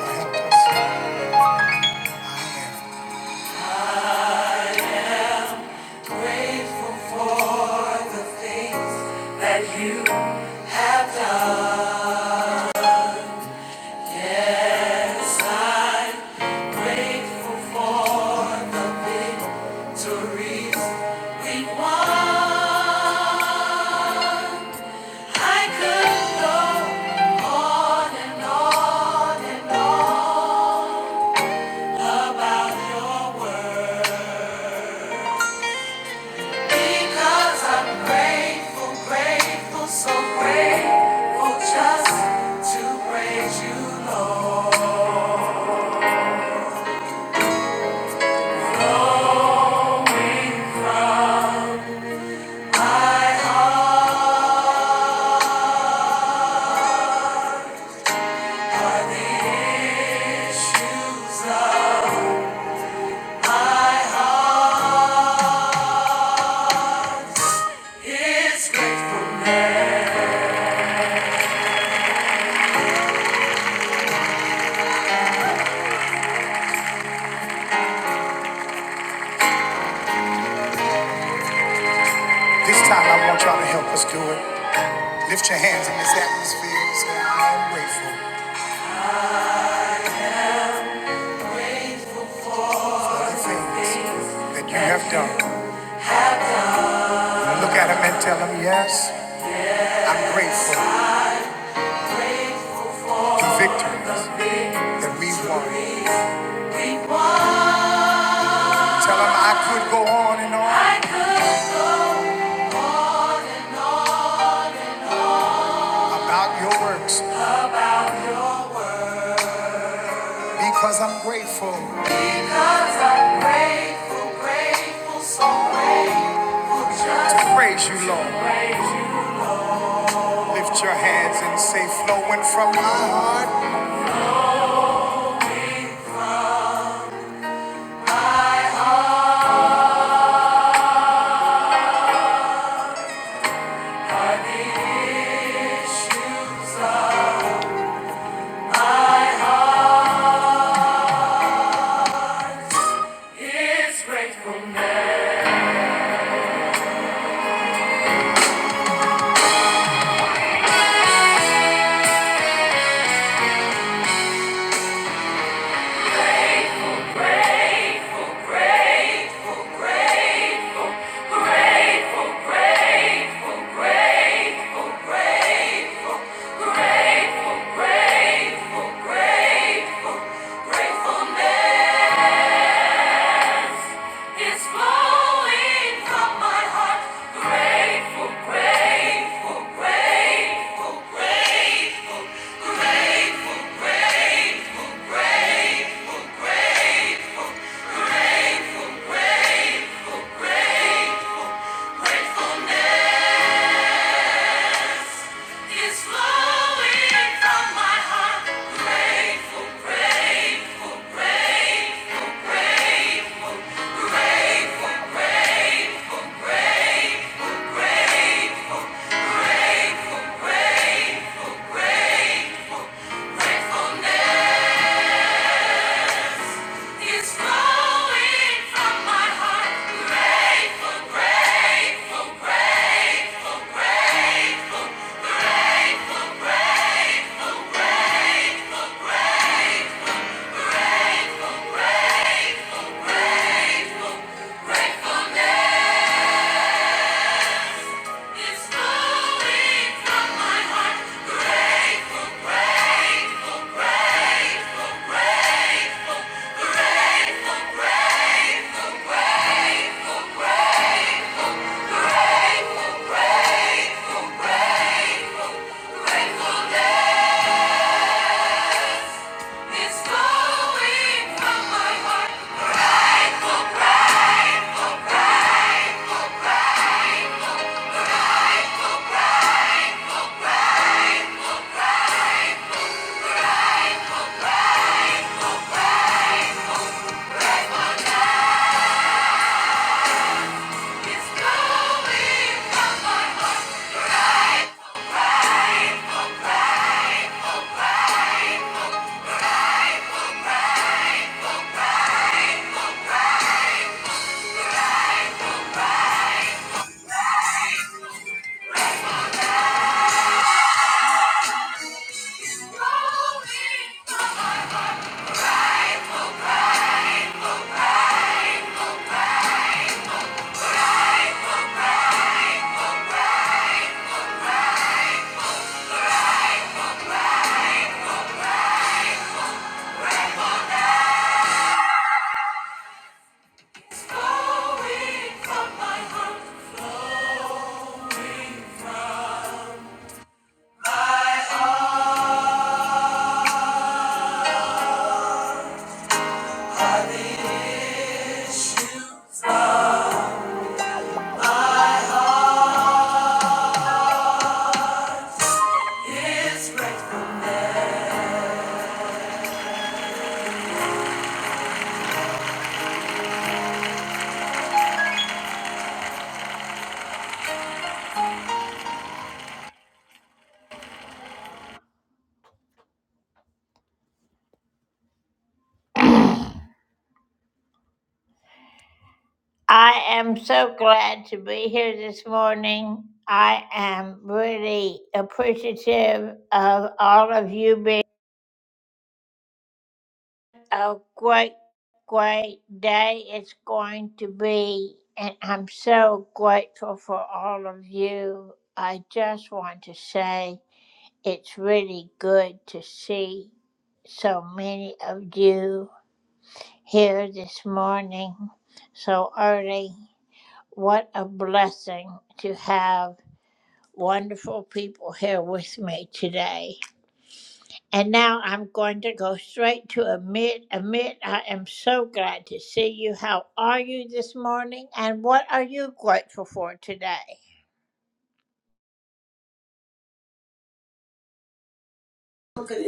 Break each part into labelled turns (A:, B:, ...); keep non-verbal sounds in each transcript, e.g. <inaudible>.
A: My heart. This time I want y'all to help us do it. Lift your hands in this atmosphere and say, I'm grateful for the things that you have done. Look at them and tell them, yes, I'm grateful for victories that we won. Tell them I could go on and on about your works. Because I'm grateful. Because I'm grateful, grateful, so grateful. Just to praise you, Lord. Praise you, Lord. Lift your hands and say, flowing from my heart. Lord is grateful. It's flowing from my heart. Grateful, grateful, grateful, grateful, grateful, gratefulness. It's flowing from my heart. Grateful, great, great, great, grateful, great, great, flowing from my heart. Grateful, grateful, grateful, great, gratefulness. It's flowing from my heart. Grateful, grateful, grateful, grateful. Grateful, grateful, grateful day. It's flowing from my heart. It's flowing from my heart. It's flowing from my heart. It's flowing from my heart. It's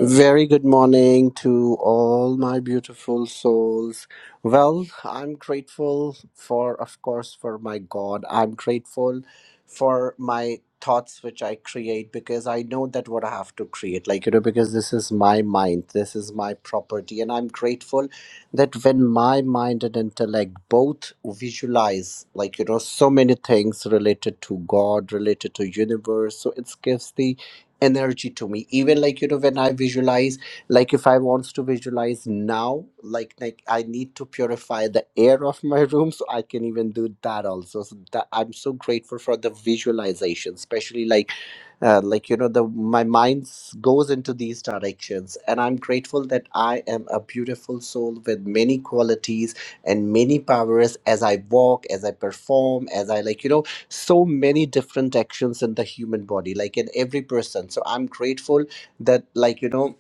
B: Very good morning to all my beautiful souls. Well, I'm grateful for, of course, for my God. I'm grateful for my thoughts which I create because I know that what I have to create, like, you know, because this is my mind, this is my property. And I'm grateful that when my mind and intellect both visualize, like, you know, so many things related to God, related to universe, so it gives the energy to me even like you know when i visualize like if i wants to visualize now like like i need to purify the air of my <laughs> room so i can even do that also so that i'm so grateful for the visualization especially like uh, like you know the my mind s- goes into these directions and i'm grateful that i am a beautiful soul with many qualities and many powers as i walk as i perform as i like you know so many different actions in the human body like in every person so i'm grateful that like you know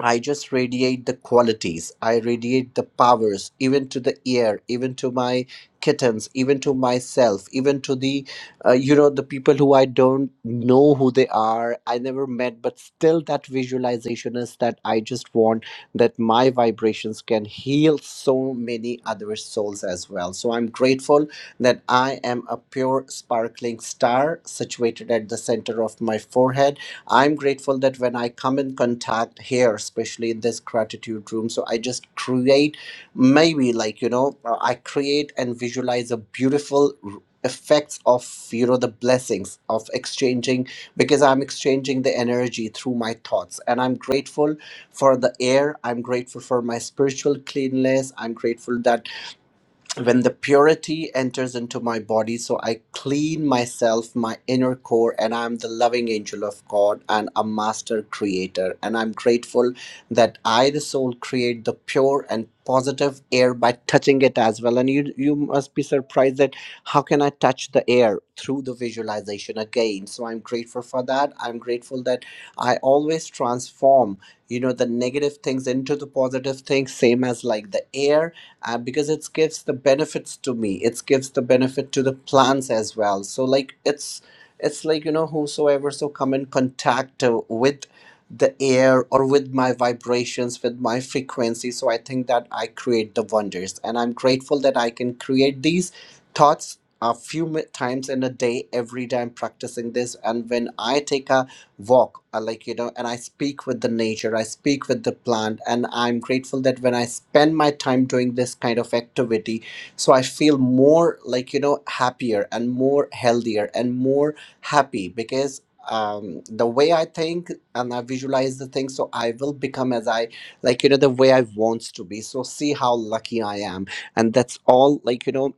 B: I just radiate the qualities. I radiate the powers, even to the air, even to my kittens, even to myself, even to the, uh, you know, the people who I don't know who they are, I never met, but still that visualization is that I just want that my vibrations can heal so many other souls as well. So I'm grateful that I am a pure, sparkling star situated at the center of my forehead I'm grateful that when I come in contact here, especially in this gratitude room, so I just create maybe like, you know, uh, I create and visualize a beautiful r- effects of you know the blessings of exchanging because i'm exchanging the energy through my thoughts and i'm grateful for the air i'm grateful for my spiritual cleanness i'm grateful that when the purity enters into my body so i clean myself my inner core and i'm the loving angel of god and a master creator and i'm grateful that i the soul create the pure and positive air by touching it as well and you you must be surprised that how can i touch the air through the visualization again so i'm grateful for that i'm grateful that i always transform you know the negative things into the positive things same as like the air uh, because it gives the benefits to me it gives the benefit to the plants as well so like it's it's like you know whosoever so come in contact uh, with the air or with my vibrations with my frequency so i think that i create the wonders and i'm grateful that i can create these thoughts a few mi- times in a day every day i'm practicing this and when i take a walk uh, like you know and i speak with the nature i speak with the plant and i'm grateful that when i spend my time doing this kind of activity so i feel more like you know happier and more healthier and more happy because um, the way I think and I visualize the thing, so I will become as I like, you know, the way I wants to be. So see how lucky I am, and that's all. Like you know,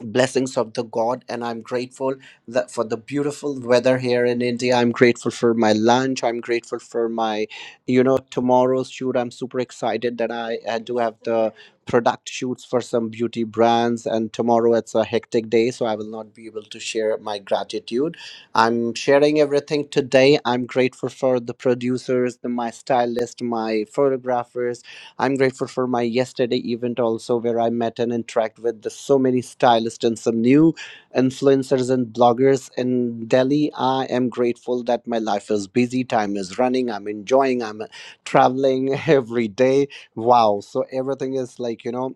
B: blessings of the god and i'm grateful that for the beautiful weather here in india i'm grateful for my lunch i'm grateful for my you know tomorrow's shoot i'm super excited that i, I do have the product shoots for some beauty brands and tomorrow it's a hectic day so i will not be able to share my gratitude i'm sharing everything today i'm grateful for the producers the, my stylist my photographers I'm grateful for my yesterday event also, where I met and interact with the, so many stylists and some new influencers and bloggers in Delhi. I am grateful that my life is busy, time is running, I'm enjoying, I'm traveling <laughs> every day. Wow. So everything is like, you know,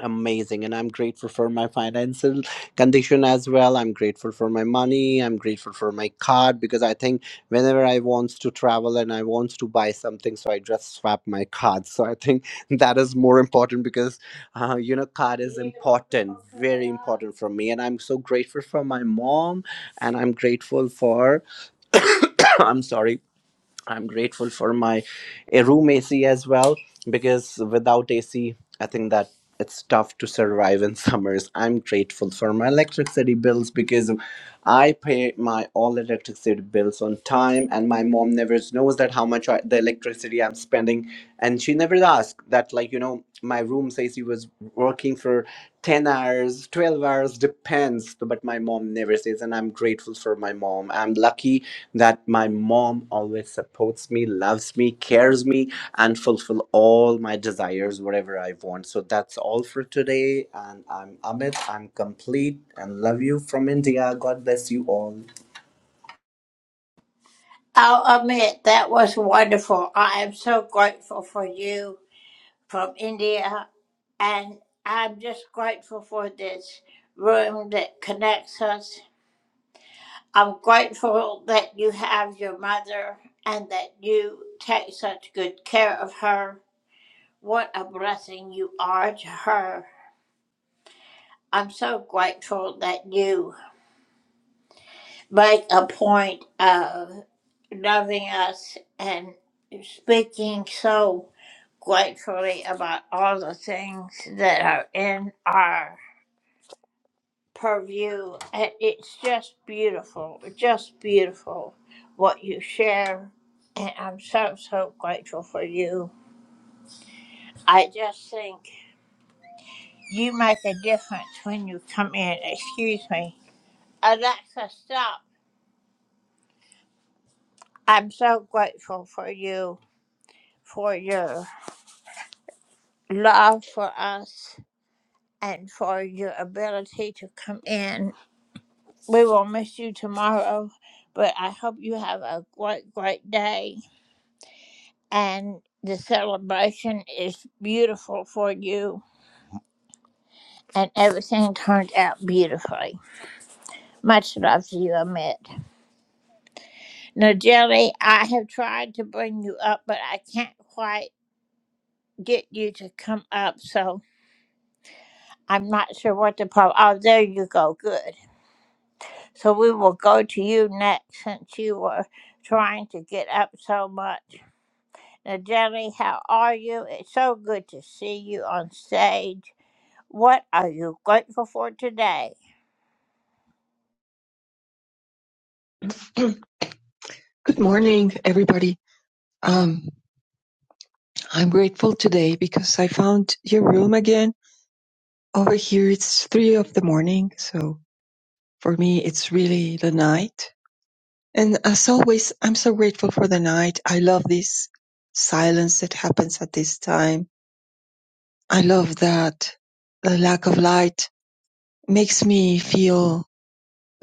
B: amazing and i'm grateful for my financial condition as well i'm grateful for my money i'm grateful for my card because i think whenever i wants to travel and i wants to buy something so i just swap my card so i think <laughs> that is more important because uh, you know card is important very important for me and i'm so grateful for my mom and i'm grateful for <coughs> i'm sorry I'm grateful for my uh, room AC as well because without AC, I think that it's tough to survive in <laughs> summers. I'm grateful for my electricity bills because I pay my all electricity bills on time, and my mom never knows that how much I, the electricity I'm spending and she never asked that like you know my room says he was working for 10 hours 12 hours depends but my mom never says and i'm grateful for my mom i'm lucky that my mom always supports me loves me cares me and fulfill all my desires whatever i want so that's all for today and i'm amit i'm complete and love you from india god bless you all
C: Good morning, everybody. Um, I'm grateful today because I found your room again. Over here, it's three of the morning, so for me, it's really the night. And as always, I'm so grateful for the night. I love this silence that happens at this time. I love that the lack of light makes me feel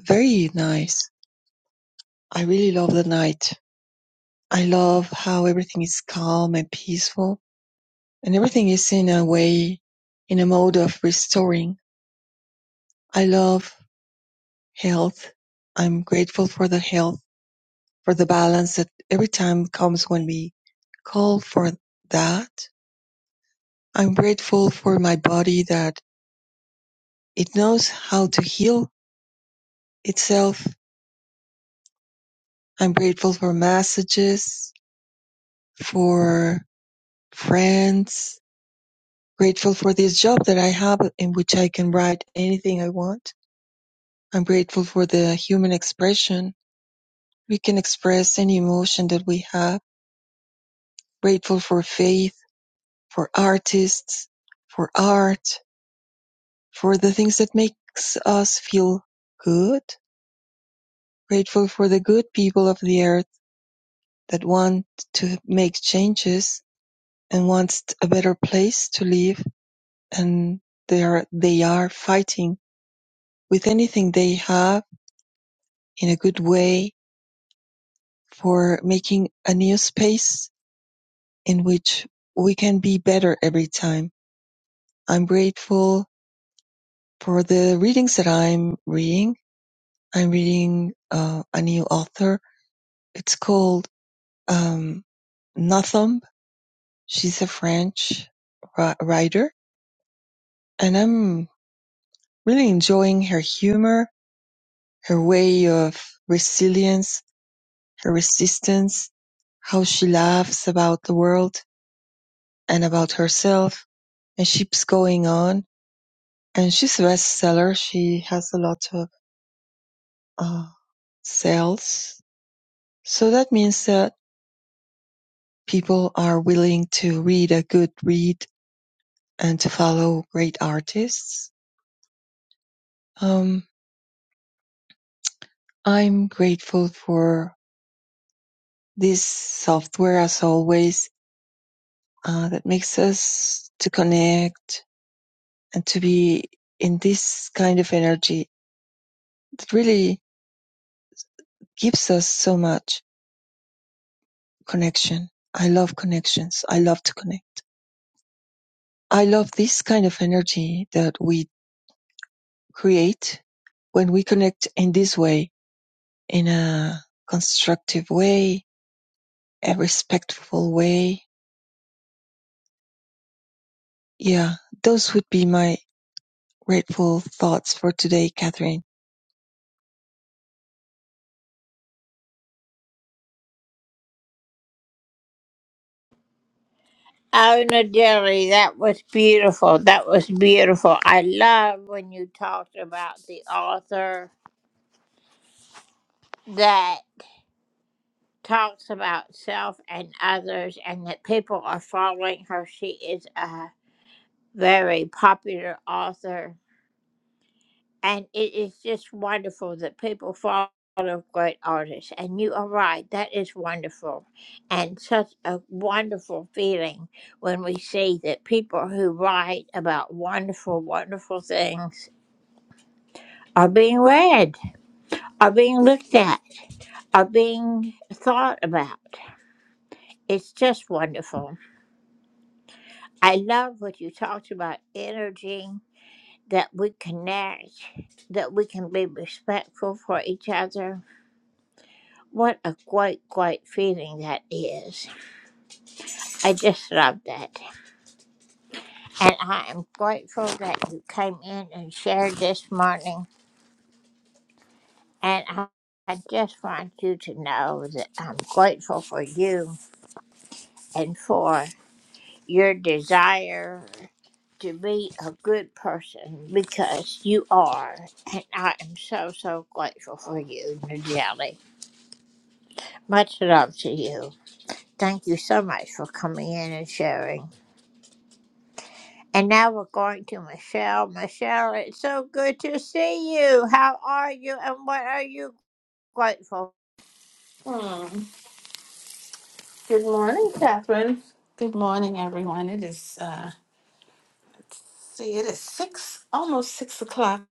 C: very nice. I really love the night. I love how everything is calm and peaceful And everything is in a way, in a mode of restoring. I love health. I'm grateful for the health, for the balance that every time comes when we call for that. I'm grateful for my body that it knows how to heal itself. I'm grateful for messages, for friends, grateful for this job that I have in which I can write anything I want. I'm grateful for the human expression We can express any emotion that we have, grateful for faith, for artists, for art, for the things that makes us feel good, grateful for the good people of the earth that want to make changes and wants a better place to live and they are, they are fighting with anything they have in a good way for making a new space in which we can be better every time. I'm grateful For the readings that I'm reading, I'm reading uh, a new author. It's called um, Nothumb. She's a French ri- writer, and I'm really enjoying her humor, her way of resilience, her resistance, how she laughs about the world and about herself, and keeps going on. And she's a bestseller. She has a lot of uh, sales. So that means that. People are willing to read a good read and to follow great artists. Um, I'm grateful for this software as always uh, that makes us to connect and to be in this kind of energy that really gives us so much connection. I love connections. I love to connect. I love this kind of energy that we create when we connect in this way in a constructive way, a respectful way. Yeah, those would be my grateful thoughts for today, Catherine.
D: Hmm. Good morning, Catherine. Good morning, everyone. It is uh let's see, it is six almost six o'clock.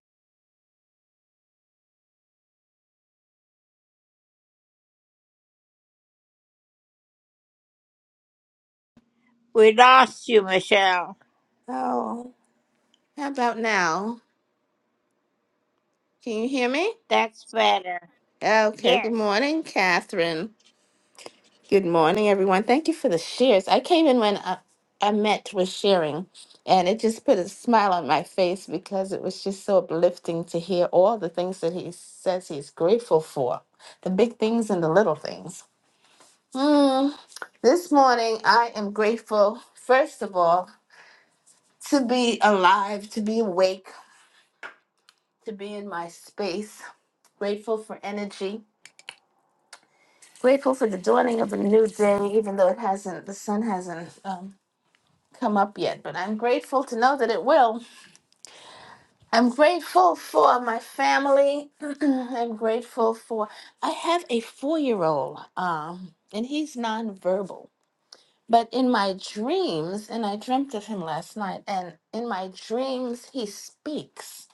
D: Oh, how about now? Can you hear me? Okay, good morning, Catherine. Good morning, everyone. Thank you for the shares. I came in when uh, I met was sharing, and it just put a smile on my face because it was just so uplifting to hear all the things that he says he's grateful for the big things and the little things. Mm, this morning, I am grateful, first of all, to be alive, to be awake, to be in my space. Grateful for energy. Grateful for the dawning of a new day, even though it hasn't, the sun hasn't um, come up yet. But I'm grateful to know that it will. I'm grateful for my family. <clears throat> I'm grateful for. I have a four-year-old, um, and he's nonverbal. But in my dreams, and I dreamt of him last night, and in my dreams, he speaks.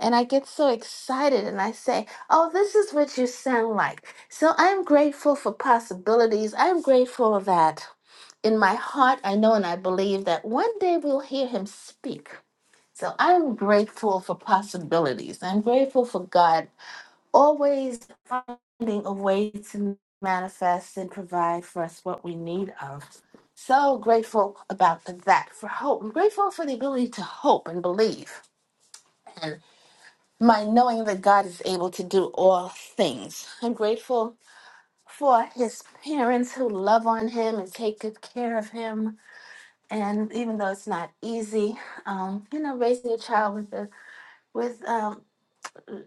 D: And I get so excited and I say, Oh, this is what you sound like. So I'm grateful for possibilities. I'm grateful that in my heart, I know and I believe that one day we'll hear him speak. So I'm grateful for possibilities. I'm grateful for God always finding a way to manifest and provide for us what we need of. So grateful about that for hope. I'm grateful for the ability to hope and believe and my knowing that God is able to do all things. I'm grateful for his parents who love on him and take good care of him. And even though it's not easy, um, you know, raising a child with a with um,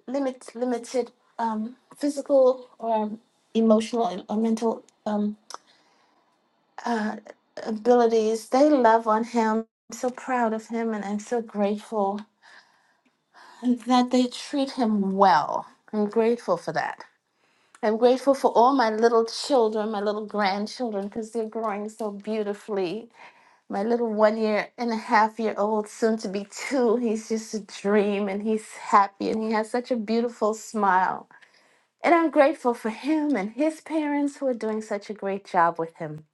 D: limit limited um, physical or emotional or mental um, uh, abilities. They love on him. I'm so proud of him, and I'm so grateful that they treat him well. I'm grateful for that. I'm grateful for all my little children, my little grandchildren, because they're growing so beautifully. My little one year and a half year old, soon to be two, he's just a dream and he's happy and he has such a beautiful smile And I'm grateful for him and his parents who are doing such a great job with him.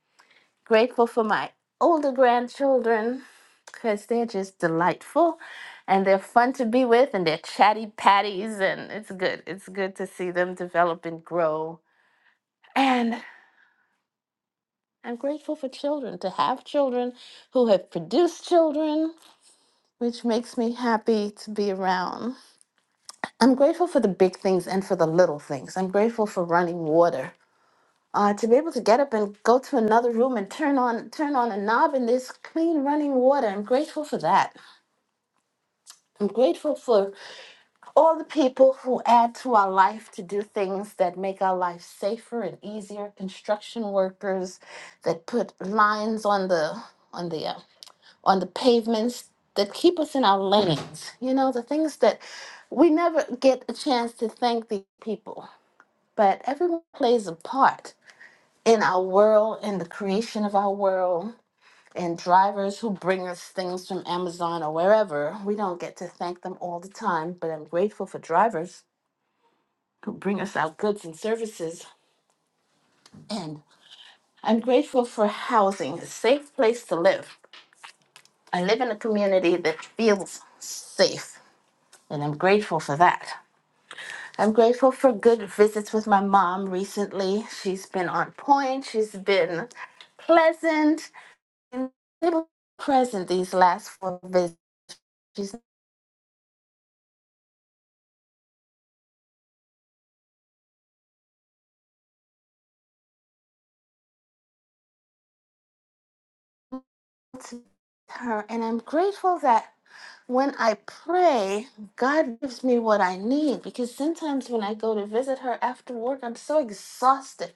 D: Grateful for my older grandchildren because they're just delightful and they're fun to be with and they're chatty patties and it's good. It's good to see them develop and grow. And I'm grateful for children, to have children who have produced children, which makes me happy to be around. I'm grateful for the big things and for the little things. I'm grateful for running water. uh, to be able to get up and go to another room and turn on turn on a knob and there's clean running water. I'm grateful for that. I'm grateful for all the people who add to our life to do things that make our life safer and easier. Construction workers that put lines on the on the uh, on the pavements that keep us in our lanes. You know the things that we never get a chance to thank the people, but everyone plays a part in our world, in the creation of our world, and drivers who bring us things from Amazon or wherever. We don't get to thank them all the time, but I'm grateful for drivers who bring us our goods and services. And I'm grateful for housing, a safe place to live. I live in a community that feels safe, and I'm grateful for that. I'm grateful for good visits with my mom recently. She's been on point, she's been pleasant. and present these last four visits. She's not to her, and I'm grateful that when I pray, God gives me what I need because sometimes when I go to visit her after work, I'm so exhausted.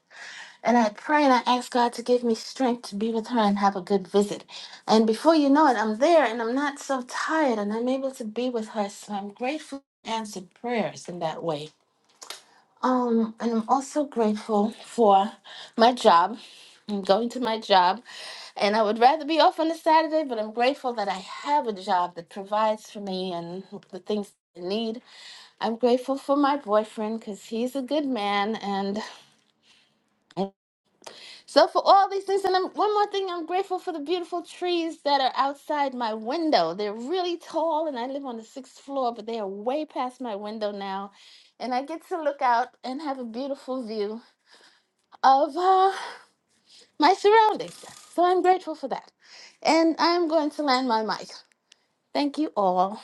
D: And I pray and I ask God to give me strength to be with her and have a good visit. And before you know it, I'm there and I'm not so tired and I'm able to be with her. So I'm grateful for answered prayers in that way. Um, and I'm also grateful for my job. I'm going to my job, and I would rather be off on a Saturday, but I'm grateful that I have a job that provides for me and the things I need. I'm grateful for my boyfriend because he's a good man, and and so for all these things. And I'm, one more thing, I'm grateful for the beautiful trees that are outside my window. They're really tall, and I live on the sixth floor, but they are way past my window now, and I get to look out and have a beautiful view of uh, my surroundings. So I'm grateful for that. And I'm going to land my mic. Thank you all.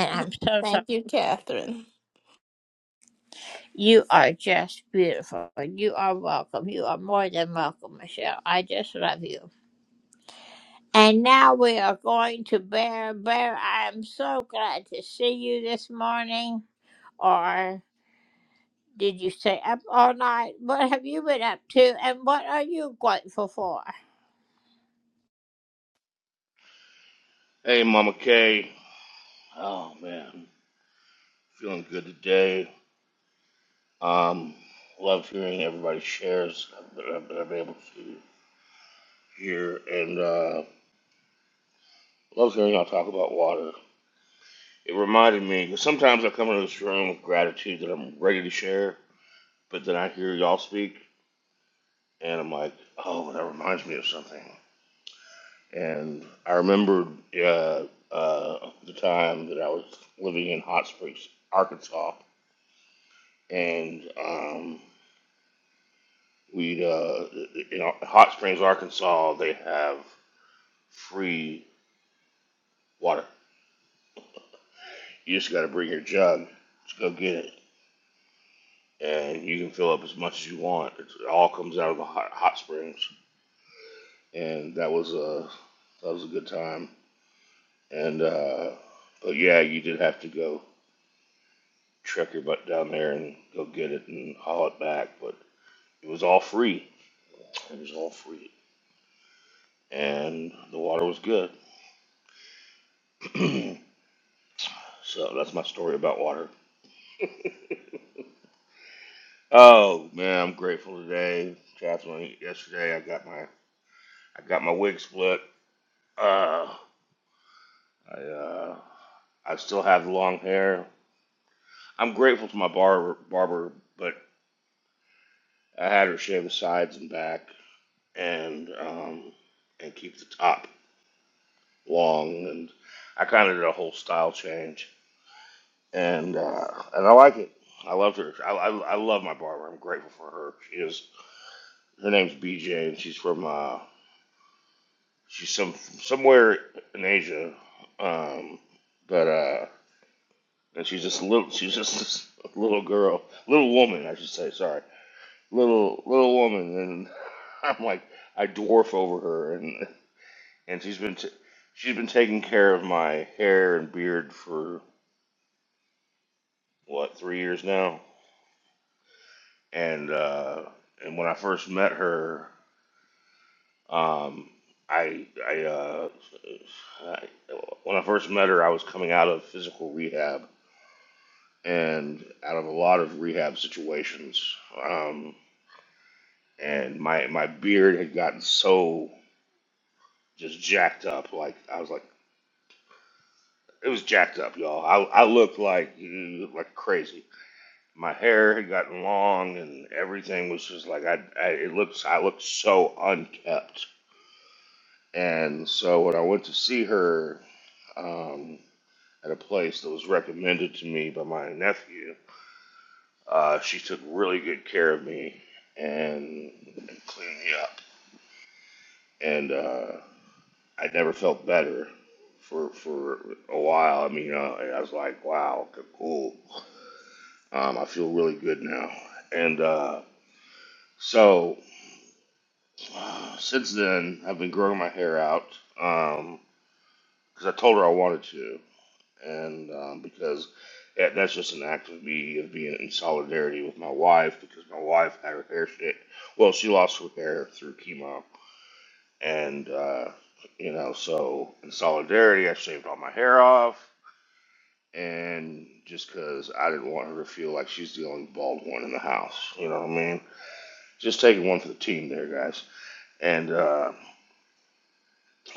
D: <laughs> Thank you, Catherine.
E: Hey, Mama K. Oh man, feeling good today. Um, love hearing everybody shares that I've that I've been able to hear, and uh, love hearing y'all talk about water. It reminded me because sometimes I come into this room with gratitude that I'm ready to share, but then I hear y'all speak, and I'm like, oh, that reminds me of something. And I remembered uh, uh, the time that I was living in Hot Springs, Arkansas, and um, We, uh, you know, Hot Springs, Arkansas, they have free water. You just got to bring your jug to go get it, and you can fill up as much as you want. It's, it all comes out of the hot, hot springs, and that was a that was a good time. And uh, but yeah, you did have to go trek your butt down there and go get it and haul it back, but it was all free. It was all free, and the water was good. <clears throat> so that's my story about water. Oh man, I'm grateful today, Catherine. Yesterday, I got my I got my wig split. Uh, I uh, I still have the long hair. I'm grateful to my barber, barber, but I had her shave the sides and back, and um, and keep the top long. And I kind of did a whole style change, and uh, and I like it. I love her. I, I, I love my barber. I'm grateful for her. She is her name's BJ, and she's from uh, She's some from somewhere in Asia, um, but uh, and she's just a little. She's just <laughs> this little girl, little woman, I should say. Sorry, little little woman, and <laughs> I'm like I dwarf over her, and and she's been t- she's been taking care of my hair and beard for what three years now, and uh, and when I first met her, um, I I, uh, I when I first met her, I was coming out of physical rehab and out of a lot of rehab situations. Um, and my my beard had gotten so just jacked up, like I was like it was jacked up, y'all. I I looked like like crazy. My hair had gotten long, and everything was just like I, I it looks I looked so unkept. And so when I went to see her um, at a place that was recommended to me by my nephew, Uh, she took really good care of me and, and cleaned me up, and uh, I never felt better for for a while. I mean, uh, I was like, wow, okay, cool. Um, I feel really good now, and uh, so uh, since then I've been growing my hair out because um, I told her I wanted to, and um, because that, that's just an act of me of being in solidarity with my wife because my wife had her hair shit. Well, she lost her hair through chemo, and uh, you know, so in solidarity, I shaved all my hair off, and just because I didn't want her to feel like she's the only bald one in the house, you know what I mean? Just taking one for the team, there, guys. And uh,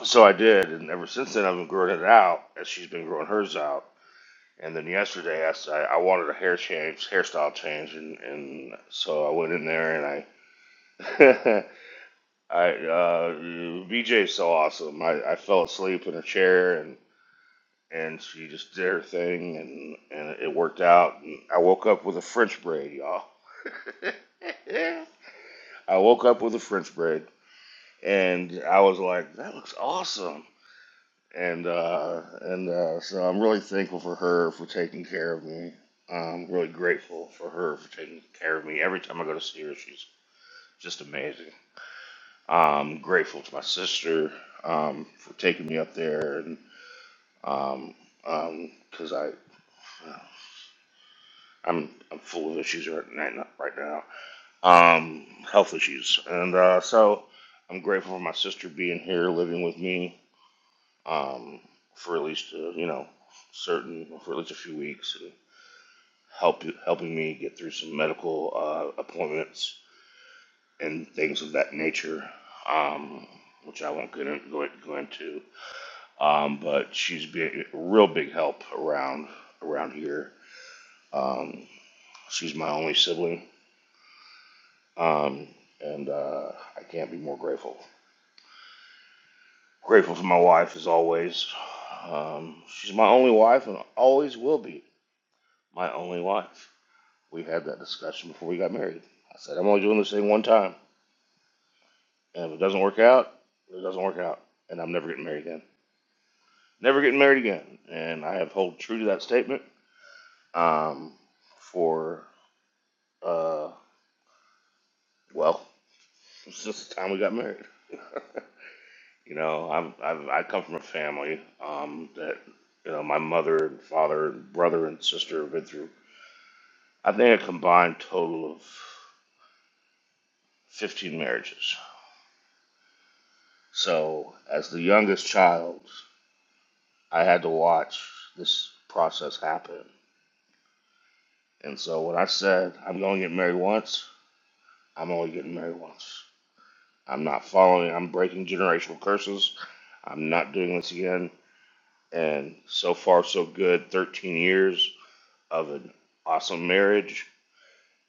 E: so I did, and ever since then, I've been growing it out as she's been growing hers out And then yesterday, I I wanted a hair change, hairstyle change, and, and so I went in there and I, <laughs> I uh, BJ's so awesome. I, I fell asleep in a chair and and she just did her thing and and it worked out. And I woke up with a French braid, y'all. <laughs> I woke up with a French braid and I was like, that looks awesome. and uh, and uh, so I'm really thankful for her for taking care of me. I'm really grateful for her for taking care of me. Every time I go to see her, she's just amazing. I'm grateful to my sister um, for taking me up there, and um, um 'cause I, I'm I'm full of issues right now, right now, um, health issues, and uh, so I'm grateful for my sister being here, living with me um, for at least uh, you know certain for at least a few weeks and help helping me get through some medical uh, appointments and things of that nature, um, which I won't get in, go, go into. Um, but she's been a real big help around around here. Um, she's my only sibling, um, and uh, I can't be more grateful. Grateful for my wife as always. Um, she's my only wife and always will be my only wife. We had that discussion before we got married. I said, I'm only doing this thing one time. And if it doesn't work out, it doesn't work out. And I'm never getting married again. Never getting married again. And I have held true to that statement um, for, uh, well, <laughs> since the time we got married. <laughs> you know, I'm, I've, I come from a family um, that, you know, my mother and father and brother and sister have been through, I think, a combined total of 15 marriages. So, as the youngest child, I had to watch this process happen. And so when I said, I'm going to get married once, I'm only getting married once. I'm not following, I'm breaking generational curses. I'm not doing this again. And so far, so good. 13 years of an awesome marriage.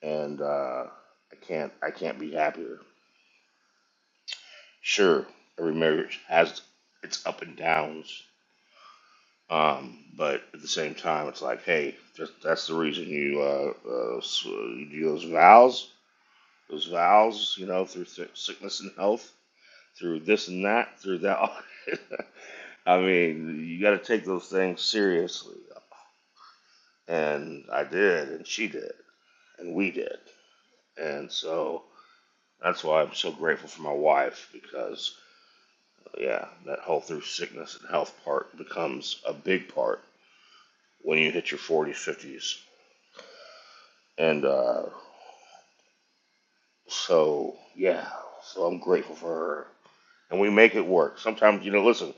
E: And uh, I can't, I can't be happier. Sure, every marriage has its up and downs, Um, but at the same time, it's like, hey, that's, that's the reason you, uh, uh, you do those vows, those vows, you know, through si- sickness and health, through this and that, through that. <laughs> I mean, you got to take those things seriously. And I did, and she did, and we did. And so that's why I'm so grateful for my wife because, yeah, that whole through sickness and health part becomes a big part when you hit your 40s, 50s. And uh, So yeah, so I'm grateful for her, and we make it work. Sometimes you know, listen,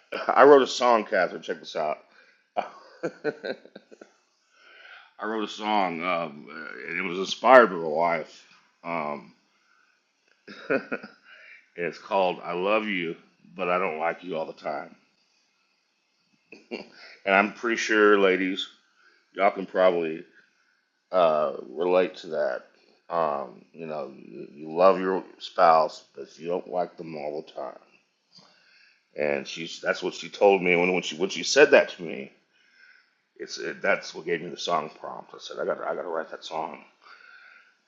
E: <laughs> I wrote a song, Catherine. Check this out. <laughs> I wrote a song, um, uh, and it was inspired by my wife. Um, <laughs> it's called "I Love You, But I Don't Like You All the Time," and I'm pretty sure, ladies, y'all can probably uh, relate to that. Um, you know, you, you love your spouse, but you don't like them all the time. and she's that's what she told me when when she when she said that to me. It's it, that's what gave me the song prompt. I said I got to I got to write that song,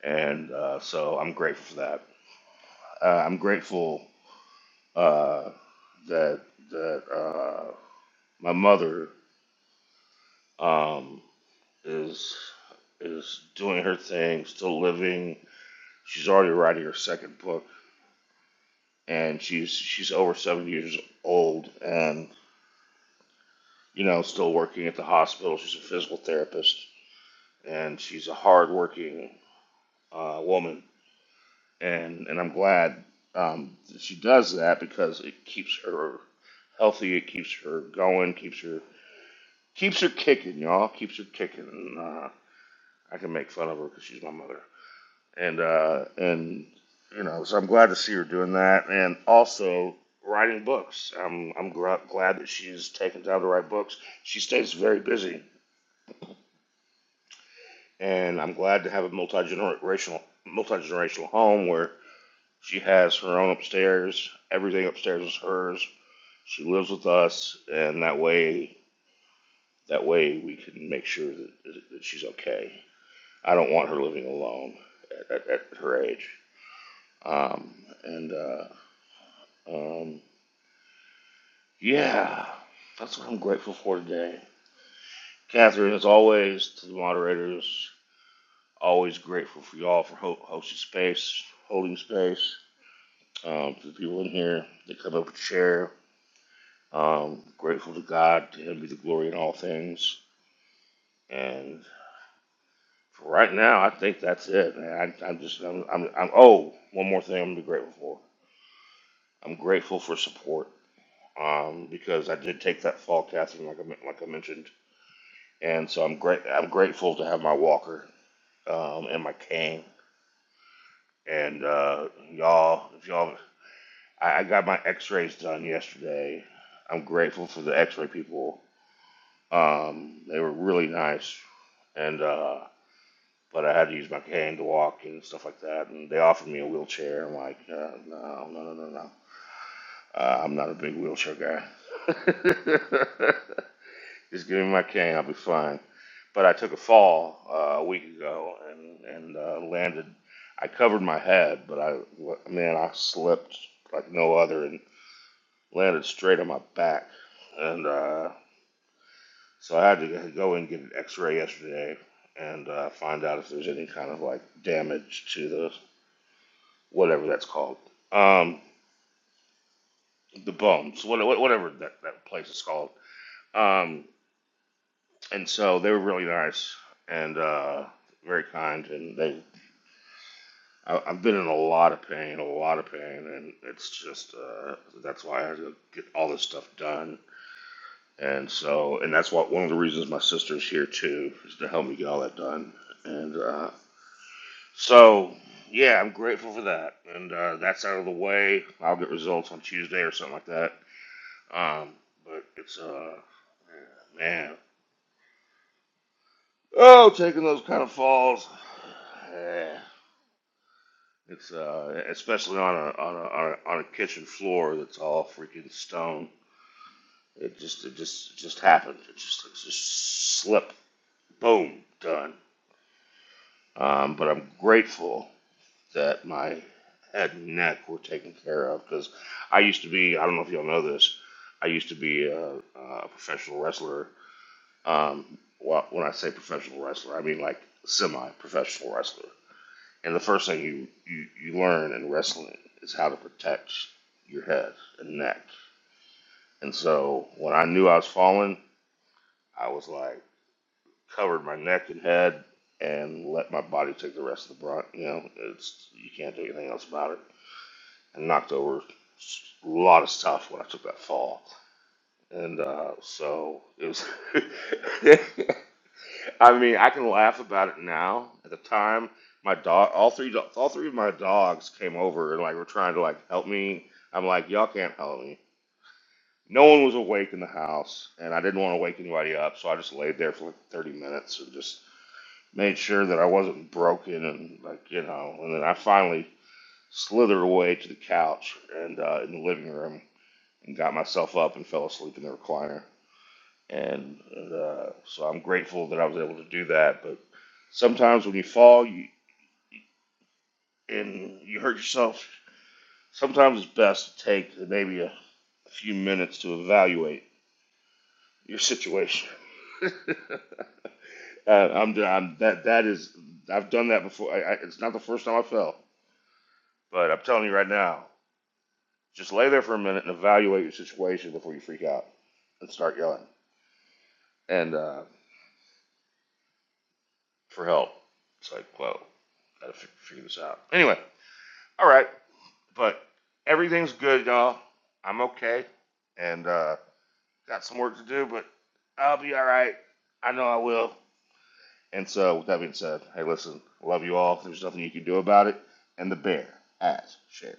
E: and uh, so I'm grateful for that. Uh, I'm grateful uh, that that uh, my mother um, is is doing her thing, still living. She's already writing her second book, and she's she's over seventy years old, and you know still working at the hospital. She's a physical therapist and she's a hardworking uh, woman, and and I'm glad um, that she does that because it keeps her healthy, it keeps her going, keeps her keeps her kicking, y'all, keeps her kicking. And, uh, I can make fun of her because she's my mother, and uh, and you know, so I'm glad to see her doing that, and also writing books. I'm I'm gra- glad that she's taken time to write books. She stays very busy, and I'm glad to have a multi generational multi generational home where She has her own upstairs. Everything upstairs is hers. She lives with us, and that way, that way we can make sure that, that she's okay. I don't want her living alone at, at, at her age. Um, and uh, um, yeah, that's what I'm grateful for today. Catherine, as always, to the moderators, always grateful for y'all for ho- hosting space, holding space. Um, to the people in here that come up and share, Um, grateful to God, to Him be the glory in all things. And for right now, I think that's it. Man. I, I'm just, I'm, I'm, I'm, oh, one more thing I'm gonna be grateful for. I'm grateful for support um, because I did take that fall casting, like I, men- like I mentioned. And so I'm great. I'm grateful to have my walker um, and my cane. And uh, y'all, if y'all, I, I got my X-rays done yesterday. I'm grateful for the X-ray people. Um, they were really nice, and uh, but I had to use my cane to walk and stuff like that. And they offered me a wheelchair. I'm like, uh, no, no, no, no, no. Uh, I'm not a big wheelchair guy. <laughs> Just give me my cane, I'll be fine. But I took a fall uh, a week ago and and uh, landed. I covered my head, but I man, I slipped like no other and landed straight on my back. And uh, so I had to go and get an X-ray yesterday and uh, find out if there's any kind of like damage to the whatever that's called, um, the Bones, whatever that, that place is called. Um, and so they were really nice and uh, very kind, and they. I- I've been in a lot of pain, a lot of pain, and it's just uh, that's why I had to get all this stuff done. And so, and that's what one of the reasons my sister's here too is to help me get all that done. And uh, so, yeah, I'm grateful for that. And uh, that's out of the way. I'll get results on Tuesday or something like that Um, but it's uh, yeah, man. Oh, taking those kind of falls. Yeah. It's uh, especially on a on a on a, on a kitchen floor that's all freaking stone. It just it just it just happened. It just it just slip. Boom. Done. Um, but I'm grateful that my head and neck were taken care of because I used to be. I don't know if y'all know this. I used to be a, a professional wrestler Um, well, when I say professional wrestler, I mean like semi-professional wrestler. And the first thing you, you, you learn in wrestling is how to protect your head and neck. And so when I knew I was falling, I was like covered my neck and head and let my body take the rest of the brunt. You know, it's you can't do anything else about it. And knocked over a lot of stuff when I took that fall. And uh, so it was <laughs> I mean, I can laugh about it now. At the time, my dog, all three, do- all three of my dogs came over and like were trying to like help me. I'm like, y'all can't help me. No one was awake in the house, and I didn't want to wake anybody up, so I just laid there for like 30 minutes and just made sure that I wasn't broken and like you know. And then I finally slithered away to the couch and uh, in the living room and got myself up and fell asleep in the recliner and uh, so I'm grateful that I was able to do that. But sometimes when you fall you, and you hurt yourself, sometimes it's best to take maybe a, a few minutes to evaluate your situation. <laughs> uh, I'm, I'm that that is I've done that before. I, I, it's not the first time I fell, but I'm telling you right now, just lay there for a minute and evaluate your situation before you freak out and start yelling and uh, for help. It's like, whoa, gotta figure this out. Anyway, All right, but everything's good, y'all. I'm okay, and uh, got some work to do, but I'll be all right. I know I will. And so, with that being said, hey, listen, love you all. There's nothing you can do about it. And the bear ass shares.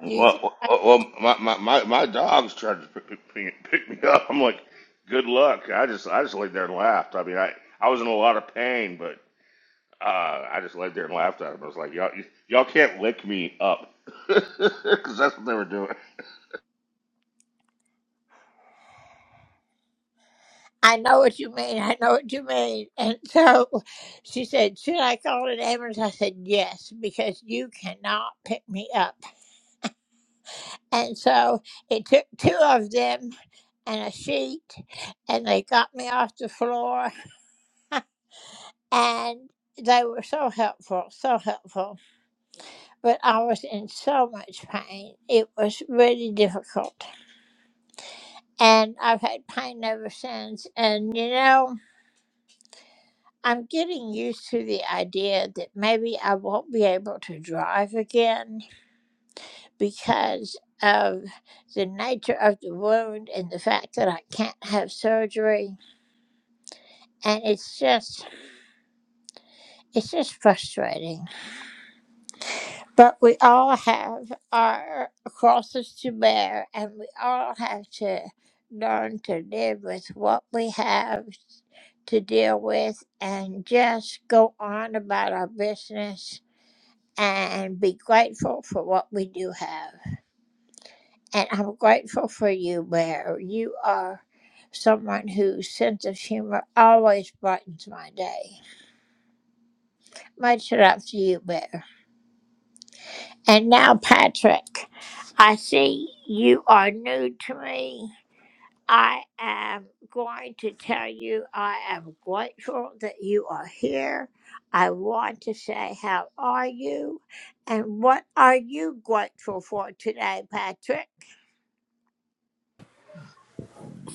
E: Well, well, well, well, my, my, my, my dog's tried to pick, pick, pick me up. I'm like, good luck. I just I just laid there and laughed. I mean, I, I was in a lot of pain, but Uh, I just laid there and laughed at him. I was like, y'all, y'all can't lick me up. <laughs> Because that's what they were doing.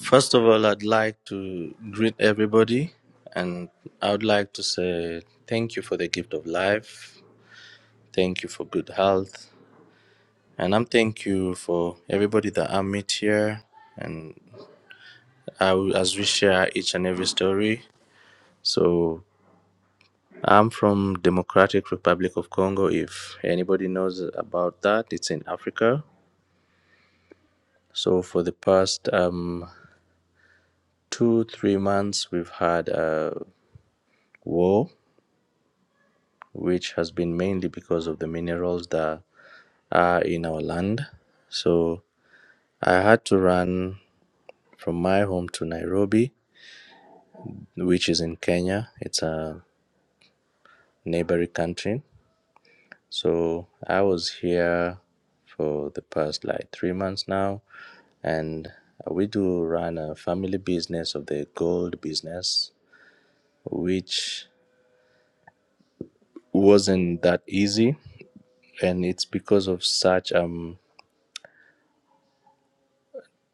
F: First of all, I'd like to greet everybody and I would like to say thank you for the gift of life. Thank you for good health. And I'm thank you for everybody that I meet here and I, will- as we share each and every story. So I'm from Democratic Republic of Congo. If anybody knows about that, it's in Africa. So for the past um, two, three months, we've had a war which has been mainly because of the minerals that are in our land. So I had to run from my home to Nairobi, which is in Kenya. It's a neighboring country. So I was here for the past like three months now, and we do run a family business of the gold business, which wasn't that easy, and it's because of such um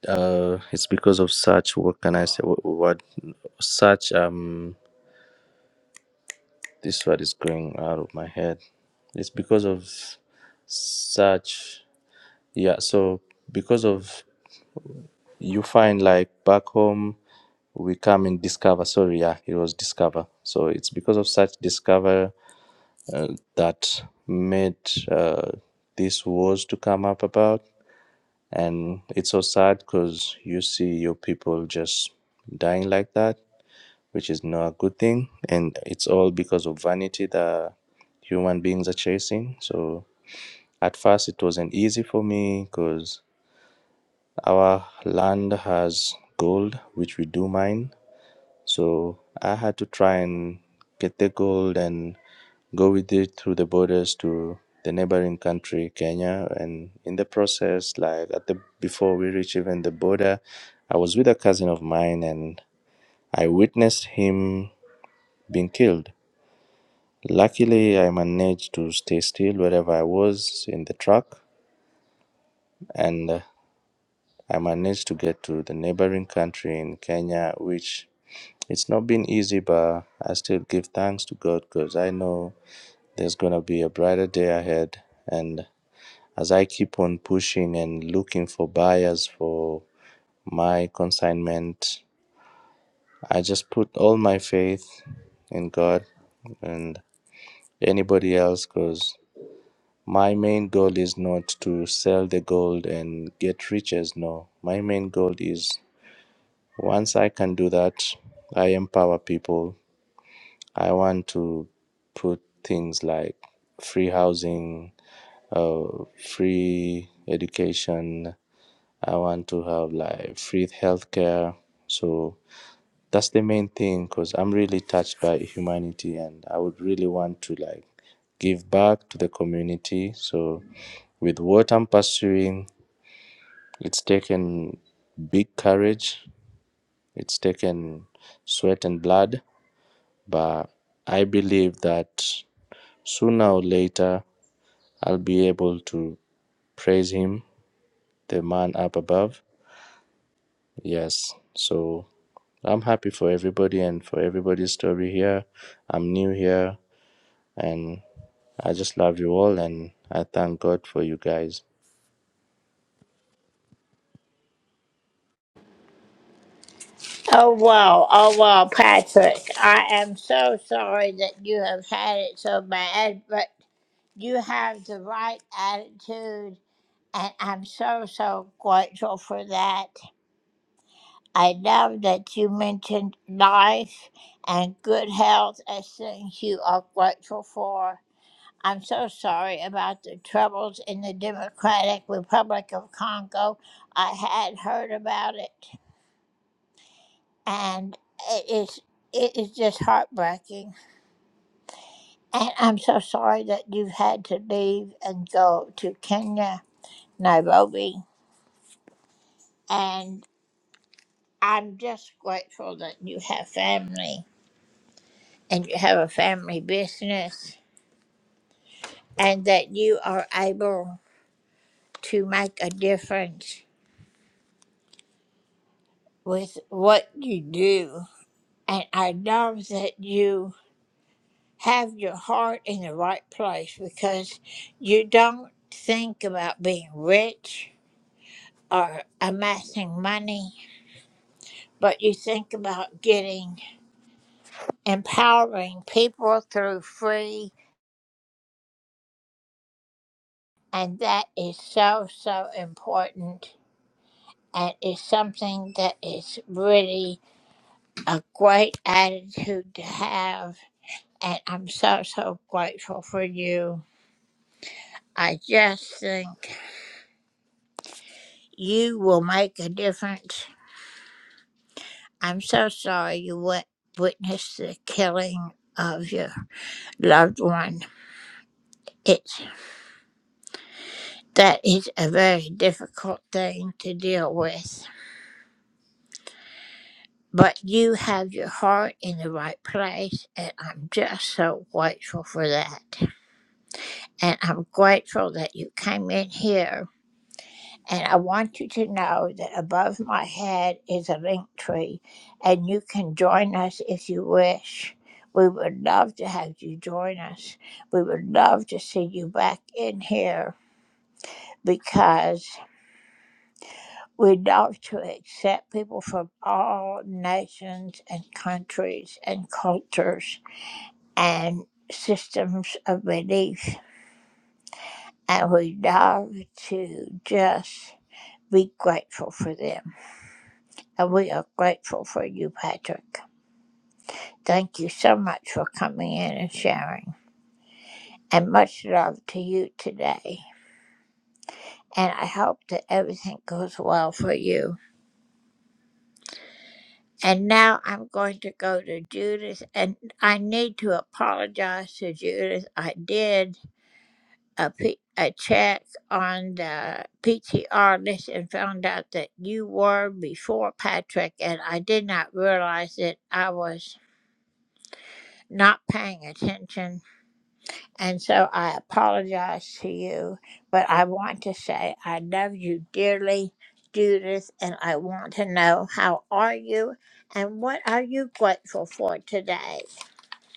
F: uh it's because of such what can I say what, what. such um this word is going out of my head it's because of such yeah so because of you find like back home we come and discover sorry yeah it was discover so it's because of such discover uh, that made uh, these wars to come up about and it's so sad because you see your people just dying like that which is not a good thing. And it's all because of vanity that human beings are chasing. So at first, it wasn't easy for me because our land has gold, which we do mine. So I had to try and get the gold and go with it through the borders to the neighboring country Kenya and in the process like at the before we reach even the border I was with a cousin of mine and I witnessed him being killed Luckily, I managed to stay still wherever I was in the truck, and uh, I managed to get to the neighboring country in Kenya, which it's not been easy, but I still give thanks to God because I know there's gonna be a brighter day ahead. And as I keep on pushing and looking for buyers for my consignment, I just put all my faith in God and anybody else because My main goal is not to sell the gold and get riches. No, my main goal is once I can do that, I empower people. I want to put things like free housing, uh, free education. I want to have like free healthcare. So that's the main thing because I'm really touched by humanity and I would really want to like give back to the community. So with what I'm pursuing, it's taken big courage, it's taken sweat and blood, but I believe that sooner or later I'll be able to praise him, the man up above. Yes. So I'm happy for everybody and for everybody's story here. I'm new here and I just love you all and I thank God for you guys.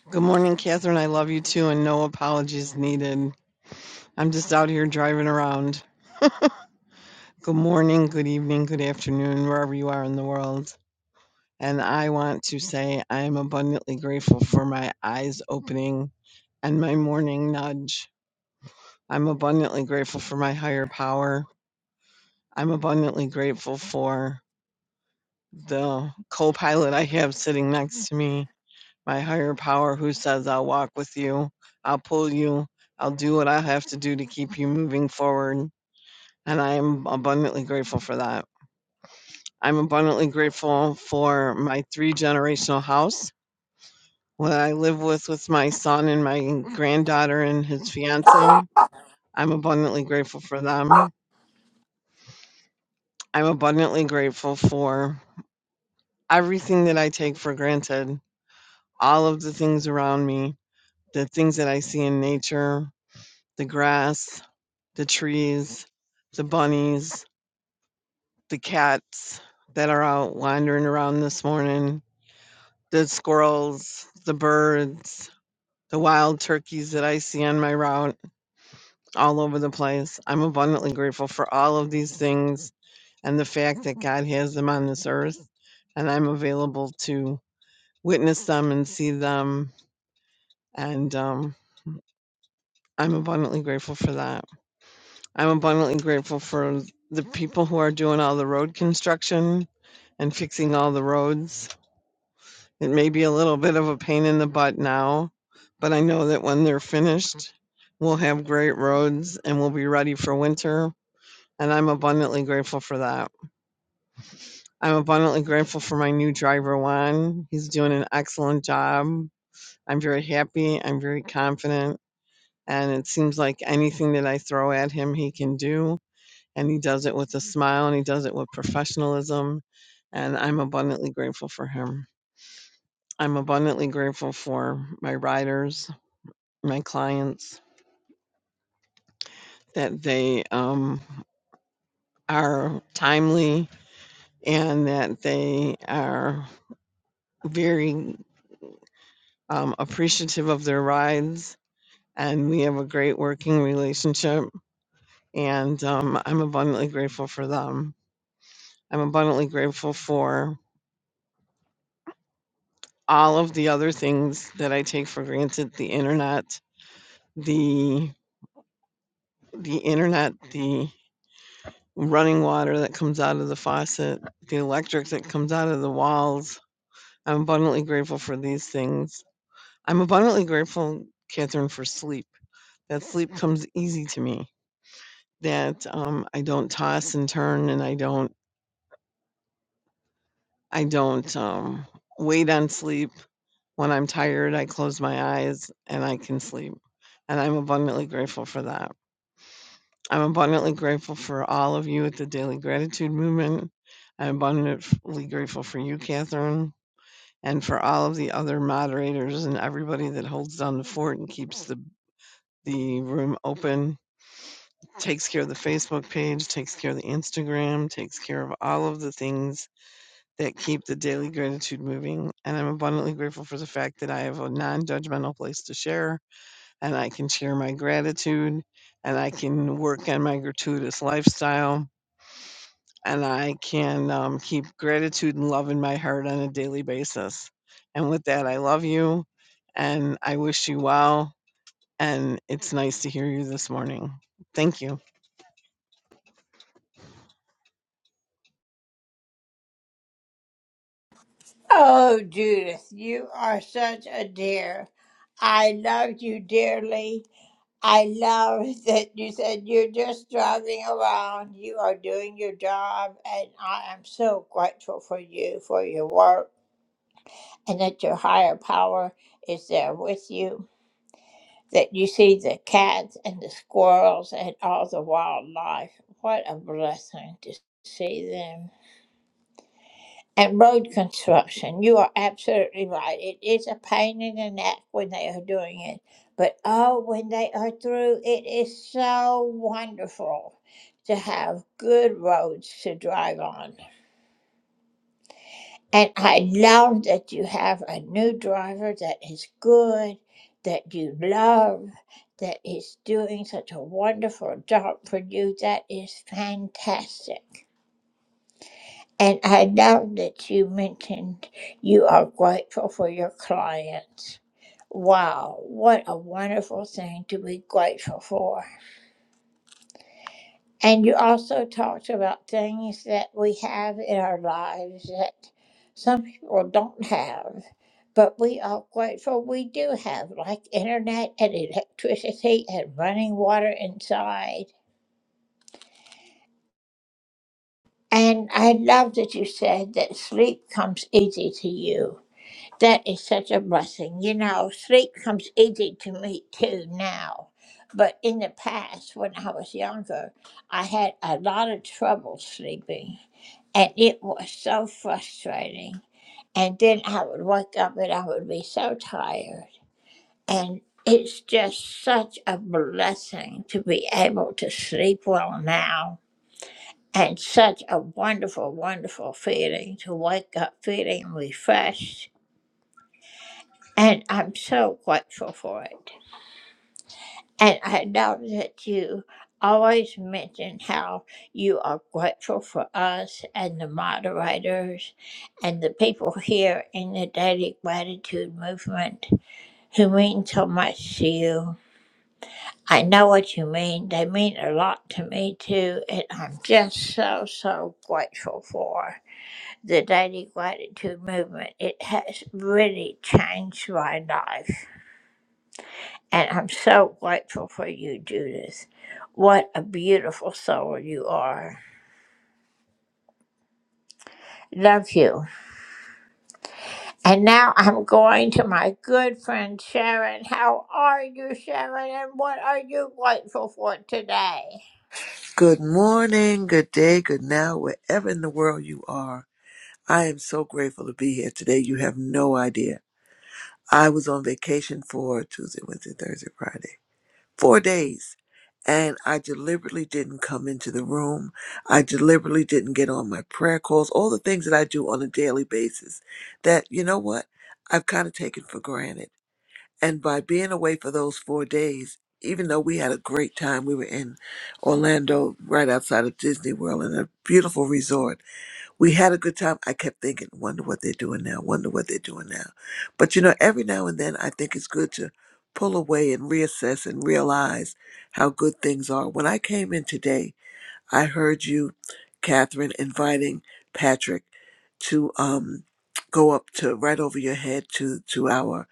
G: Good morning, Catherine. I love you too, and no apologies needed. I'm just out here driving around. Good morning, good evening, good afternoon, wherever you are in the world. And I want to say I am abundantly grateful for my eyes opening and my morning nudge. I'm abundantly grateful for my higher power. I'm abundantly grateful for the co pilot I have sitting next to me. my higher power who says I'll walk with you, I'll pull you, I'll do what I have to do to keep you moving forward. And I am abundantly grateful for that. I'm abundantly grateful for my three generational house what I live with with my son and my granddaughter and his fiance. I'm abundantly grateful for them. I'm abundantly grateful for everything that I take for granted, all of the things around me, the things that I see in nature, the grass, the trees, the bunnies, the cats that are out wandering around this morning, the squirrels, the birds, the wild turkeys that I see on my route all over the place. I'm abundantly grateful for all of these things and the fact that God has them on this earth and I'm available to witness them and see them. And um, I'm abundantly grateful for that. I'm abundantly grateful for the people who are doing all the road construction and fixing all the roads. It may be a little bit of a pain in the butt now, but I know that when they're finished, we'll have great roads and we'll be ready for winter. And I'm abundantly grateful for that. I'm abundantly grateful for my new driver, Juan. He's doing an excellent job. I'm very happy. I'm very confident. And it seems like anything that I throw at him, he can do and he does it with a smile and he does it with professionalism and i'm abundantly grateful for him i'm abundantly grateful for my riders my clients that they um, are timely and that they are very um, appreciative of their rides and we have a great working relationship and um, i'm abundantly grateful for them i'm abundantly grateful for all of the other things that I take for granted, the internet, the the internet, the running water that comes out of the faucet, the electric that comes out of the walls. I'm abundantly grateful for these things. I'm abundantly grateful, Catherine, for sleep. That sleep comes easy to me. That um, I don't toss and turn, and I don't I don't um, wait on sleep. When I'm tired, I close my eyes and I can sleep, and I'm abundantly grateful for that. I'm abundantly grateful for all of you at the Daily Gratitude Movement. I'm abundantly grateful for you, Catherine, and for all of the other moderators and everybody that holds down the fort and keeps the, the room open, takes care of the Facebook page, takes care of the Instagram, takes care of all of the things that keep the Daily Gratitude moving. And I'm abundantly grateful for the fact that I have a non judgmental place to share and I can share my gratitude and I can work on my gratuitous lifestyle and I can um, keep gratitude and love in my heart on a daily basis. And with that, I love you and I wish you well. And it's nice to hear you this morning. Thank you.
H: Good morning, good day, good now, wherever in the world you are. I am so grateful to be here today. You have no idea. I was on vacation for Tuesday, Wednesday, Thursday, Friday, four days. And I deliberately didn't come into the room. I deliberately didn't get on my prayer calls, all the things that I do on a daily basis that, you know what, I've kind of taken for granted. And by being away for those four days, even though we had a great time, we were in Orlando, right outside of Disney World, in a beautiful resort. We had a good time. I kept thinking, wonder what they're doing now, wonder what they're doing now. But you know, every now and then, I think it's good to pull away and reassess and realize how good things are. When I came in today, I heard you, Catherine, inviting Patrick to um, go up to right over your head to to our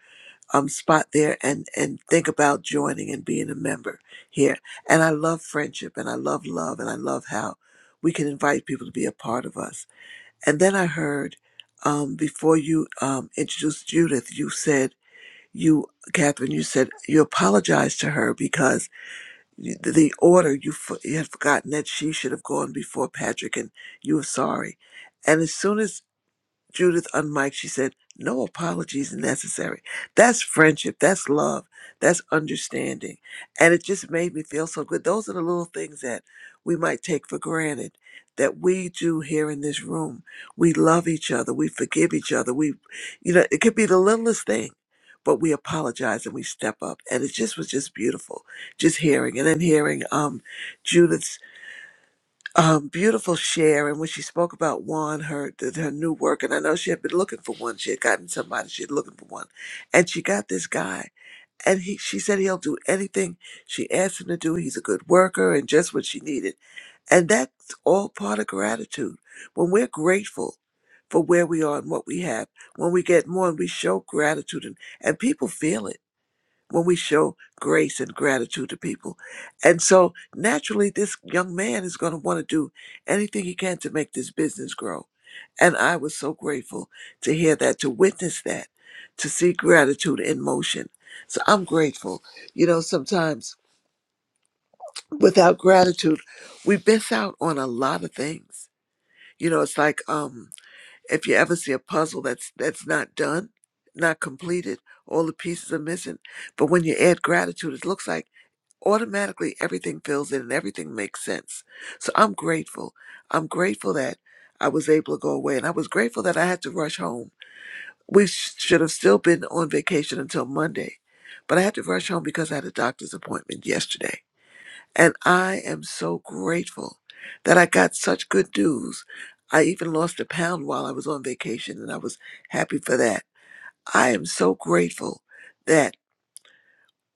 H: um, spot there and and think about joining and being a member here. And I love friendship and I love love and I love how we can invite people to be a part of us. And then I heard um, before you um, introduced Judith, you said you Catherine, you said you apologized to her because you- the order you fo- you had forgotten that she should have gone before Patrick and you were sorry. And as soon as Judith unmiked, she said, No apologies necessary. That's friendship. That's love. That's understanding. And it just made me feel so good. Those are the little things that we might take for granted that we do here in this room. We love each other. We forgive each other. We, you know, it could be the littlest thing, but we apologize and we step up. And it just was just beautiful, just hearing. And then hearing um, Judith's um, beautiful share. And when she spoke about one, her th- her new work, and I know she had been looking for one. She had gotten somebody. She had looking for one, and she got this guy. And he, she said he'll do anything she asked him to do. He's a good worker, and just what she needed. And that's all part of gratitude. When we're grateful for where we are and what we have, when we get more and we show gratitude, and, and people feel it when we show grace and gratitude to people. And so naturally, this young man is going to want to do anything he can to make this business grow. And I was so grateful to hear that, to witness that, to see gratitude in motion. So I'm grateful. You know, sometimes without gratitude, we miss out on a lot of things. You know, it's like um, if you ever see a puzzle that's that's not done, not completed, all the pieces are missing. But when you add gratitude, it looks like automatically everything fills in and everything makes sense. So I'm grateful. I'm grateful that I was able to go away and I was grateful that I had to rush home. We sh- should have still been on vacation until Monday, but I had to rush home because I had a doctor's appointment yesterday. And I am so grateful that I got such good news. I even lost a pound while I was on vacation and I was happy for that. I am so grateful that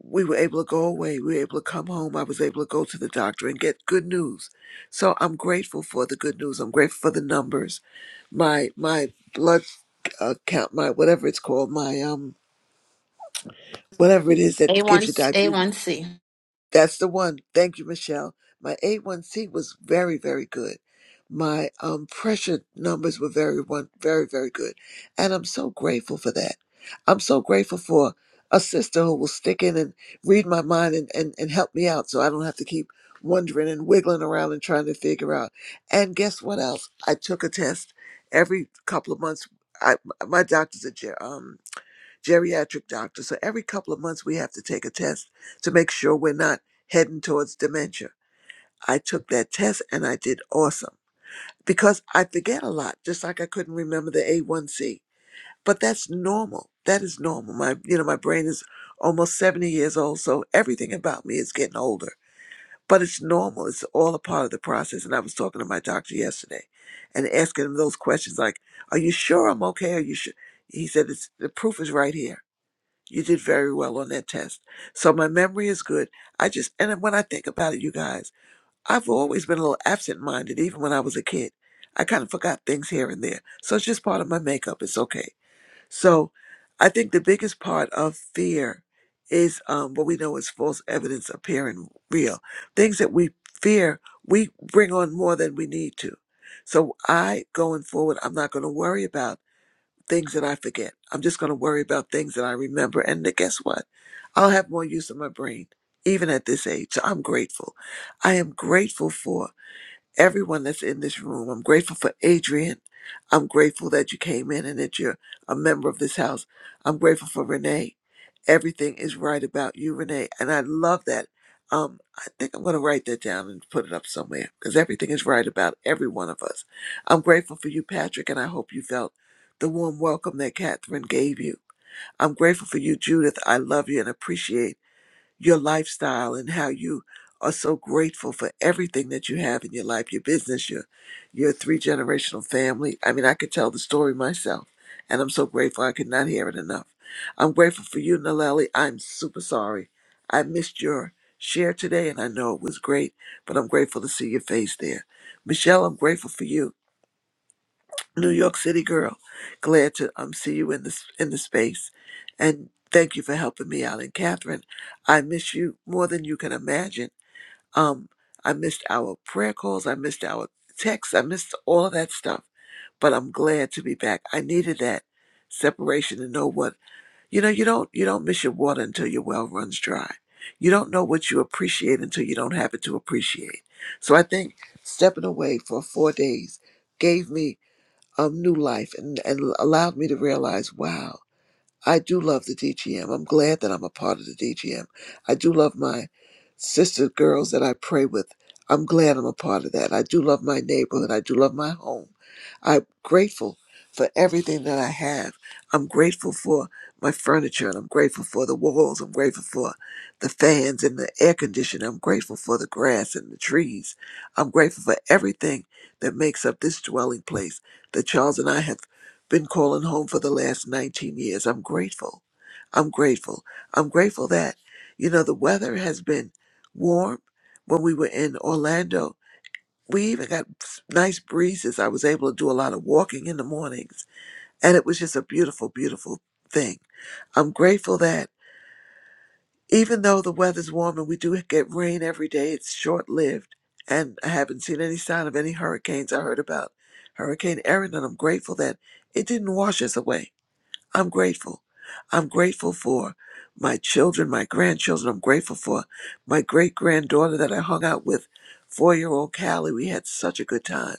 H: we were able to go away. We were able to come home. I was able to go to the doctor and get good news. So I'm grateful for the good news. I'm grateful for the numbers. My my blood uh, count, my whatever it's called, my um whatever it is that gives you
D: A1,
H: diabetes.
D: A1C.
H: That's the one. Thank you, Michelle. My A1C was very, very good. My um, pressure numbers were very, one, very, very good. And I'm so grateful for that. I'm so grateful for a sister who will stick in and read my mind and, and, and help me out so I don't have to keep wondering and wiggling around and trying to figure out. And guess what else? I took a test every couple of months. I, my doctor's a, ger- um, geriatric doctor. So every couple of months, we have to take a test to make sure we're not heading towards dementia. I took that test and I did awesome because I forget a lot, just like I couldn't remember the A1C. But that's normal. That is normal. My, you know, my brain is almost 70 years old, so everything about me is getting older. But it's normal. It's all a part of the process. And I was talking to my doctor yesterday and asking him those questions like, are you sure I'm okay? Are you sure? He said, it's, the proof is right here. You did very well on that test. So my memory is good. I just, and when I think about it, you guys, I've always been a little absent minded, even when I was a kid. I kind of forgot things here and there. So it's just part of my makeup. It's okay. So I think the biggest part of fear is um, what we know is false evidence appearing real. Things that we fear, we bring on more than we need to. So I, going forward, I'm not going to worry about things that I forget. I'm just going to worry about things that I remember. And then guess what? I'll have more use of my brain, even at this age. So I'm grateful. I am grateful for everyone that's in this room. I'm grateful for Adrian. I'm grateful that you came in and that you're a member of this house. I'm grateful for Renee. Everything is right about you, Renee. And I love that. Um, I think I'm going to write that down and put it up somewhere because everything is right about every one of us. I'm grateful for you, Patrick, and I hope you felt the warm welcome that Catherine gave you. I'm grateful for you, Judith. I love you and appreciate your lifestyle and how you are so grateful for everything that you have in your life, your business, your your three generational family. I mean, I could tell the story myself, and I'm so grateful I could not hear it enough. I'm grateful for you, Nalali. I'm super sorry. I missed your share today, and I know it was great, but I'm grateful to see your face there. Michelle, I'm grateful for you. New York City girl. Glad to um see you in this in the space, and thank you for helping me out. And Catherine, I miss you more than you can imagine. Um, I missed our prayer calls. I missed our texts. I missed all of that stuff, but I'm glad to be back. I needed that separation to know what you know. You don't you don't miss your water until your well runs dry. You don't know what you appreciate until you don't have it to appreciate. So I think stepping away for four days gave me of new life and, and allowed me to realize, wow, I do love the DGM. I'm glad that I'm a part of the DGM. I do love my sister girls that I pray with. I'm glad I'm a part of that. I do love my neighborhood. I do love my home. I'm grateful for everything that I have. I'm grateful for my furniture and I'm grateful for the walls. I'm grateful for the fans and the air conditioner. I'm grateful for the grass and the trees. I'm grateful for everything that makes up this dwelling place that Charles and I have been calling home for the last 19 years. I'm grateful. I'm grateful. I'm grateful that, you know, the weather has been warm. When we were in Orlando, we even got nice breezes. I was able to do a lot of walking in the mornings, and it was just a beautiful, beautiful thing. I'm grateful that even though the weather's warm and we do get rain every day, it's short lived. And I haven't seen any sign of any hurricanes. I heard about Hurricane Erin, and I'm grateful that it didn't wash us away. I'm grateful. I'm grateful for my children, my grandchildren. I'm grateful for my great granddaughter that I hung out with, four year old Callie. We had such a good time.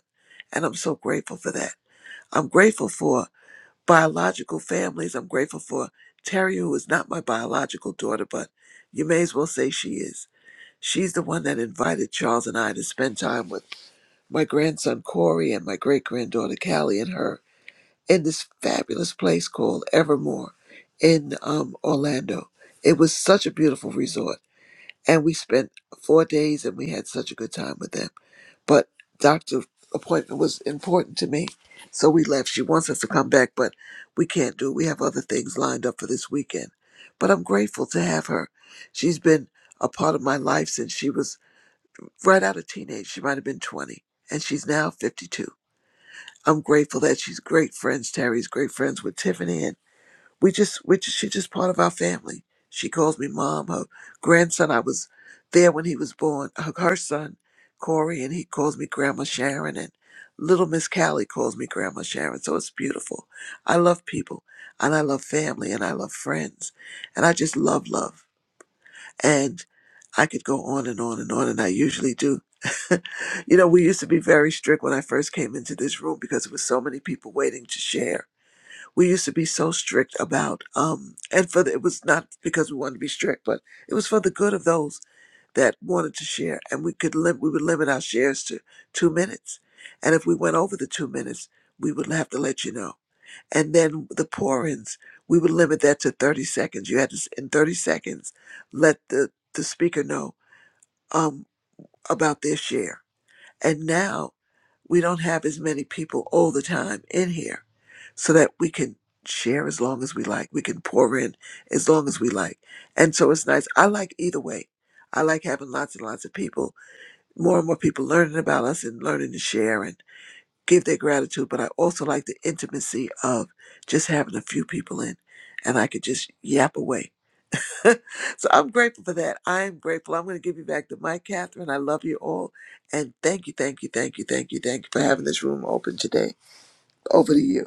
H: And I'm so grateful for that. I'm grateful for biological families. I'm grateful for Terry, who is not my biological daughter, but you may as well say she is. She's the one that invited Charles and I to spend time with my grandson Corey and my great granddaughter Callie and her in this fabulous place called Evermore in um, Orlando. It was such a beautiful resort, and we spent four days and we had such a good time with them. But doctor appointment was important to me, so we left. She wants us to come back, but we can't do. it. We have other things lined up for this weekend. But I'm grateful to have her. She's been a part of my life since she was right out of teenage. She might have been 20, and she's now 52. I'm grateful that she's great friends. Terry's great friends with Tiffany, and we just we just she's just part of our family. She calls me mom. Her grandson, I was there when he was born. Her, her son, Corey, and he calls me Grandma Sharon, and little Miss Callie calls me Grandma Sharon. So it's beautiful. I love people, and I love family, and I love friends, and I just love love. And I could go on and on and on, and I usually do. <laughs> you know, we used to be very strict when I first came into this room because there was so many people waiting to share we used to be so strict about um and for the, it was not because we wanted to be strict but it was for the good of those that wanted to share and we could lim- we would limit our shares to two minutes and if we went over the two minutes we would have to let you know and then the pour-ins we would limit that to 30 seconds you had to s- in 30 seconds let the the speaker know um about their share and now we don't have as many people all the time in here so that we can share as long as we like. We can pour in as long as we like. And so it's nice. I like either way. I like having lots and lots of people, more and more people learning about us and learning to share and give their gratitude. But I also like the intimacy of just having a few people in and I could just yap away <laughs> so I'm grateful for that. I am grateful. I'm going to give you back the mic, Catherine. I love you all. And thank you, thank you, thank you, thank you, thank you for having this room open today. Over to you.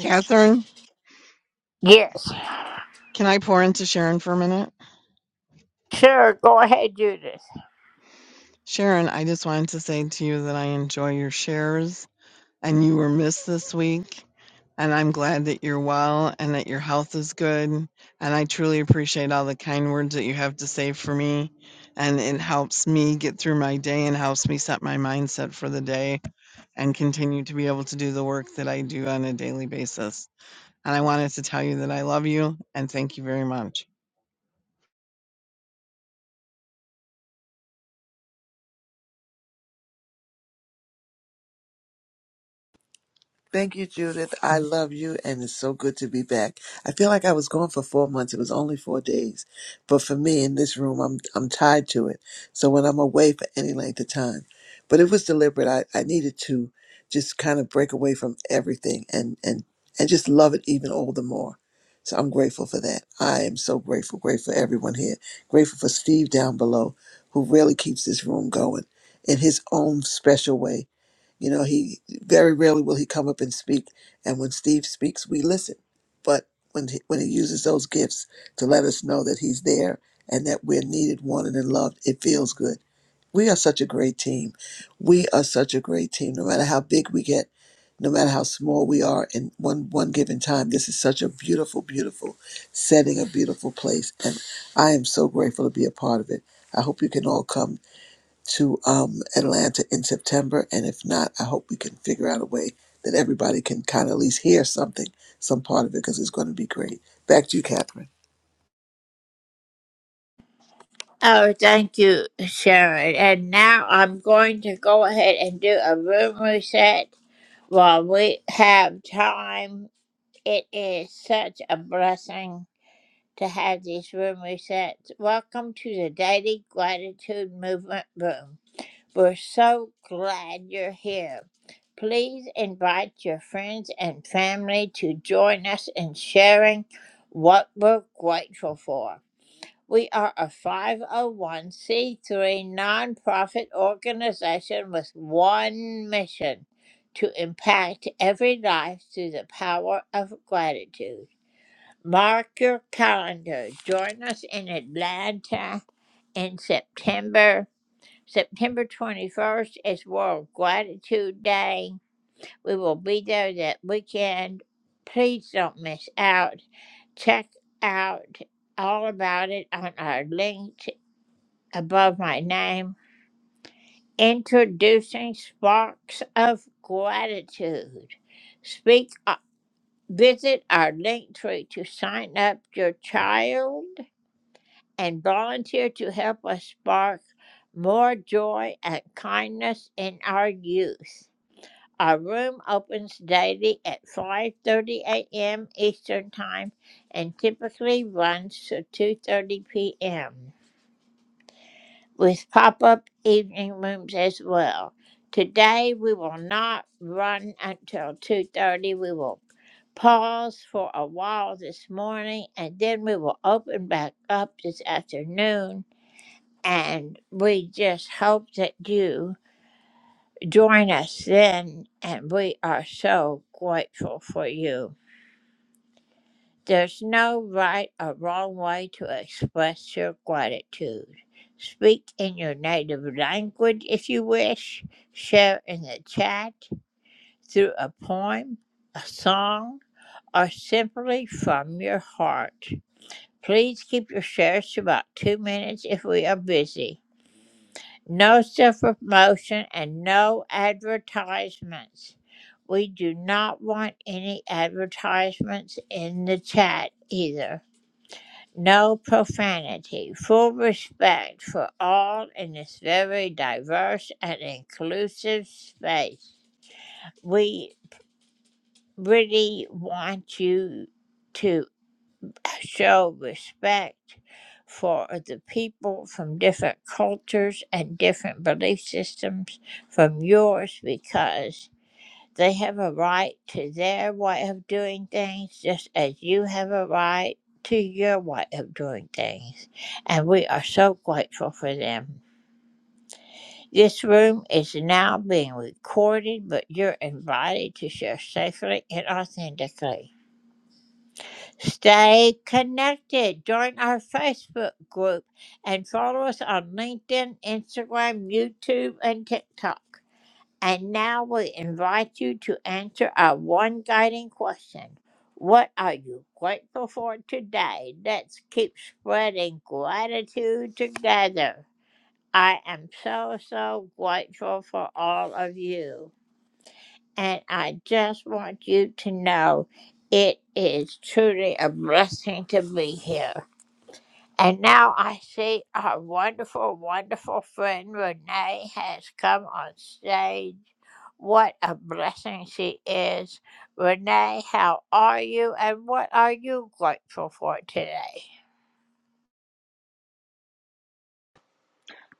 G: Catherine, can I pour into Sharon for a minute? Sharon, I just wanted to say to you that I enjoy your shares and you were missed this week. And I'm glad that you're well and that your health is good. And I truly appreciate all the kind words that you have to say for me. And it helps me get through my day and helps me set my mindset for the day and continue to be able to do the work that I do on a daily basis. And I wanted to tell you that I love you and thank you very much.
H: Thank you, Judith. I love you, and it's so good to be back. I feel like I was gone for four months. It was only four days, but for me in this room, I'm I'm tied to it. So when I'm away for any length of time, but it was deliberate. I, I needed to just kind of break away from everything and and and just love it even all the more. So I'm grateful for that. I am so grateful, grateful for everyone here. Grateful for Steve down below, who really keeps this room going in his own special way you know, he very rarely will he come up and speak. And when Steve speaks, we listen. But when he, when he uses those gifts to let us know that he's there and that we're needed, wanted, and loved, it feels good. We are such a great team. We are such a great team. No matter how big we get, no matter how small we are in one one given time, this is such a beautiful, beautiful setting, a beautiful place, and I am so grateful to be a part of it. I hope you can all come to um, Atlanta in September. And if not, I hope we can figure out a way that everybody can kind of at least hear something, some part of it, because it's going to be great. Back to you, Catherine.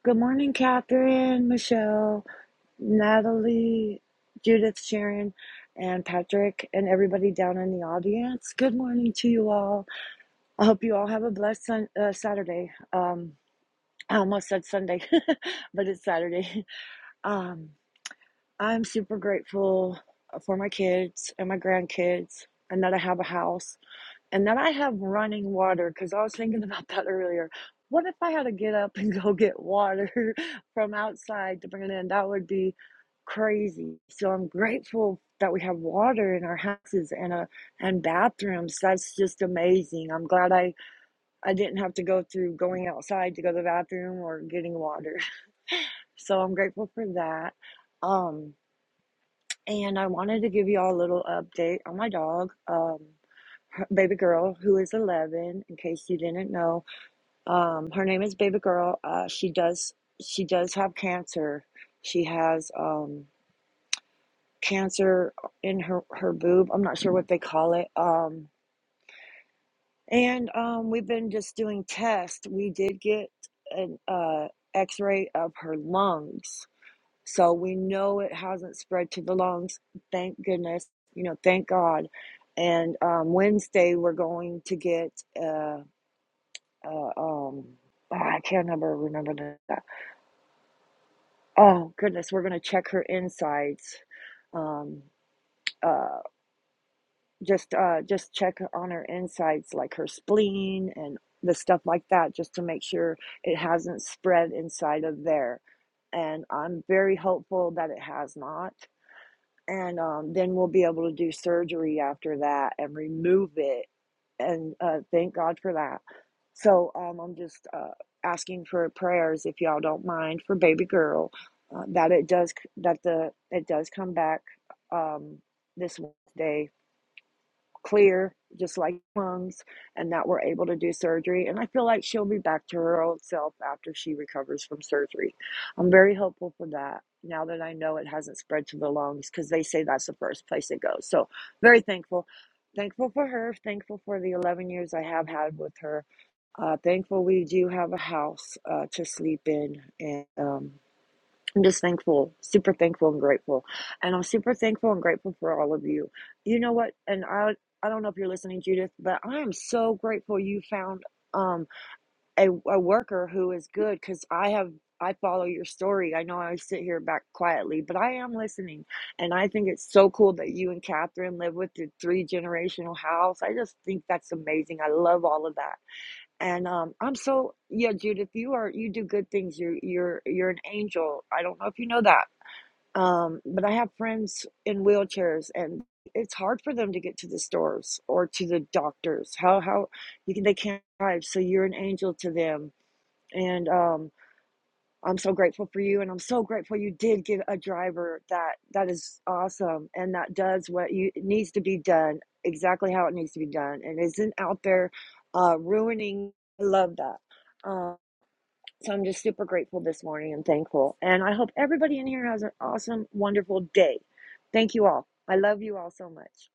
I: Good morning, Catherine, Michelle, Natalie, Judith, Sharon, and Patrick, and everybody down in the audience. Good morning to you all. I hope you all have a blessed sun, uh, Saturday. Um, I almost said Sunday, <laughs> but it's Saturday. Um, I'm super grateful for my kids and my grandkids, and that I have a house and that I have running water because I was thinking <laughs> about that earlier. What if I had to get up and <laughs> go get water <laughs> from outside to bring it in? That would be crazy. So I'm grateful that we have water in our houses and uh and bathrooms. That's just amazing. I'm glad I I didn't have to go through going outside to go to the bathroom or getting water. <laughs> So I'm grateful for that. Um, and I wanted to give you all a little update on my dog. Um, her baby girl who is 11 in case you didn't know um her name is baby girl uh she does she does have cancer she has um cancer in her her boob i'm not sure what they call it um and um we've been just doing tests we did get an uh x-ray of her lungs so we know it hasn't spread to the lungs thank goodness you know thank god and um wednesday we're going to get uh uh, um, oh, I can't remember remember the oh goodness, we're gonna check her insides. Um, uh, just uh, just check on her insides, like her spleen and the stuff like that, just to make sure it hasn't spread inside of there. And I'm very hopeful that it has not. and um, then we'll be able to do surgery after that and remove it. And uh, thank God for that. So um, I'm just uh, asking for prayers, if y'all don't mind, for baby girl, uh, that it does that the it does come back um, this Wednesday clear, just like lungs, and that we're able to do surgery. And I feel like she'll be back to her old self after she recovers from surgery. I'm very hopeful for that now that I know it hasn't spread to the lungs because they say that's the first place it goes. So, very thankful. Thankful for her, thankful for the 11 years I have had with her. Uh, thankful we do have a house uh, to sleep in. And um, I'm just thankful, super thankful and grateful. And I'm super thankful and grateful for all of you. You know what? And I I don't know if you're listening, Judith, but I am so grateful you found um a, a worker who is good because I have I follow your story. I know I sit here back quietly, but I am listening. And I think it's so cool that you and Catherine live with your three generational house. I just think that's amazing. I love all of that and um, I'm so yeah, Judith. You are you do good things. You're you're you're an angel. I don't know if you know that. Um, but I have friends in wheelchairs, and it's hard for them to get to the stores or to the doctors. How how you can they can't drive, so you're an angel to them. And um, I'm so grateful for you, and I'm so grateful you did get a driver. That that is awesome, and that does what you it needs to be done exactly how it needs to be done, and isn't out there uh, ruining. I love that. Um. So I'm just super grateful this morning and thankful. And I hope everybody in here has an awesome, wonderful day. Thank you all. I love you all so much.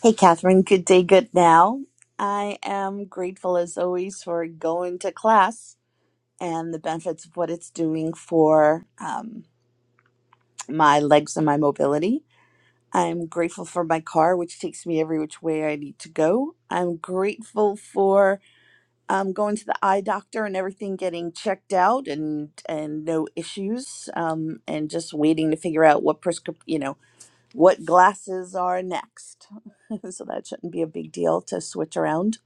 J: Hey, Catherine. Good day, good now. I am grateful as always for going to class and the benefits of what it's doing for um, my legs and my mobility. I'm grateful for my car, which takes me every which way I need to go. I'm grateful for um, going to the eye doctor and everything getting checked out and and no issues um, and just waiting to figure out what prescription, you know what glasses are next. <laughs> so that shouldn't be a big deal to switch around.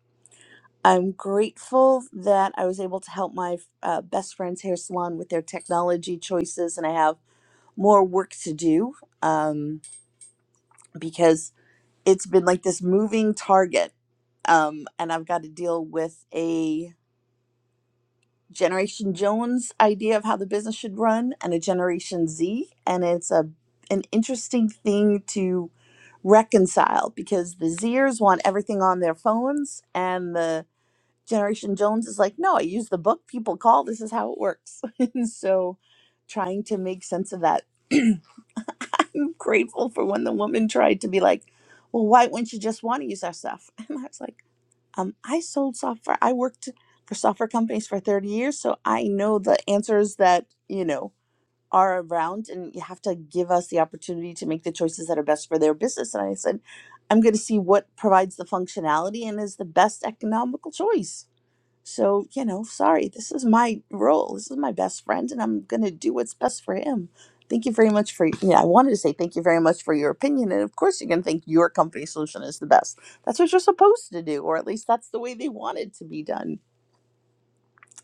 J: I'm grateful that I was able to help my uh, best friend's hair salon with their technology choices, and I have more work to do um, because it's been like this moving target, um, and I've got to deal with a. Generation Jones idea of how the business should run and a Generation Z. And it's a an interesting thing to reconcile because the Zers want everything on their phones and the Generation Jones is like, no, I use the book people call. This is how it works. <laughs> and so trying to make sense of that. <clears throat> I'm grateful for when the woman tried to be like, well, why wouldn't you just want to use our stuff? <laughs> And I was like, um, I sold software. I worked for software companies for 30 years, so I know the answers that, you know, are around and you have to give us the opportunity to make the choices that are best for their business. And I said, I'm going to see what provides the functionality and is the best economical choice so, you know, sorry, this is my role. This is my best friend, and I'm going to do what's best for him. Thank you very much for, yeah, I wanted to say thank you very much for your opinion. And of course, you're going to think your company solution is the best. That's what you're supposed to do, or at least that's the way they want it to be done.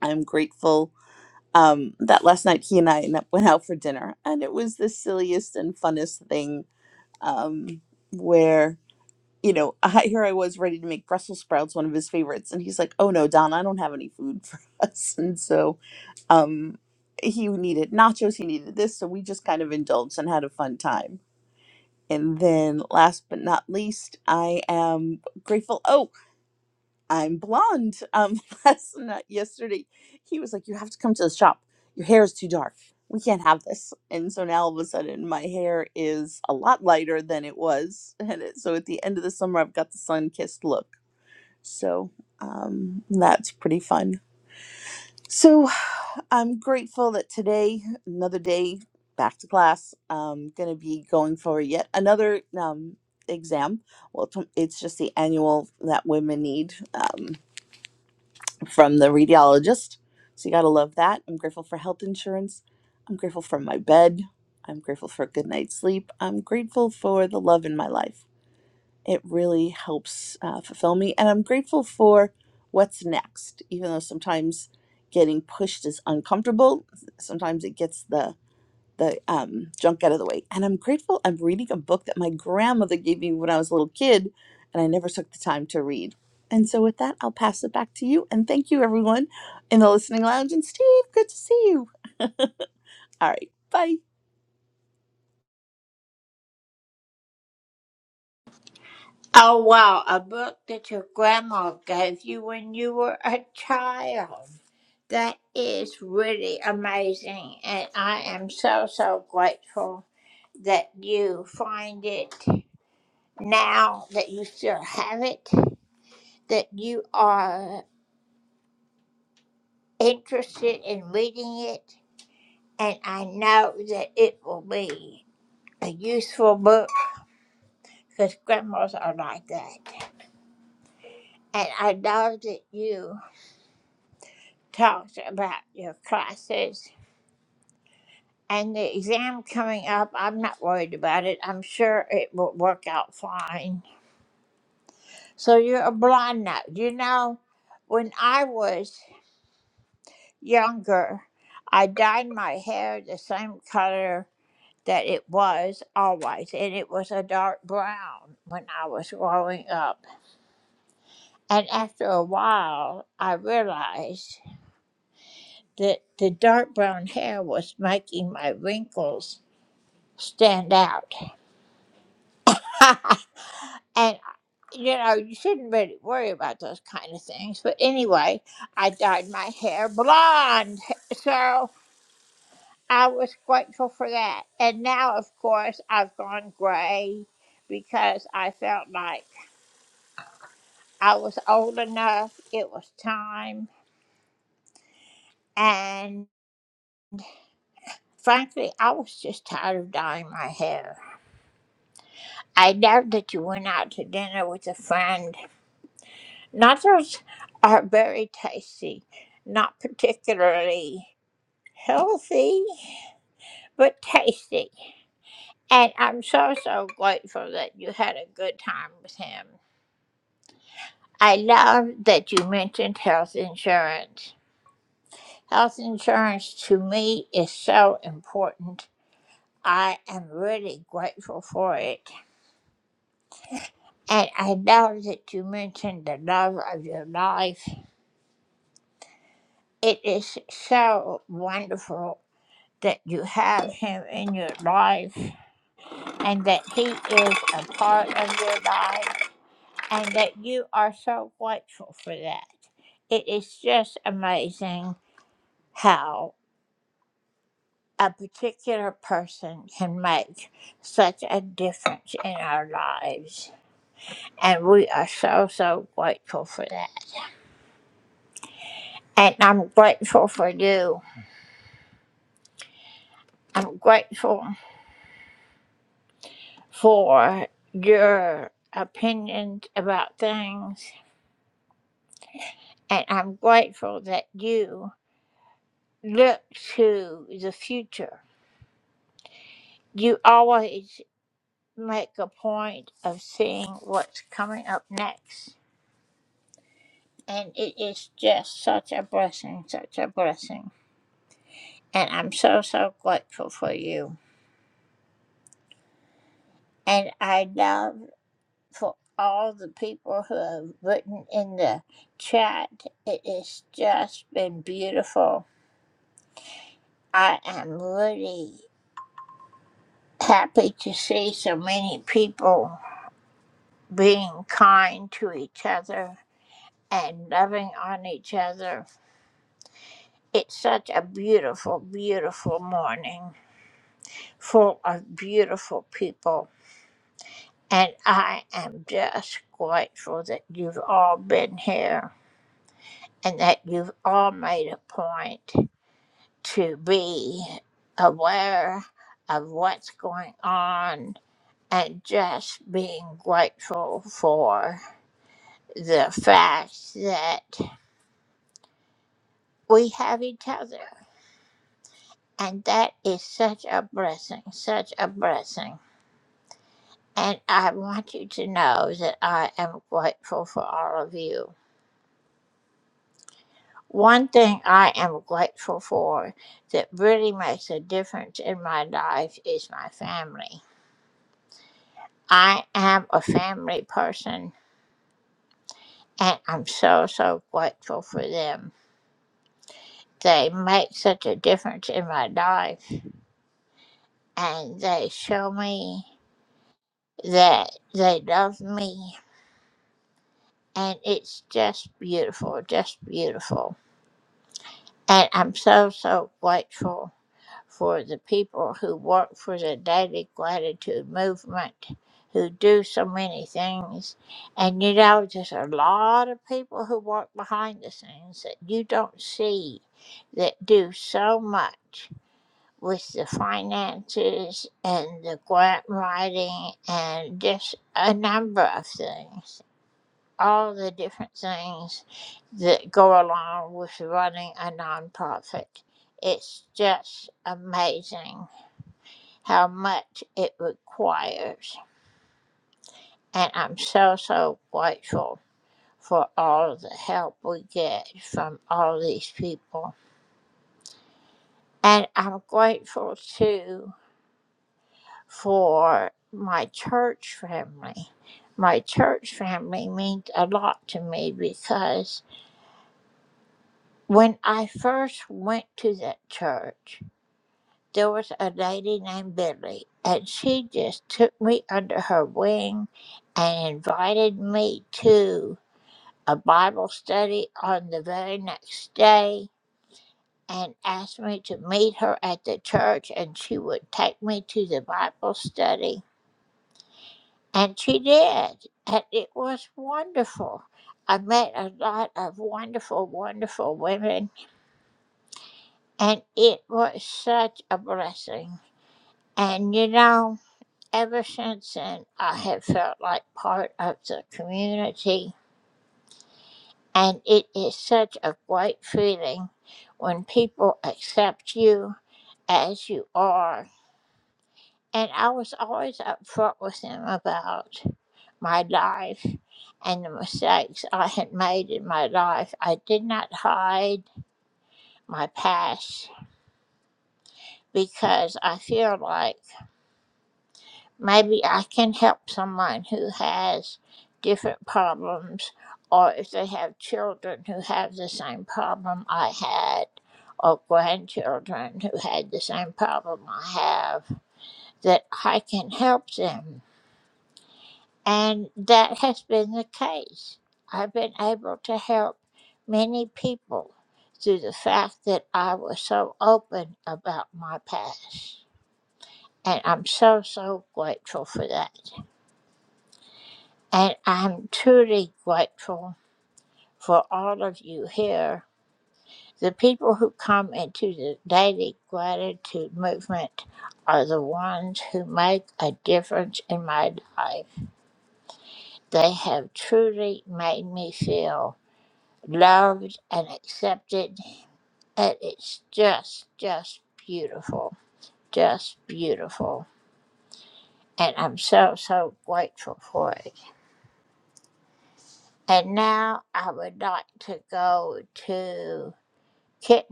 J: I'm grateful um, that last night he and I n- went out for dinner, and it was the silliest and funnest thing um, where you know, <laughs> I, here I was ready to make Brussels sprouts one of his favorites, and he's like, "Oh no, Don, I don't have any food for <laughs> us." And so, um, he needed nachos, he needed this, so we just kind of indulged and had a fun time. And then, last but not least, I am grateful. Oh, I'm blonde. Um, <laughs> last night, yesterday, he was like, "You have to come to the shop. Your hair is too dark. We can't have this." And so now, all of a sudden, my hair is a lot lighter than it was, <laughs> and it, so at the end of the summer, I've got the sun-kissed look. So um, that's pretty fun. So I'm grateful that today, another day back to class, I'm gonna be going for yet another um, exam. Well, it's it's just the annual that women need. Um, from the radiologist. So you got to love that. I'm grateful for health insurance. I'm grateful for my bed. I'm grateful for a good night's sleep. I'm grateful for the love in my life. It really helps uh, fulfill me. And I'm grateful for what's next, even though sometimes getting pushed is uncomfortable. Sometimes it gets the the um, junk out of the way. And I'm grateful I'm reading a book that my grandmother gave me when I was a little kid, and I never took the time to read. And so, with that, I'll pass it back to you. And thank you, everyone in the listening lounge. And Steve, good to see you. All right, bye.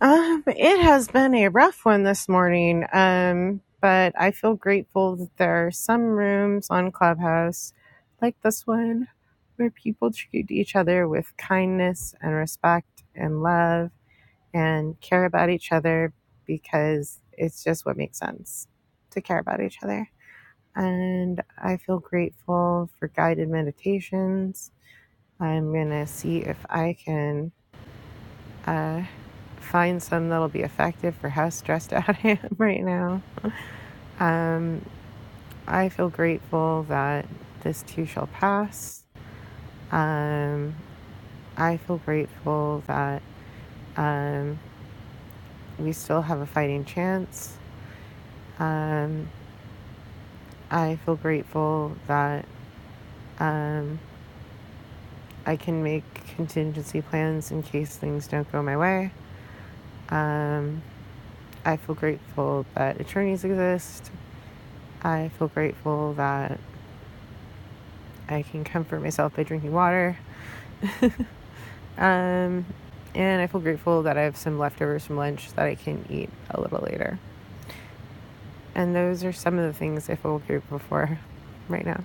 K: Um, it has been a rough one this morning, um, but I feel grateful that there are some rooms on Clubhouse, like this one, where people treat each other with kindness and respect and love and care about each other because it's just what makes sense to care about each other. And I feel grateful for guided meditations. I'm going to see if I can. uh, find some that'll be effective for how stressed <laughs> out I am right now. I feel grateful that this too shall pass. Um, I feel grateful that um, we still have a fighting chance. Um, I feel grateful that um, I can make contingency plans in case things don't go my way. Um, I feel grateful that attorneys exist. I feel grateful that I can comfort myself by drinking water. Um, and I feel grateful that I have some leftovers from lunch that I can eat a little later. And those are some of the things I feel grateful for <laughs> right now.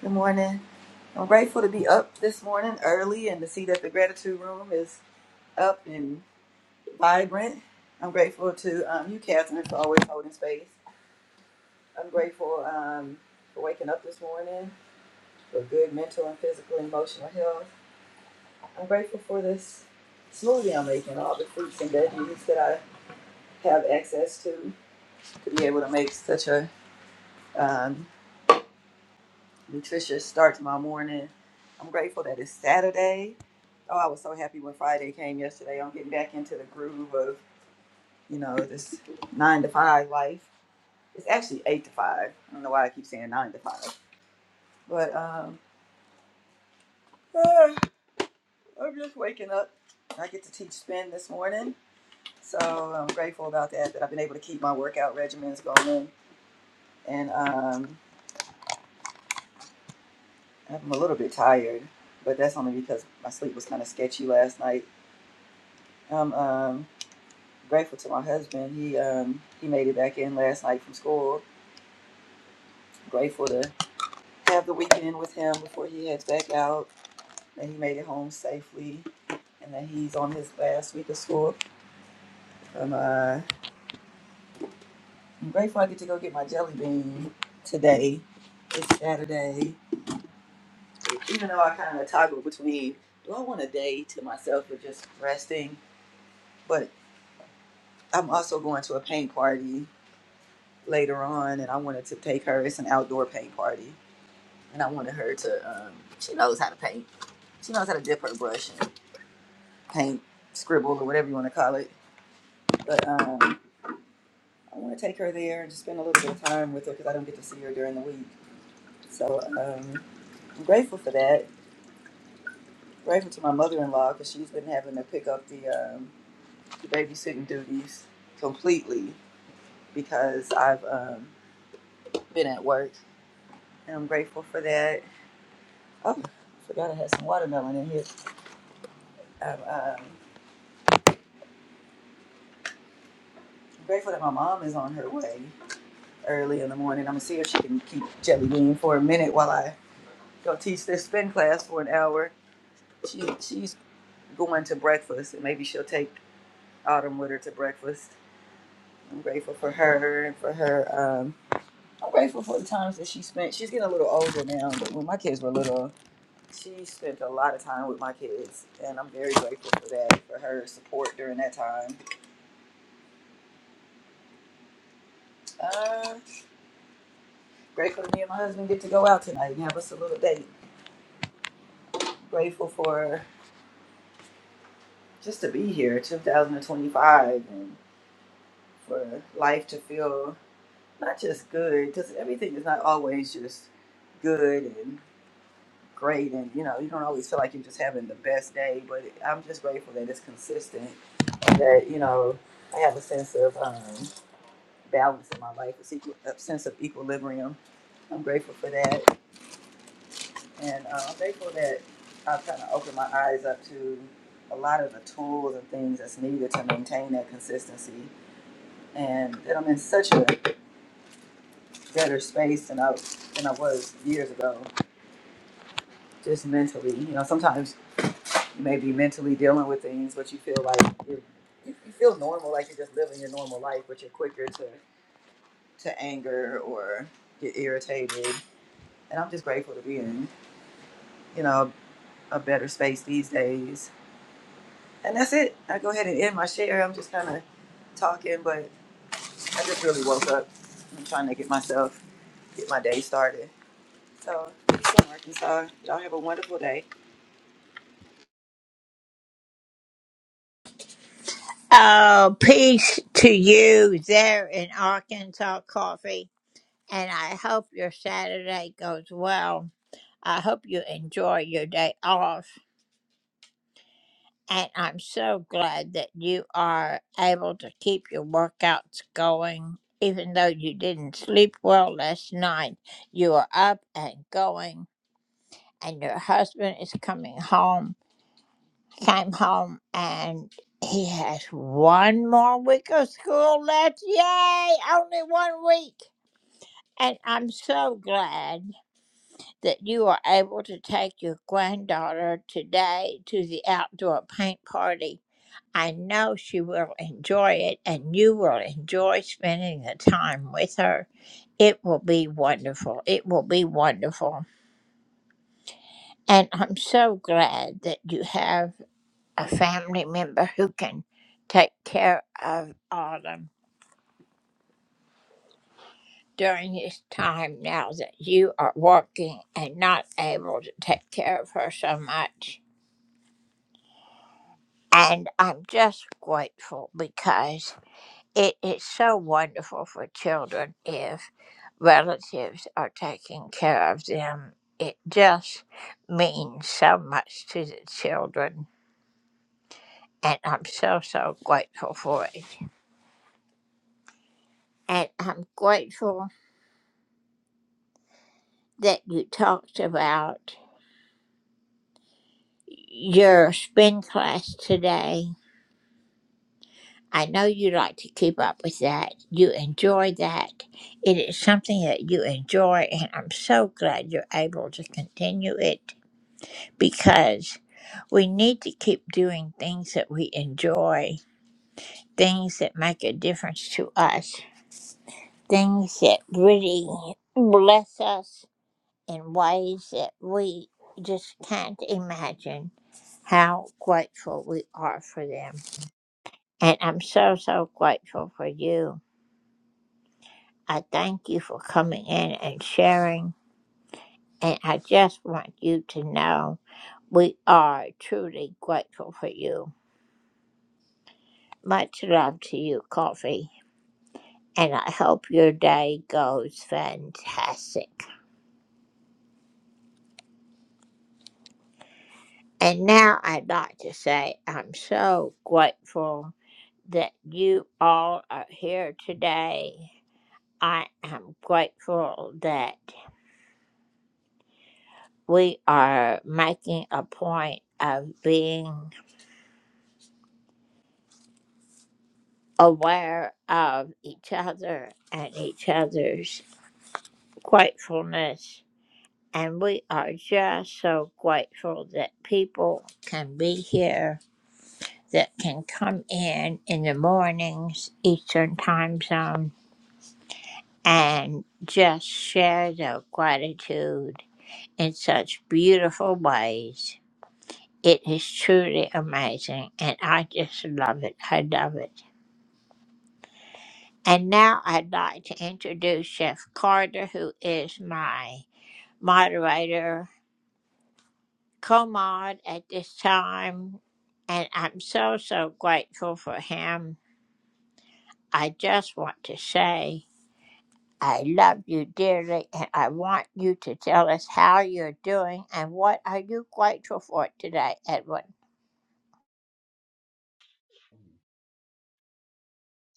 L: Good morning. I'm grateful to be up this morning early and to see that the gratitude room is up and vibrant. I'm grateful to um, you, Catherine, for always holding space. I'm grateful um, for waking up this morning, for good mental and physical and emotional health. I'm grateful for this smoothie I'm making, all the fruits and veggies that I have access to, to be able to make such a um, nutritious start to my morning. I'm grateful that it's Saturday Oh, I was so happy when Friday came yesterday. I'm getting back into the groove of, you know, this <laughs> nine to five life. It's actually eight to five. I don't know why I keep saying nine to five. But um, ah, I'm just waking up. I get to teach spin this morning. So I'm grateful about that, that I've been able to keep my workout regimens going. And um, I'm a little bit tired, but that's only because my sleep was kind of sketchy last night. I'm um, grateful to my husband. He, um, he made it back in last night from school grateful to have the weekend with him before he heads back out. That he made it home safely, and that he's on his last week of school. Um, uh, I'm grateful I get to go get my jelly bean today. It's Saturday, even though I kind of toggle between do I want a day to myself or just resting, but I'm also going to a paint party later on, and I wanted to take her. It's an outdoor paint party, and I wanted her to. Um, she knows how to paint. She knows how to dip her brush and paint, scribble, or whatever you want to call it But um, I want to take her there and just spend a little bit of time with her because I don't get to see her during the week. So um, I'm grateful for that. Grateful to my mother-in-law because she's been having to pick up the, um, the babysitting duties completely because I've um, been at work, and I'm grateful for that. Oh, I forgot I had some watermelon in here. I'm um, grateful that my mom is on her way early in the morning. I'm gonna see if she can keep jelly bean for a minute while I go teach this spin class for an hour. She she's going to breakfast, and maybe she'll take Autumn with her to breakfast. I'm grateful for her and for her. Um, I'm grateful for the times that she spent. She's getting a little older now, but when my kids were little, she spent a lot of time with my kids, and I'm very grateful for that, for her support during that time. Uh, grateful that me and my husband get to go out tonight and have us a little date. Grateful for just to be here, 2025, and for life to feel not just good, just everything is not always just good and great. And, you know, you don't always feel like you're just having the best day, but I'm just grateful that it's consistent and that, you know, I have a sense of um, balance in my life, a, sequ- a sense of equilibrium. I'm grateful for that. And uh, I'm grateful that I've kind of opened my eyes up to a lot of the tools and things that's needed to maintain that consistency. And that I'm in such a better space than I, than I was years ago just mentally. You know, sometimes you may be mentally dealing with things, but you feel like you're, you you feel normal, like you're just living your normal life, but you're quicker to, to anger or get irritated. And I'm just grateful to be in, you know, a better space these days. And that's it. I go ahead and end my share. I'm just kind of talking, but I just really woke up. I'm trying to get myself, get my day started. So, peace from Arkansas. Y'all have a wonderful day.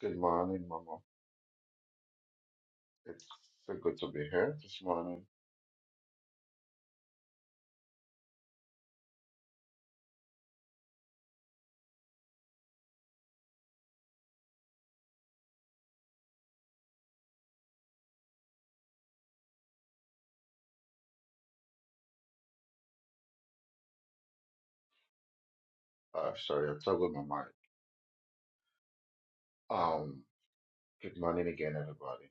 M: Good morning, Mama. It's so good to be here this morning. Uh, sorry, I toggled my mic. Um, good morning again, everybody.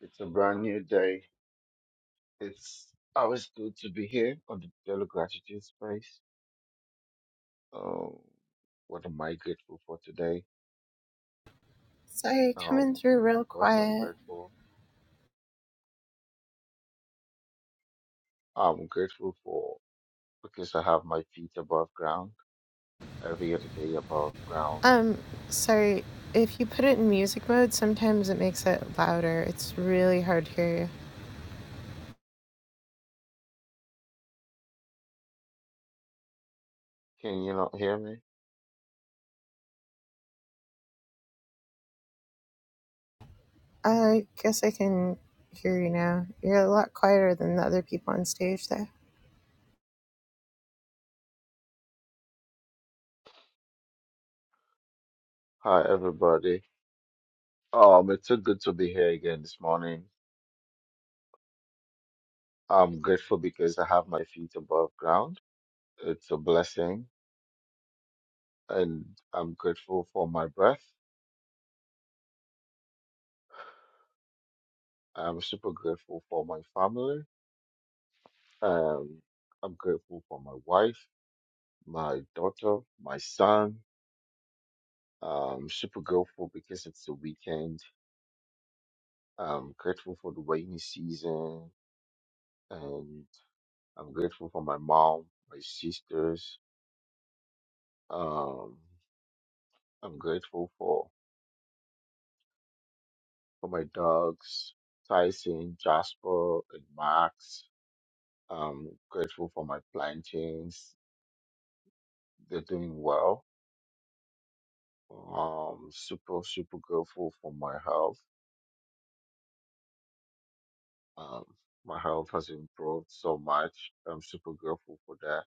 M: It's a brand new day. It's always good to be here on the Daily Gratitude Space. Um, what am I grateful for today?
K: Sorry, coming
M: Um,
K: through real
M: first, I'm
K: quiet.
M: grateful. I'm grateful for because I have my feet above ground, every other day above ground.
K: Um, sorry, if you put it in music mode, sometimes it makes it louder. It's really hard to hear you.
M: Can you not hear me?
K: I guess I can hear you now. You're a lot quieter than the other people on stage there.
M: Hi, everybody. Um, it's so good to be here again this morning. I'm grateful because I have my feet above ground. It's a blessing, and I'm grateful for my breath. I'm super grateful for my family. Um, I'm grateful for my wife, my daughter, my son. Um, super grateful because it's the weekend. I'm grateful for the rainy season, and I'm grateful for my mom, my sisters. Um, I'm grateful for for my dogs, Tyson, Jasper, and Max. I'm grateful for my plantains. They're doing well. Um, super, super grateful for my health. Um, my health has improved so much. I'm super grateful for that.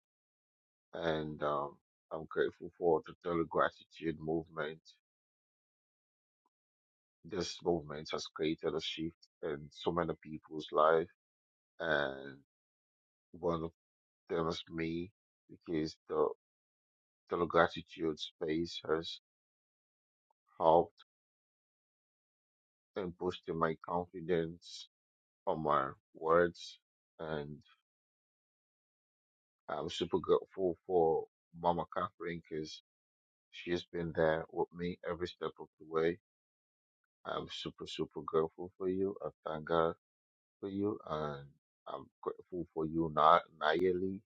M: And um, I'm grateful for the daily gratitude movement. This movement has created a shift in so many people's life. And one of them is me because the The gratitude space has helped in boosting my confidence on my words. And I'm super grateful for Mama Catherine because she's been there with me every step of the way. I'm super, super grateful for you. I thank God for you. And I'm grateful for you, Na- Nayeli.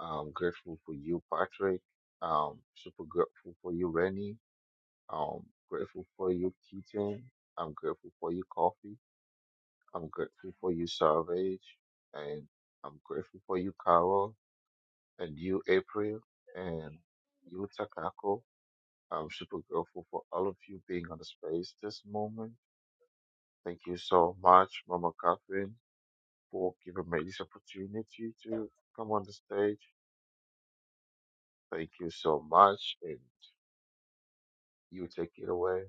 M: I'm grateful for you, Patrick. Um, super grateful for you, Rennie. Um, grateful for you, Keaton. I'm grateful for you, Coffee. I'm grateful for you, Savage, and I'm grateful for you, Carol, and you, April, and you, Takako. I'm super grateful for all of you being on the space this moment. Thank you so much, Mama Catherine, for giving me this opportunity to come on the stage. Thank you so much, and you take it away.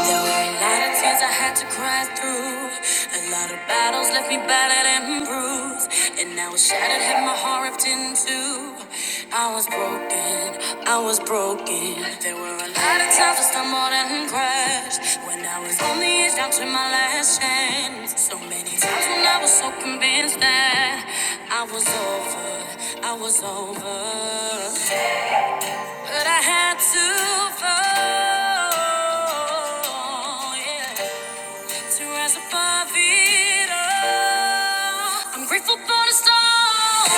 A: There were a lot of tears I had to cry through. A lot of battles left me battered and bruised. And now was shattered, had my heart ripped in two. I was broken, I was broken. There were a lot of times I stumbled and crashed. When I was on the edge, down to my last chance. So many times when I was so convinced that I was over, I was over. But I had to fall, yeah, to rise above it all. I'm grateful for the stars,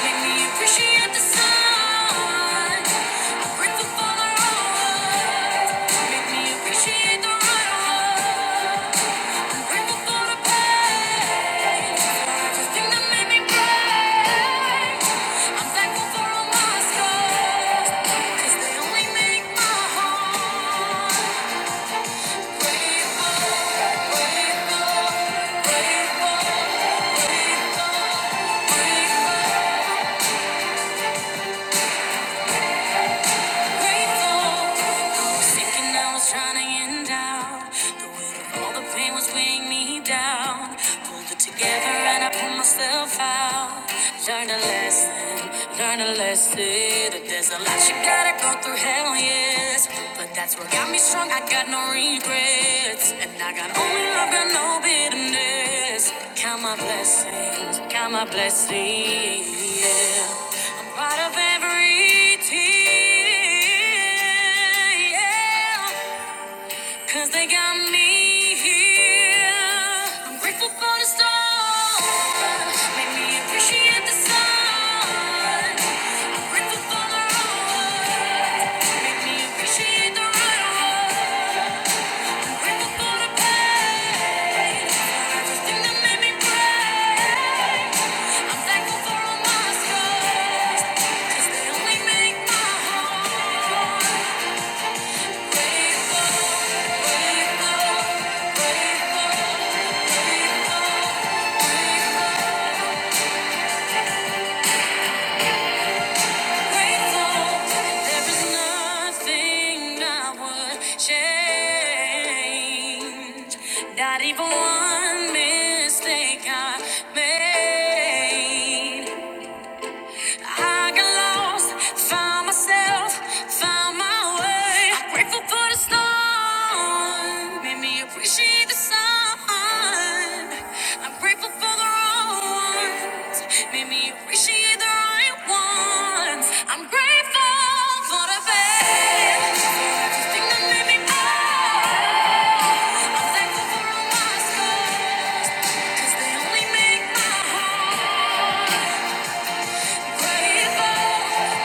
A: made me appreciate the sun. I'm grateful for the road, made me appreciate the road. Grateful, grateful, grateful. was thinking I was trying to end out. The weight of all the pain was weighing me down. Pulled it together and I pulled myself out. Learned a lesson, learned a lesson. That there's a lot you gotta go through, hell yes. But that's what got me strong, I got no regrets. And I got only love, got no bitterness. Count my blessings, count my blessings, yeah. I'm proud of every tear. Yeah, Cause they got me here. I'm grateful for the stars. Made me appreciate the sun. I'm grateful for the road. Made me appreciate the right road. I'm grateful for the pain. For everything that made me brave. I'm thankful for all my scars. 'Cause they only make my heart grateful. Not even one mistake I made. I got lost, found myself, found my way. I'm grateful for the storm, made me appreciate the sun. I'm grateful for the wrong ones, made me appreciate the right ones. I'm grateful for the bad, for everything that made me up. I'm thankful for all my scars, 'cause they only make my heart. grateful.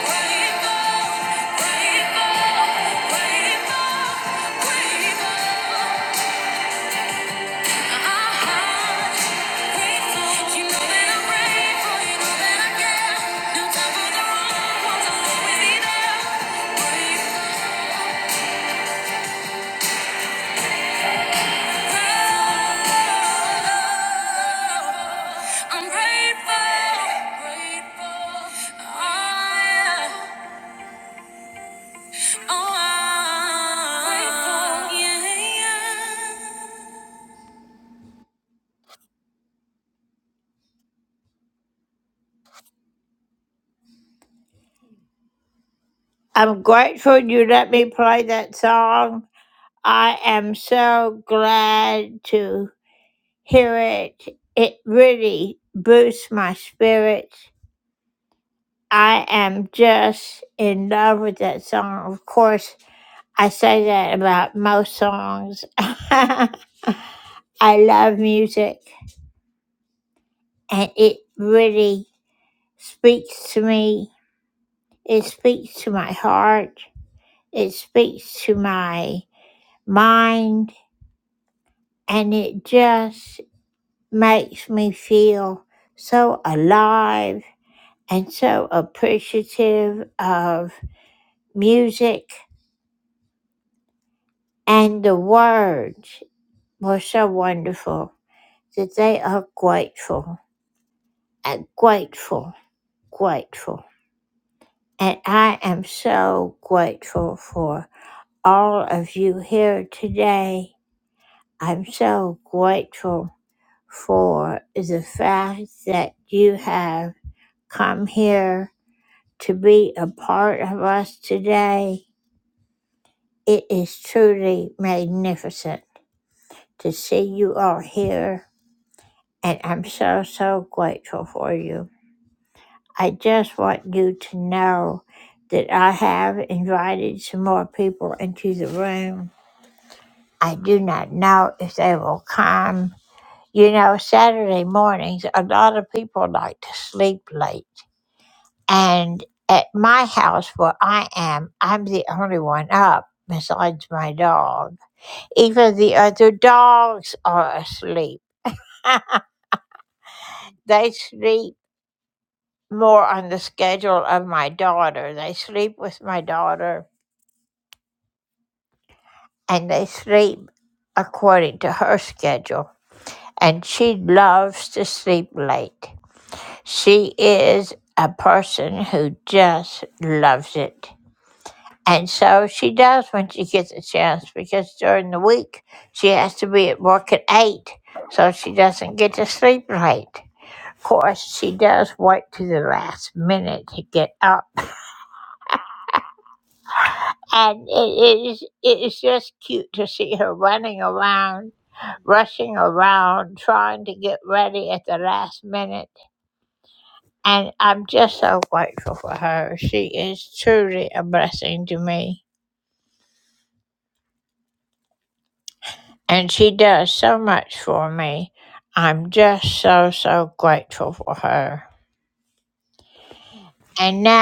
A: I'm grateful, grateful. Oh, yeah. Oh, yeah. Grateful, yeah, yeah.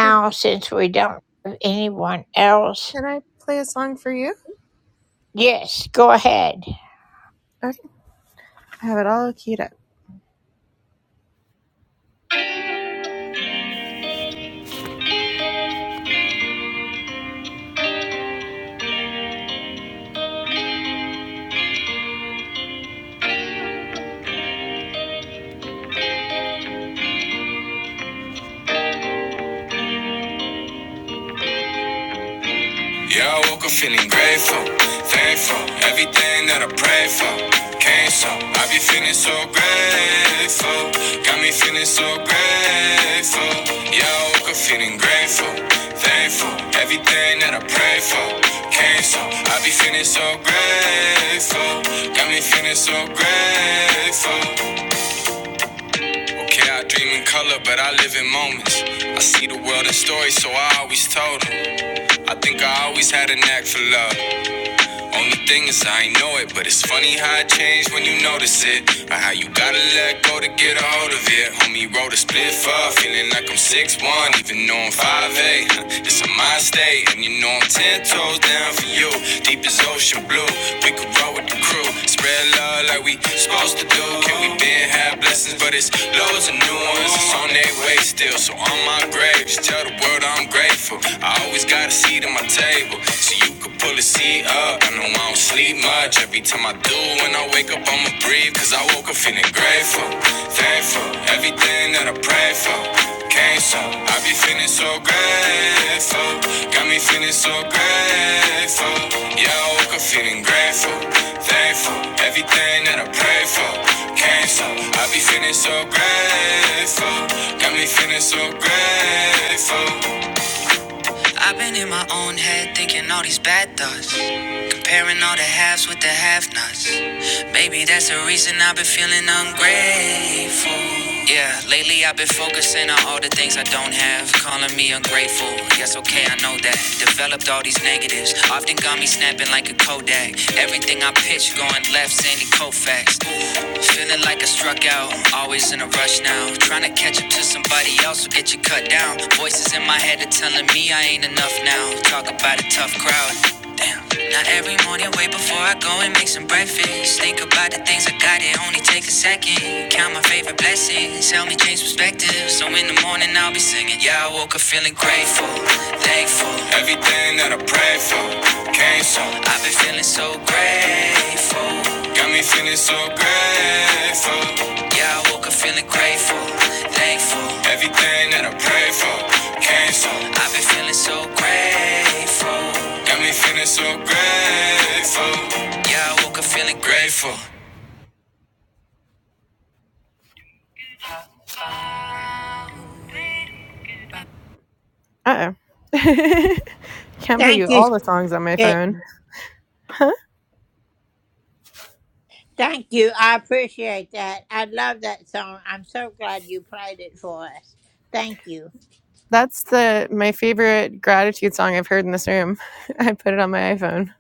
K: Can, can I play a song for you? Okay. I have it all keyed up. Yeah, I woke up feeling grateful, thankful, everything that I prayed for came so. I be feeling so grateful, got me feeling so grateful. Yeah, I woke up feeling grateful, thankful, everything that I prayed for came so. I be feeling so grateful, got me feeling so grateful. Okay, I dream in color, but I live in moments. I see the world in stories, so I always told them. I think I always had a knack for love. Only thing is I ain't know it, but it's funny how it changed when you notice it. Or how you gotta let go to get a hold of it. Homie wrote a split up, feeling like I'm six one, even though I'm five eight. It's a mind state, and you know I'm 10 toes down for you. Deep as ocean blue, we could roll with the crew. Spread love like we supposed to do. Can we been have blessings, but it's loads of new ones. It's on their way still, so on my grave, just tell the world I'm grateful. I always gotta seat at my table, so you could Pull the seat up, I know I don't sleep much. Every time I do, when I wake up, I'ma breathe. Cause I woke up feeling grateful, thankful. Everything that I pray for came so. I be feeling so grateful, got me feeling so grateful. Yeah, I woke up feeling grateful, thankful. Everything that I pray for came so. I be feeling so grateful, got me feeling so grateful. I've been in my own head thinking all these bad thoughts. Comparing all the halves with the half nots. Maybe that's the reason I've been feeling ungrateful. Yeah, lately I've been focusing on all the things I don't have. Calling me ungrateful. Yes, okay, I know that. Developed all these negatives. Often got me snapping like a Kodak. Everything I pitch going left, Sandy Koufax. Feeling like I struck out. Always in a rush now. Trying to catch up to somebody else will get you cut down. Voices in my head are telling me I ain't enough now. Talk about a tough crowd. Damn. Now every morning, wait before I go and make some breakfast. Think about the things I got, it only take a second. Count my favorite blessings, help me change perspective. So in the morning, I'll be singing. Yeah, I woke up feeling grateful, thankful. Everything that I prayed for came so. I've been feeling so grateful. Got me feeling so grateful. Yeah, I woke up feeling grateful, thankful. Everything that I prayed for came from. I've been feeling so grateful. Got me feeling so grateful. Yeah, I woke up feeling grateful. Uh oh. <laughs> Can't play you all the songs on my phone. That's the my favorite gratitude song I've heard in this room. <laughs> I put it on my iPhone.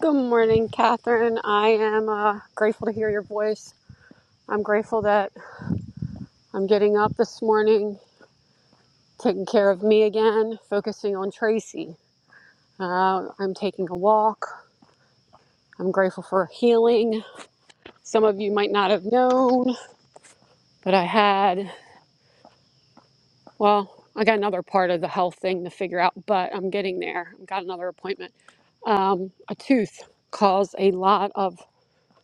N: Good morning, Catherine. I am uh, grateful to hear your voice. I'm grateful that I'm getting up this morning, taking care of me again, focusing on Tracy. Uh, I'm taking a walk. I'm grateful for healing. Some of you might not have known, but I had, well, I got another part of the health thing to figure out, but I'm getting there. I've got another appointment. Um, a tooth caused a lot of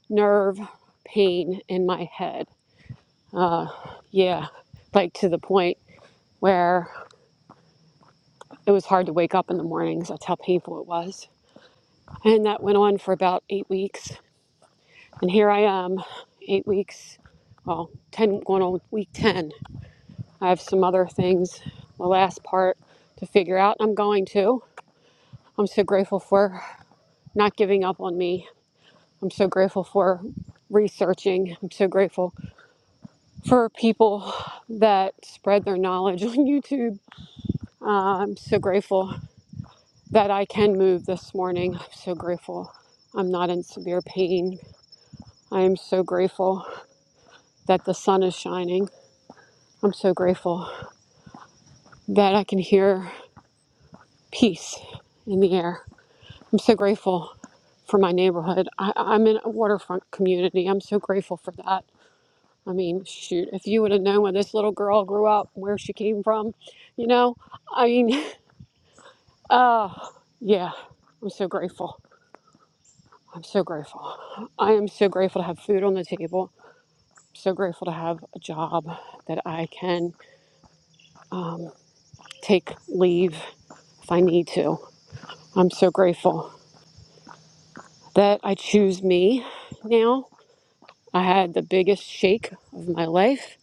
N: nerve pain in my head. Yeah, like to the point where It was hard to wake up in the mornings. That's how painful it was. And that went on for about eight weeks. And here I am, eight weeks, well, 10, going on week 10. I have some other things, the last part to figure out. I'm going to. I'm so grateful for not giving up on me. I'm so grateful for researching. I'm so grateful for people that spread their knowledge <laughs> on YouTube. Uh, I'm so grateful that I can move this morning. I'm so grateful. I'm not in severe pain. I am so grateful that the sun is shining. I'm so grateful that I can hear peace in the air. I'm so grateful for my neighborhood. I, I'm in a waterfront community. I'm so grateful for that. I mean, shoot, if you would have known when this little girl grew up, where she came from, you know, I mean, <laughs> uh, yeah, I'm so grateful. I'm so grateful. I am so grateful to have food on the table. so grateful to have a job that I can take leave if I need to. I'm so grateful that I choose me now. I had the biggest shake of my life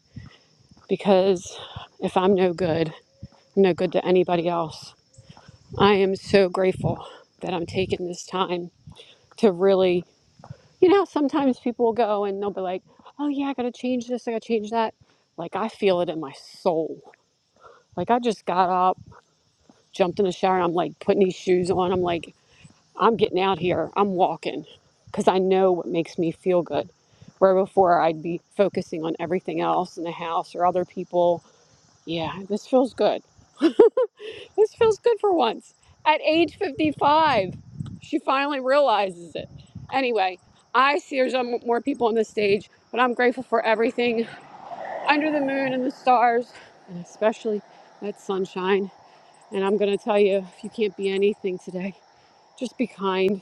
N: because if I'm no good, I'm no good to anybody else. I am so grateful that I'm taking this time to really, you know, sometimes people will go and they'll be like, oh yeah, I gotta change this, I gotta change that. Like I feel it in my soul. Like I just got up jumped in the shower. I'm like putting these shoes on. I'm like, I'm getting out here. I'm walking because I know what makes me feel good. Where before I'd be focusing on everything else in the house or other people. Yeah, this feels good. This feels good for once. At age 55, she finally realizes it. Anyway, I see there's um, more people on the stage, but I'm grateful for everything under the moon and the stars, and especially that sunshine. And I'm going to tell you if you can't be anything today, Just be kind.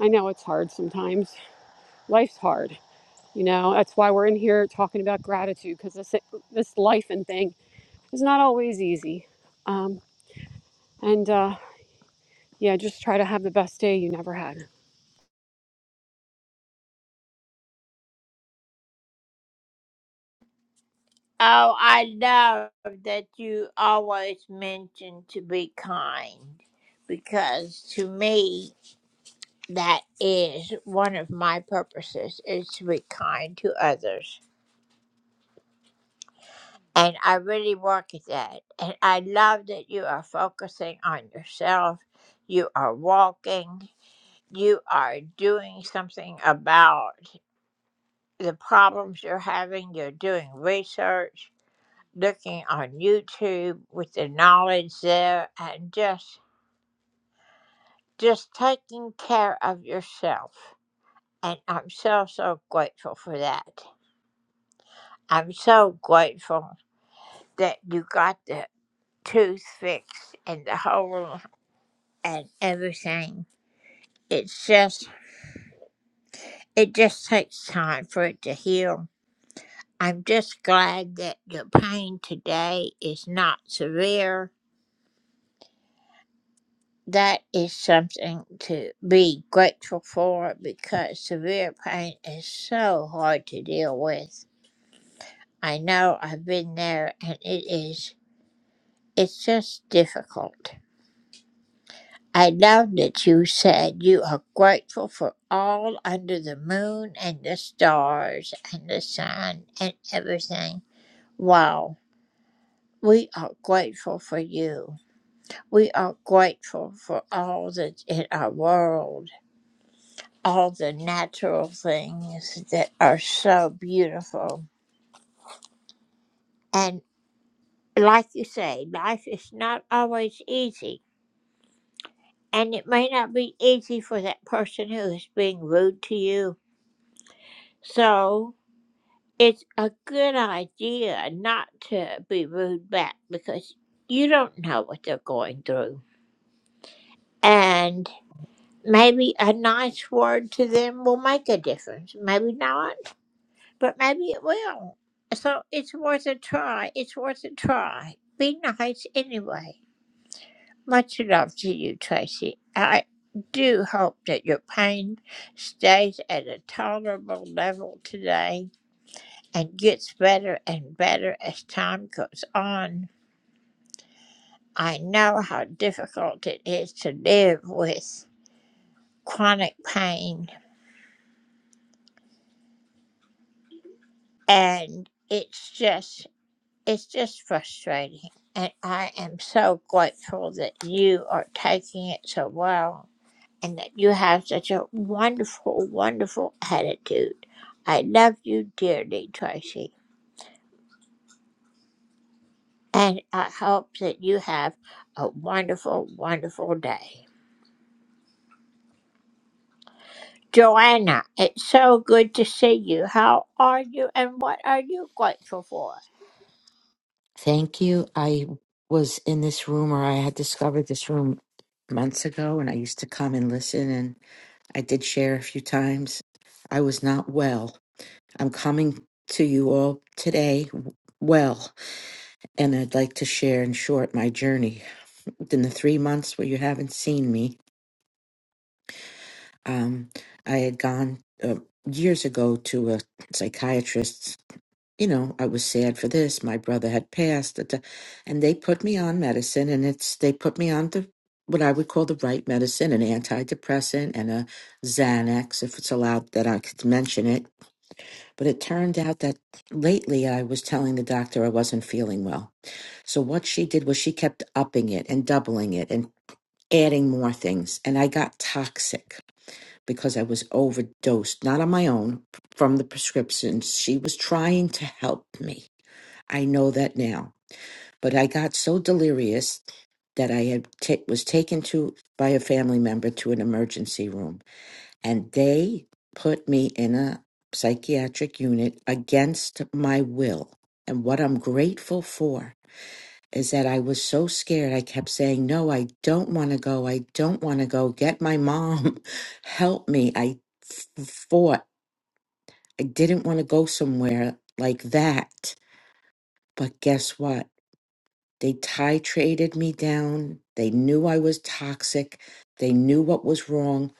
N: I know it's hard sometimes. Life's hard. You know, that's why we're in here talking about gratitude because this this life and thing is not always easy. Um, and uh, yeah, just try to have the best day you never had.
O: Thank you. I was in this room, or I had discovered this room months ago, and I used to come and listen, and I did share a few times. I was not well. I'm coming to you all today w- well, and I'd like to share in short my journey. In the three months where you haven't seen me, um, I had gone uh, years ago to a psychiatrist you know, I was sad for this. My brother had passed, da- da- and they put me on medicine, and it's they put me on the what I would call the right medicine, an antidepressant and a Xanax, if it's allowed that I could mention it. But it turned out that lately I was telling the doctor I wasn't feeling well. So what she did was she kept upping it and doubling it and adding more things. And I got toxic because I was overdosed, not on my own, from the prescriptions. She was trying to help me I know that now. But I got so delirious that I had ta was taken to by a family member to an emergency room, and they put me in a psychiatric unit against my will. And what I'm grateful for is that I was so scared. I kept saying, "No, I don't want to go. I don't want to go. Get my mom, <laughs> help me." I f- fought. I didn't want to go somewhere like that. But guess what? They titrated me down. They knew I was toxic. They knew what was wrong.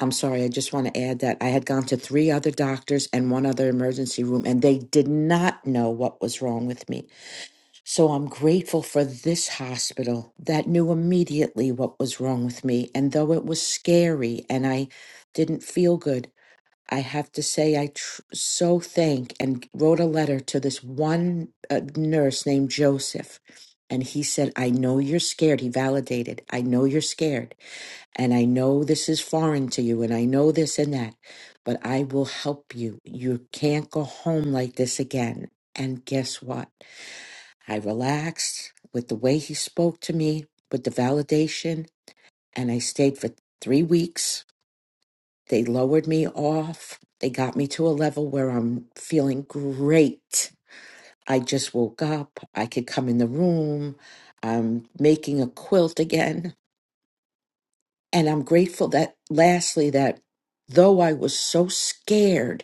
O: I'm sorry, I just want to add that I had gone to three other doctors and one other emergency room, and they did not know what was wrong with me. So I'm grateful for this hospital that knew immediately what was wrong with me. And though it was scary and I didn't feel good, I have to say, I tr- so thank and wrote a letter to this one uh, nurse named Joseph. And he said, I know you're scared. He validated, I know you're scared. And I know this is foreign to you. And I know this and that. But I will help you. You can't go home like this again. And guess what? I relaxed with the way he spoke to me, with the validation. And I stayed for three weeks they lowered me off. They got me to a level where I'm feeling great. I just woke up. I could come in the room. I'm making a quilt again. And I'm grateful that, lastly, that though I was so scared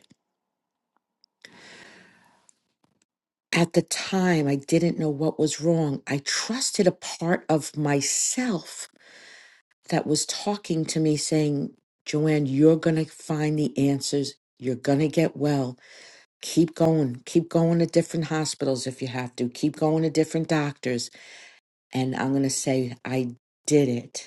O: at the time, I didn't know what was wrong. I trusted a part of myself that was talking to me saying, Joanne, you're going to find the answers. You're going to get well keep going keep going to different hospitals if you have to keep going to different doctors and i'm going to say i did it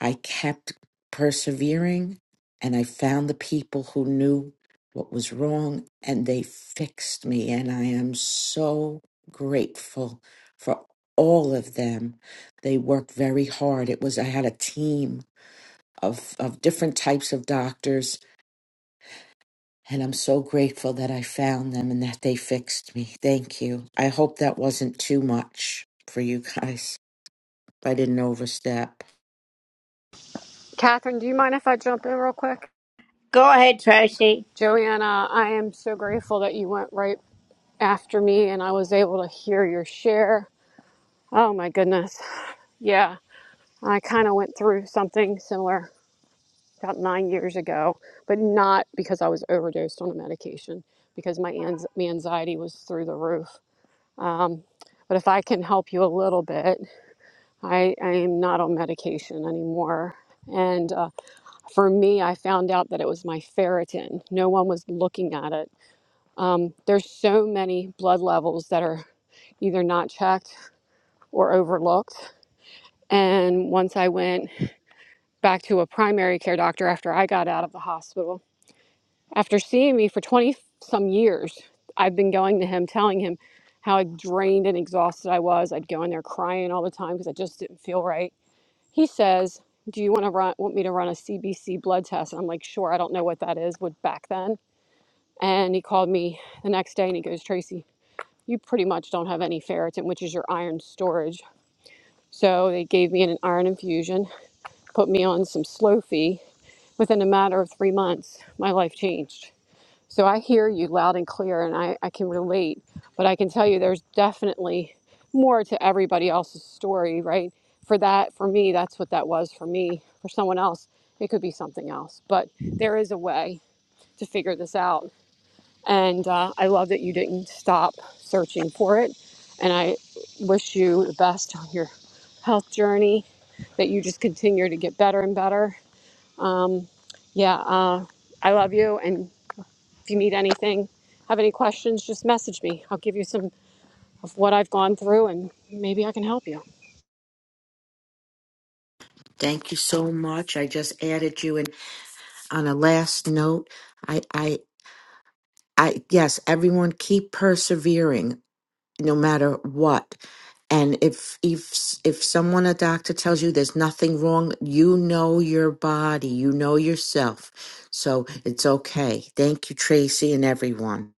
O: i kept persevering and i found the people who knew what was wrong and they fixed me and i am so grateful for all of them they worked very hard it was i had a team of of different types of doctors And I'm so grateful that I found them and that they fixed me. Thank you. I hope that wasn't too much for you guys. I didn't overstep.
N: Catherine, do you mind if I jump in real quick? Joanna, I am so grateful that you went right after me and I was able to hear your share. Oh my goodness. Yeah, I kind of went through something similar about nine years ago, but not because I was overdosed on a medication, because my, ans- my anxiety was through the roof. Um, but if I can help you a little bit, I, I am not on medication anymore. And uh, for me, I found out that it was my ferritin. No one was looking at it. Um, there's so many blood levels that are either not checked or overlooked. And once I went back to a primary care doctor after I got out of the hospital, After seeing me for 20 some years, I've been going to him, telling him how drained and exhausted I was. I'd go in there crying all the time because I just didn't feel right. He says, "Do you want to run? Want me to run a CBC blood test?" And I'm like, "Sure." I don't know what that is. Would back then. And he called me the next day and he goes, "Tracy, you pretty much don't have any ferritin, which is your iron storage." So they gave me an iron infusion, put me on some Slow fee. Within a matter of three months, my life changed so I hear you loud and clear and I, I can relate, but I can tell you there's definitely more to everybody else's story, right? For that, for me, that's what that was for me. For someone else, it could be something else, but there is a way to figure this out. And uh, I love that you didn't stop searching for it. And I wish you the best on your health journey, that you just continue to get better and better. Um, yeah, uh, I love you. and. If you need anything, have any questions, just message me. I'll give you some of what I've gone through and maybe I can help you.
O: Thank you so much. I just added you and on a last note, I I I yes, everyone keep persevering no matter what. And if if if someone a doctor tells you there's nothing wrong, you know your body, you know yourself. So it's okay. Thank you Tracy and everyone.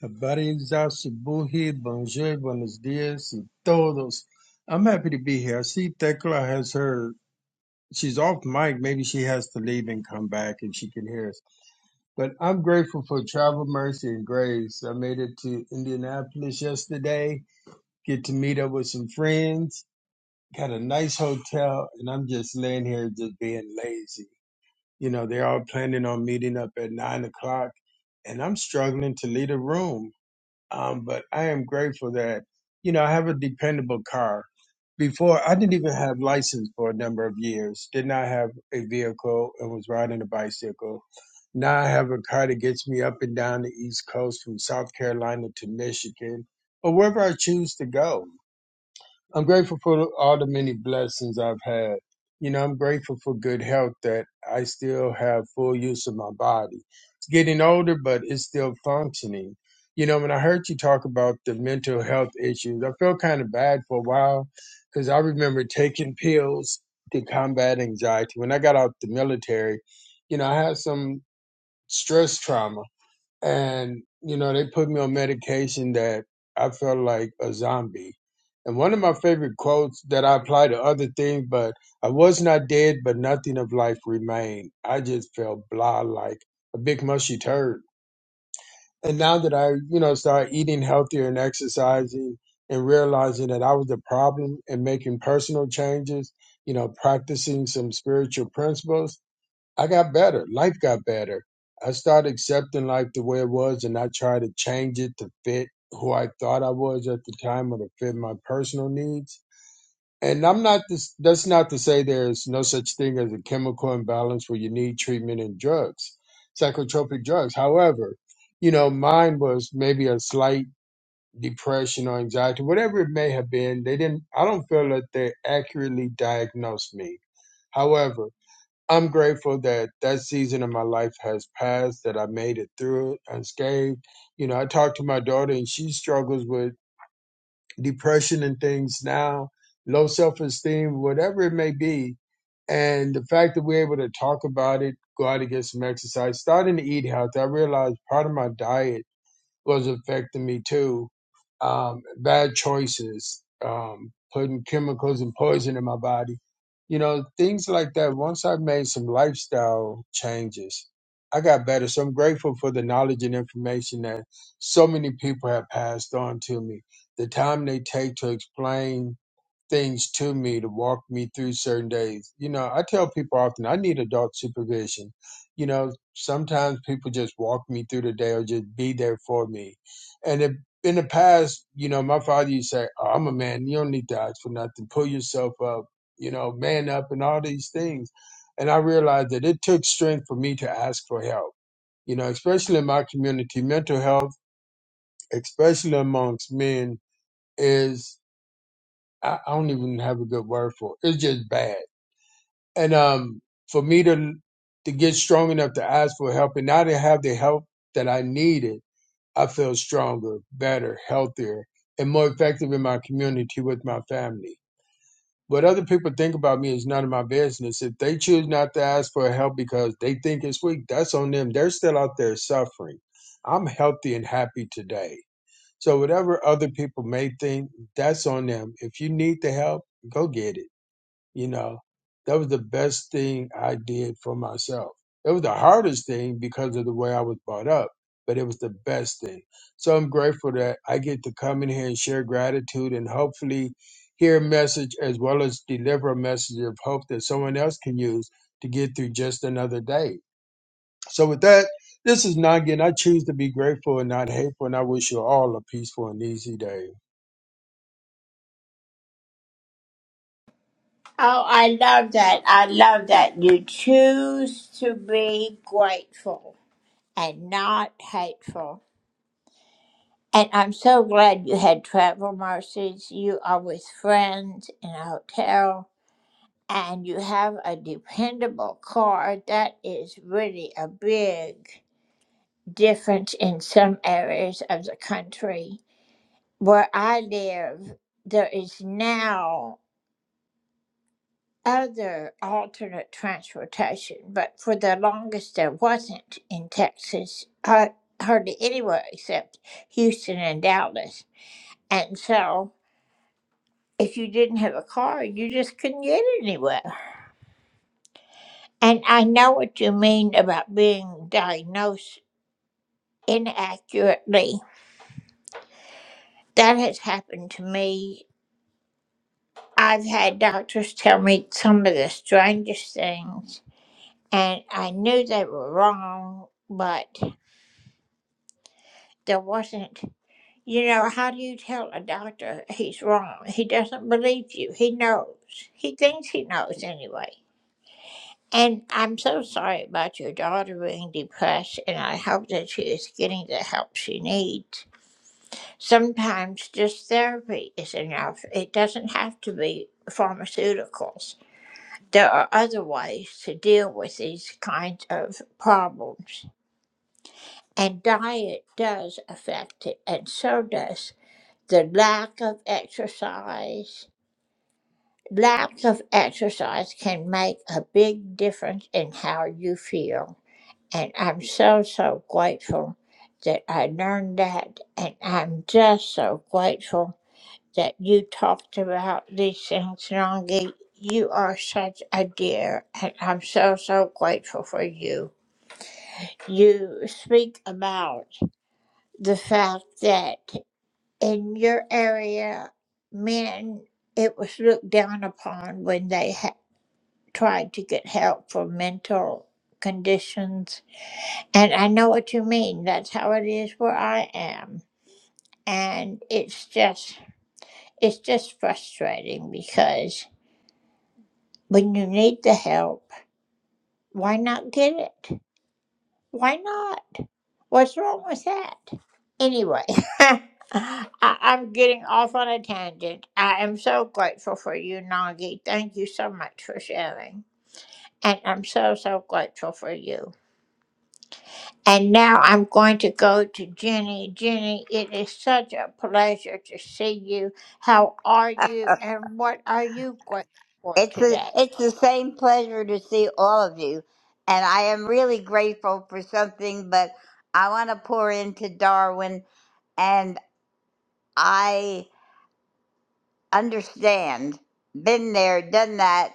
P: A body exhausted, buji, bonjour, buenos dias, y todos. I'm happy to be here. I see Thecla has her, she's off mic. Maybe she has to leave and come back and she can hear us. But I'm grateful for travel, mercy, and grace. I made it to Indianapolis yesterday, get to meet up with some friends, got a nice hotel, and I'm just laying here just being lazy. You know, they're all planning on meeting up at nine o'clock, and I'm struggling to leave a room. Um, but I am grateful that, you know, I have a dependable car. Before, I didn't even have license for a number of years. Did not have a vehicle and was riding a bicycle. Now I have a car that gets me up and down the East Coast from South Carolina to Michigan or wherever I choose to go. I'm grateful for all the many blessings I've had. You know, I'm grateful for good health that I still have full use of my body. It's getting older, but it's still functioning. You know, when I heard you talk about the mental health issues, I felt kind of bad for a while because I remember taking pills to combat anxiety. When I got out the military, you know, I had some stress trauma and you know they put me on medication that I felt like a zombie. And one of my favorite quotes that I apply to other things, but I was not dead, but nothing of life remained. I just felt blah like a big mushy turd. And now that I, you know, started eating healthier and exercising and realizing that I was the problem and making personal changes, you know, practicing some spiritual principles, I got better. Life got better. I started accepting life the way it was and I tried to change it to fit who I thought I was at the time or to fit my personal needs. And I'm not this, that's not to say there's no such thing as a chemical imbalance where you need treatment and drugs, psychotropic drugs. However, you know, mine was maybe a slight depression or anxiety, whatever it may have been. They didn't, I don't feel that they accurately diagnosed me. However, I'm grateful that that season of my life has passed, that I made it through it unscathed. You know, I talked to my daughter and she struggles with depression and things now, low self esteem, whatever it may be. And the fact that we're able to talk about it, go out and get some exercise, starting to eat healthy. I realized part of my diet was affecting me too. Um, bad choices, um, putting chemicals and poison in my body, you know, things like that. Once I made some lifestyle changes, I got better. So I'm grateful for the knowledge and information that so many people have passed on to me. The time they take to explain things to me to walk me through certain days. You know, I tell people often I need adult supervision. You know, sometimes people just walk me through the day or just be there for me. And if, in the past, you know, my father used to say, oh, I'm a man, you don't need to ask for nothing. Pull yourself up, you know, man up and all these things. And I realized that it took strength for me to ask for help. You know, especially in my community, mental health, especially amongst men, is I, I don't even have a good word for it. It's just bad. And um, for me to to get strong enough to ask for help, and now to have the help that I needed, I feel stronger, better, healthier, and more effective in my community with my family. What other people think about me is none of my business. If they choose not to ask for help because they think it's weak, that's on them. They're still out there suffering. I'm healthy and happy today. So whatever other people may think, that's on them. If you need the help, go get it you know, that was the best thing I did for myself. It was the hardest thing because of the way I was brought up, but it was the best thing. So I'm grateful that I get to come in here and share gratitude and hopefully hear a message as well as deliver a message of hope that someone else can use to get through just another day. So with that, this is Nagin. I choose to be grateful and not hateful, and I wish you all a peaceful and easy day.
Q: It's a, it's the same pleasure to see all of you, and I am really grateful for something. But I want to pour into Darwin, and I understand. Been there, done that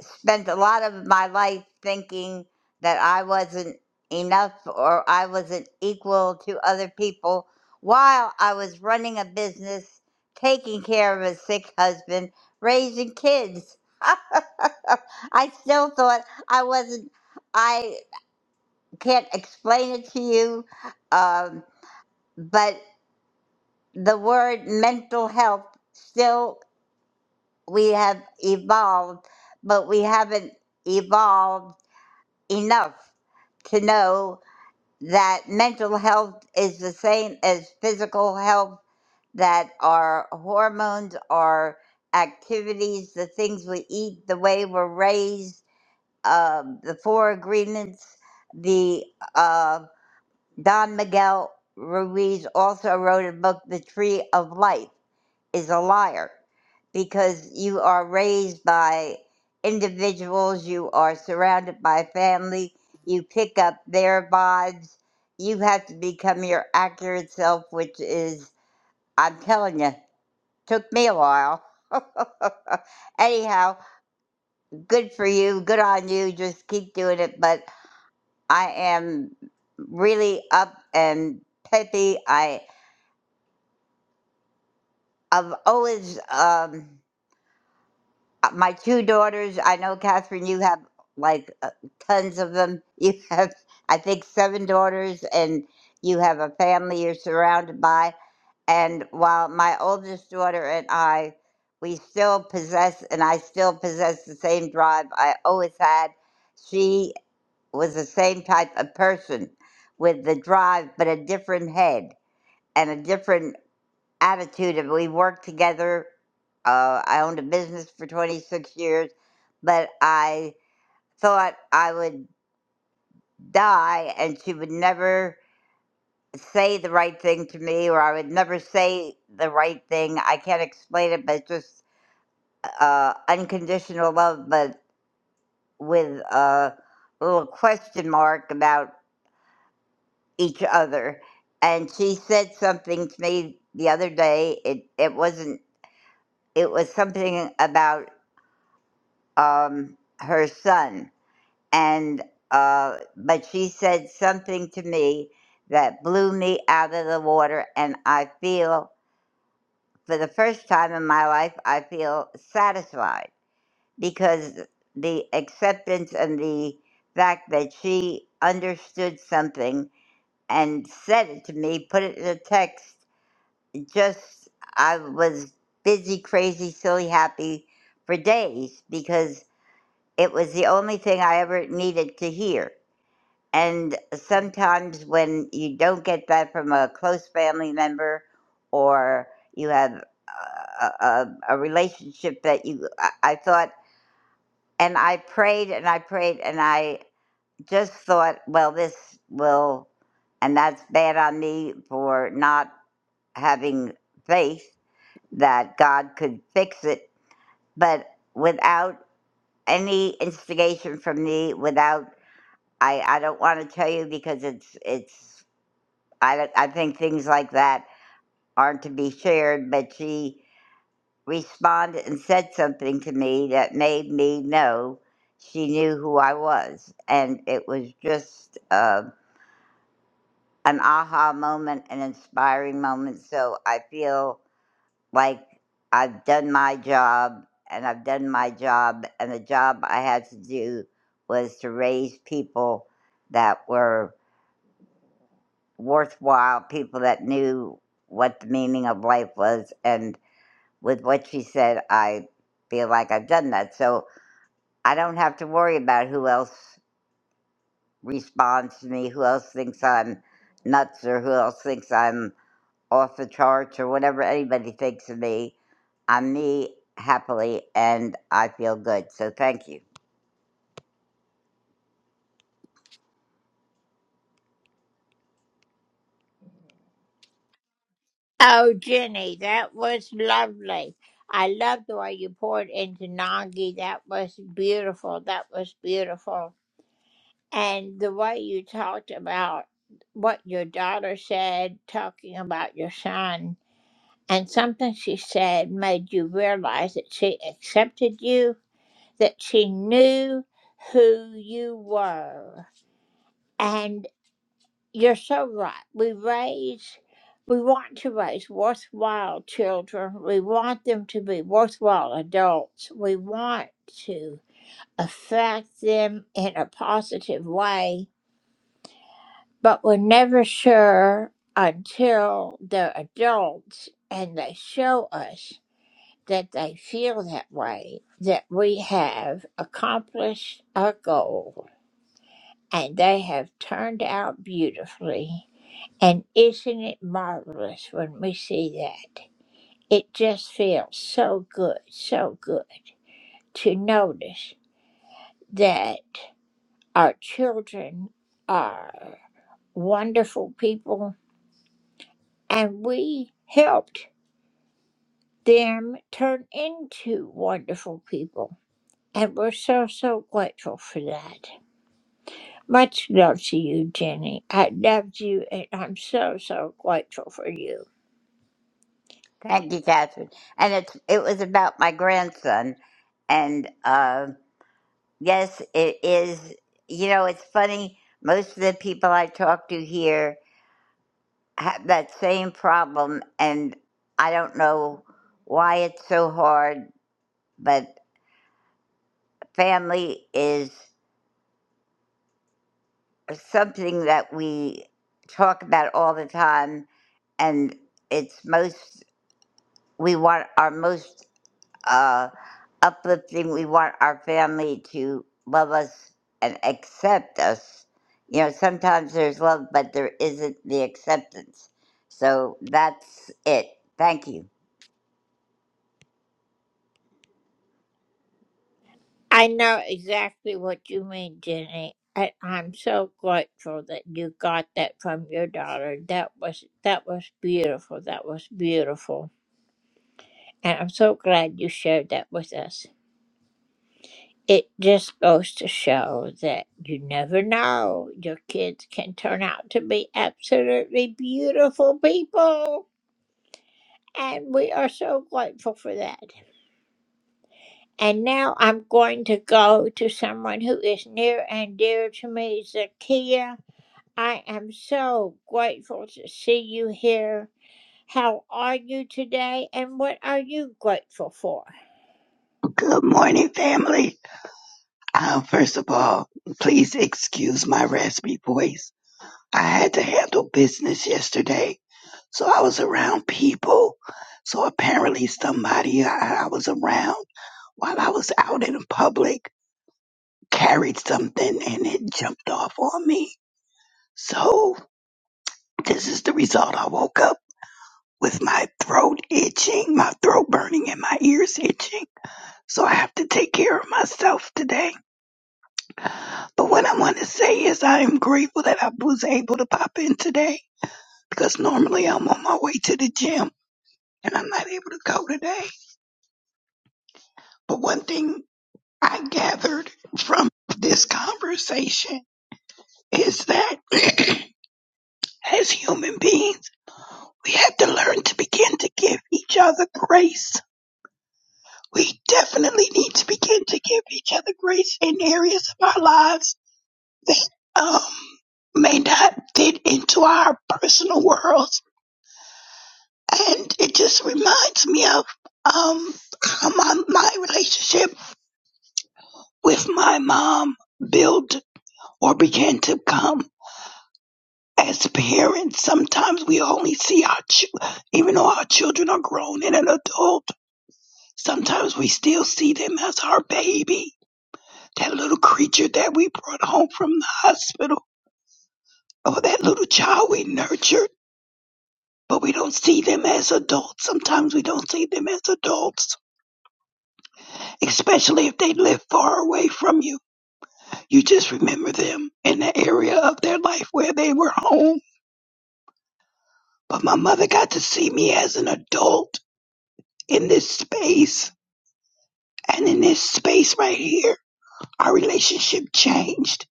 Q: spent a lot of my life thinking that I wasn't enough or I wasn't equal to other people while I was running a business, taking care of a sick husband, raising kids. <laughs> I still thought I wasn't, I can't explain it to you, um, but the word mental health still, we have evolved, but we haven't evolved enough to know that mental health is the same as physical health, that our hormones, our activities, the things we eat, the way we're raised, um, the four agreements, the uh, Don Miguel Ruiz also wrote a book, The Tree of Life is a liar because you are raised by individuals, you are surrounded by family, you pick up their vibes. You have to become your accurate self, which is, I'm telling you, took me a while. <laughs> Anyhow, good for you, good on you, just keep doing it. But I am really up and peppy. I, I've always. Um, Uh, My two daughters, I know, Catherine, you have like uh, tons of them. <laughs> You have, I think, seven daughters, and you have a family you're surrounded by. And while my oldest daughter and I, we still possess, and I still possess the same drive I always had, she was the same type of person with the drive, but a different head and a different attitude of we worked together. Uh, I owned a business for 26 years, but I thought I would die and she would never say the right thing to me or I would never say the right thing. I can't explain it, but it's just uh, unconditional love, but with a little question mark about each other. And she said something to me the other day. It, it wasn't, it was something about um, her son, and uh, but she said something to me that blew me out of the water, and I feel for the first time in my life I feel satisfied because the acceptance and the fact that she understood something and said it to me, put it in a text, just I was busy, crazy, silly, happy for days because It was the only thing I ever needed to hear. And sometimes when you don't get that from a close family member or you have a, a, a relationship that you, I, I thought, and I prayed and I prayed and I just thought, well, this will, and that's bad on me for not having faith that God could fix it. But without any instigation from me, without I, I don't want to tell you because it's it's I don't- I think things like that aren't to be shared. But she responded and said something to me that made me know she knew who I was, and it was just uh, an aha moment, an inspiring moment. So I feel like I've done my job, and I've done my job, and the job I had to do was to raise people that were. worthwhile people that knew what the meaning of life was. And with what she said, I feel like I've done that. So I don't have to worry about who else responds to me, who else thinks I'm nuts, or who else thinks I'm off the charts, or whatever anybody thinks of me. I'm me happily, and I feel good. So thank you. Thank you, Catherine. And it's it was about my grandson, and uh. Yes, it is. You know, it's funny. Most of the people I talk to here have that same problem, and I don't know why it's so hard, but family is something that we talk about all the time, and it's most, we want our most uh, uplifting. We want our family to love us and accept us. You know, sometimes there's love, but there isn't the acceptance. So that's it. Thank you.
R: Good morning, family. Uh, first of all, please excuse my raspy voice. I had to handle business yesterday, so I was around people. So apparently, somebody I, I was around while I was out in public carried something and it jumped off on me. So, this is the result. I woke up with my throat itching, my throat burning, and my ears itching. So, I have to take care of myself today. But what I want to say is I am grateful that I was able to pop in today because normally I'm on my way to the gym and I'm not able to go today. But one thing I gathered from this conversation is that <clears throat> as human beings, we have to learn to begin to give each other grace. We definitely need to begin to give each other grace in areas of our lives that um, may not fit into our personal worlds and it just reminds me of um my, my relationship with my mom built or began to come as parents. Sometimes we only see our ch- even though our children are grown and an adult. Sometimes we still see them as our baby, that little creature that we brought home from the hospital, or that little child we nurtured. But we don't see them as adults. Sometimes we don't see them as adults especially if they live far away from you. You just remember them in the area of their life where they were home. But my mother got to see me as an adult in this space. And in this space right here, our relationship changed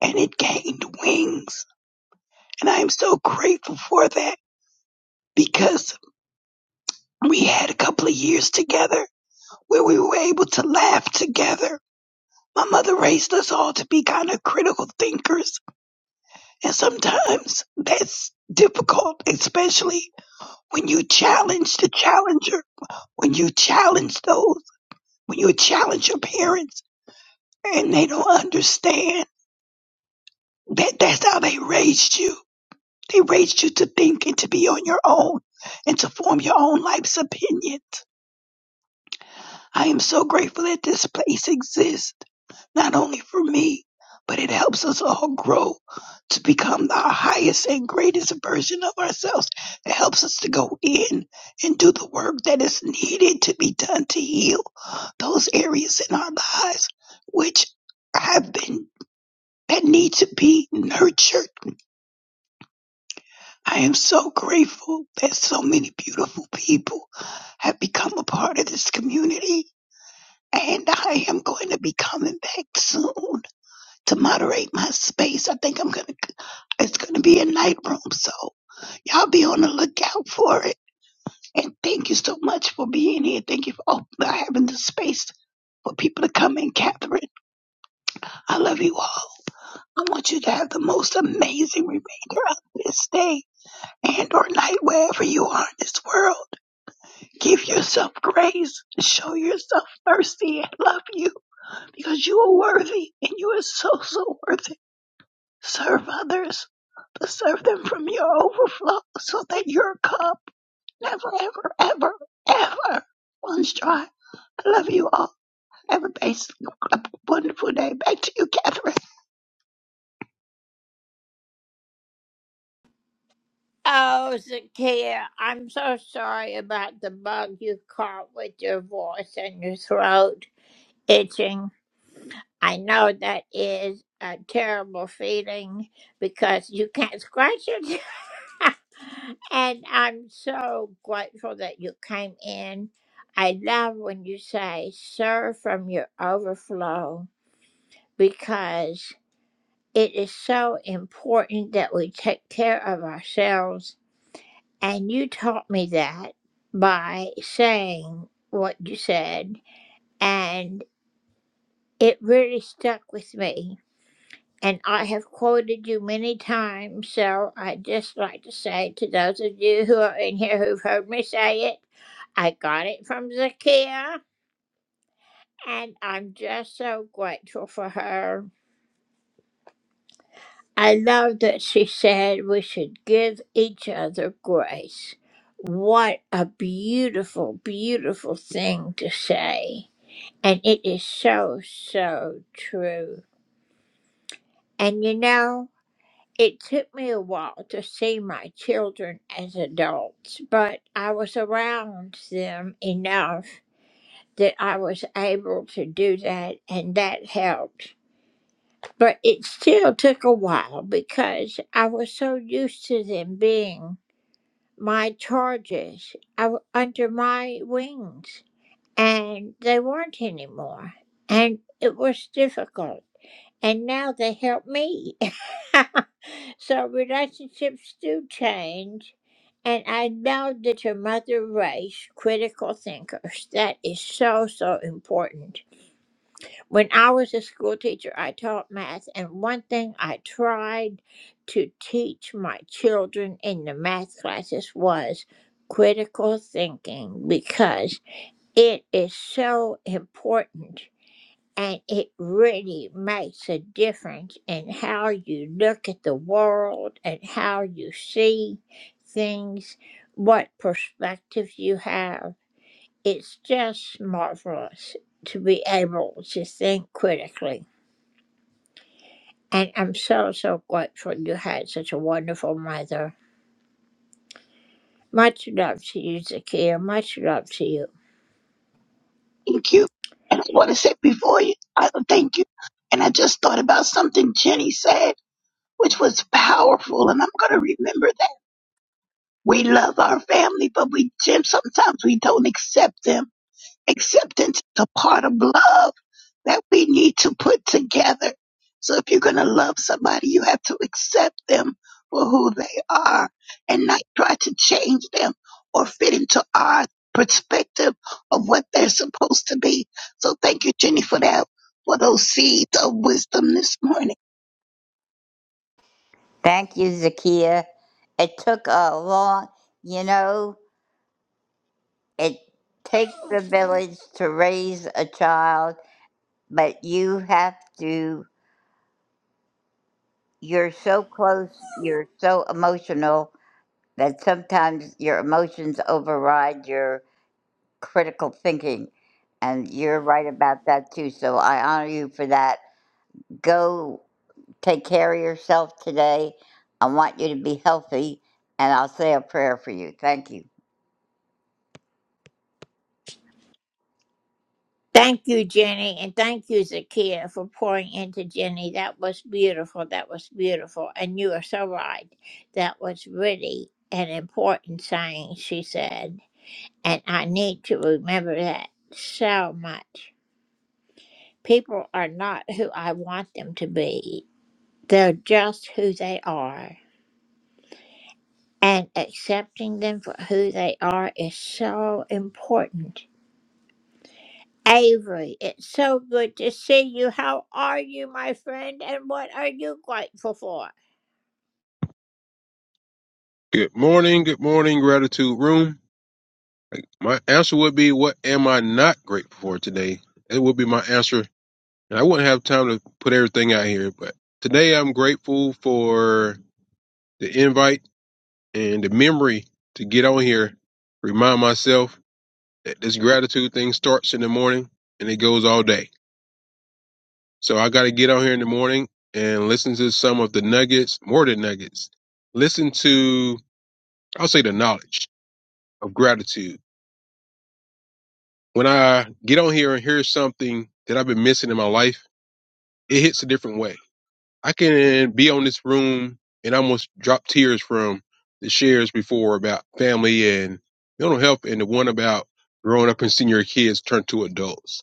R: and it gained wings. And I am so grateful for that because we had a couple of years together where we were able to laugh together. My mother raised us all to be kind of critical thinkers And sometimes that's difficult, especially when you challenge the challenger, when you challenge those, when you challenge your parents and they don't understand that that's how they raised you. They raised you to think and to be on your own and to form your own life's opinions. I am so grateful that this place exists, not only for me, but it helps us all grow to become our highest and greatest version of ourselves. It helps us to go in and do the work that is needed to be done to heal those areas in our lives which have been that need to be nurtured. I am so grateful that so many beautiful people have become a part of this community and I am going to be coming back soon to moderate my space. I think I'm going to, it's going to be a night room. So y'all be on the lookout for it. And thank you so much for being here. Thank you for op- having the space for people to come in, Catherine. I love you all. I want you to have the most amazing remainder of this day and or night wherever you are in this world. Give yourself grace. Show yourself mercy and love you. because you are worthy and you are so, so worthy. Serve others, but serve them from your overflow so that your cup never, ever, ever, ever runs dry. I love you all. Have a base, a wonderful day. Back to you, Catherine. Thank you. And I want to say before you, I thank you. And I just thought about something Jenny said, which was powerful. And I'm going to remember that. We love our family, but we, sometimes we don't accept them Acceptance is a part of love that we need to put together. So if you're going to love somebody, you have to accept them for who they are and not try to change them or fit into our perspective of what they're supposed to be. So thank you, Jenny, for that, for those seeds of wisdom this morning.
Q: Thank you, Zakia. It took a long, you know, it takes a village to raise a child, but you have to, you're so close, you're so emotional that sometimes your emotions override your critical thinking. And you're right about that too. So I honor you for that. Go take care of yourself today. I want you to be healthy, and I'll say a prayer for you. Thank you.
S: Good morning, good morning, gratitude room. My answer would be, what am I not grateful for today? It would be my answer, and I wouldn't have time to put everything out here. But today, I'm grateful for the invite and the memory to get on here, remind myself that this gratitude thing starts in the morning and it goes all day. So I got to get on here in the morning and listen to some of the nuggets, more than nuggets. Listen to, I'll say, the knowledge of gratitude when I get on here and hear something that I've been missing in my life, it hits a different way. I can be on this room and almost drop tears from the shares before about family and mental health and the one about growing up and seeing your kids turn to adults.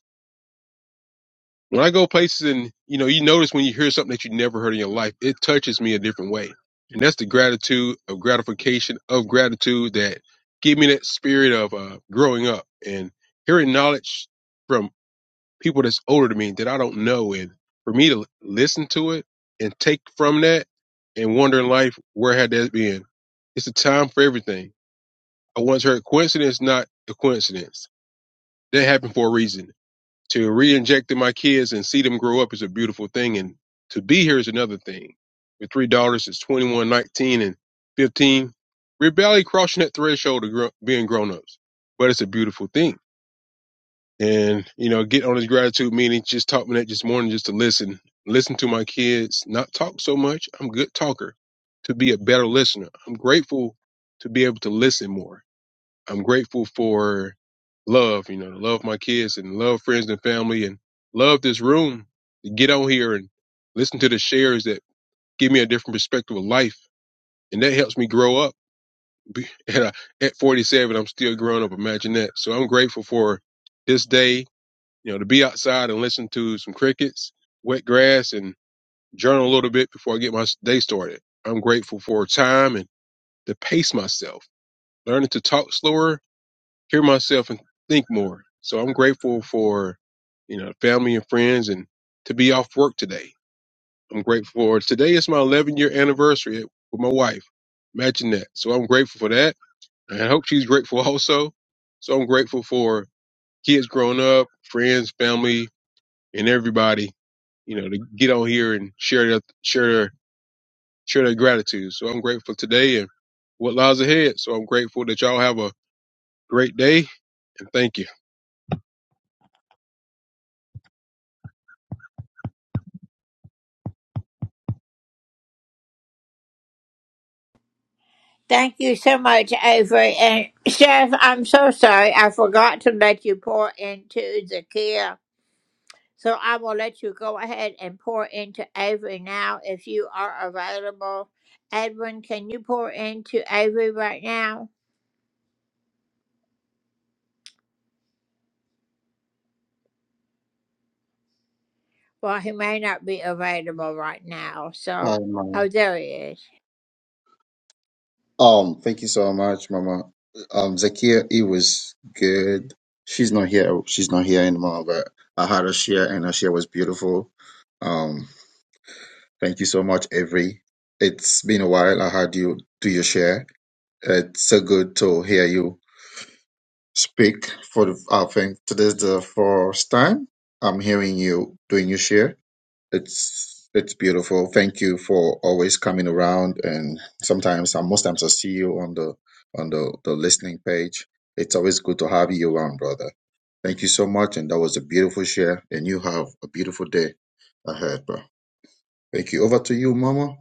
S: When I go places and, you know, you notice when you hear something that you never heard in your life, it touches me a different way. And that's the gratitude of gratification of gratitude that give me that spirit of uh, growing up and hearing knowledge from. people that's older than me that I don't know. And for me to listen to it and take from that and wonder in life, where had that been? It's a time for everything. I once heard coincidence, not a coincidence. That happened for a reason. To re-inject in my kids and see them grow up is a beautiful thing. And to be here is another thing. With three daughters, it's 21, 19, and 15. We're barely crossing that threshold of gr- being grown-ups, but it's a beautiful thing and you know get on his gratitude meeting just taught me that this morning just to listen listen to my kids not talk so much i'm a good talker to be a better listener i'm grateful to be able to listen more i'm grateful for love you know to love my kids and love friends and family and love this room to get on here and listen to the shares that give me a different perspective of life and that helps me grow up <laughs> at, uh, at 47 i'm still growing up imagine that so i'm grateful for this day you know, to be outside and listen to some crickets, wet grass, and journal a little bit before I get my day started. I'm grateful for time and to pace myself, learning to talk slower, hear myself, and think more. So I'm grateful for, you know, family and friends and to be off work today. I'm grateful for today is my 11 year anniversary with my wife. Imagine that. So I'm grateful for that. And I hope she's grateful <laughs> also. So I'm grateful for kids growing up, friends, family, and everybody, you know, to get on here and share their share their share their gratitude. So I'm grateful today and what lies ahead. So I'm grateful that y'all have a great day and thank you.
M: Um, thank you so much, Mama. Um, Zakia, it was good. She's not here. She's not here anymore. But I had her share, and her share was beautiful. Um, thank you so much, Avery. It's been a while. I had you do your share. It's so good to hear you speak. For the, I think today's the first time I'm hearing you doing your share. It's it's beautiful. Thank you for always coming around. And sometimes, uh, most times, I see you on the on the the listening page. It's always good to have you around, brother. Thank you so much. And that was a beautiful share. And you have a beautiful day ahead, bro. Thank you. Over to you, Mama.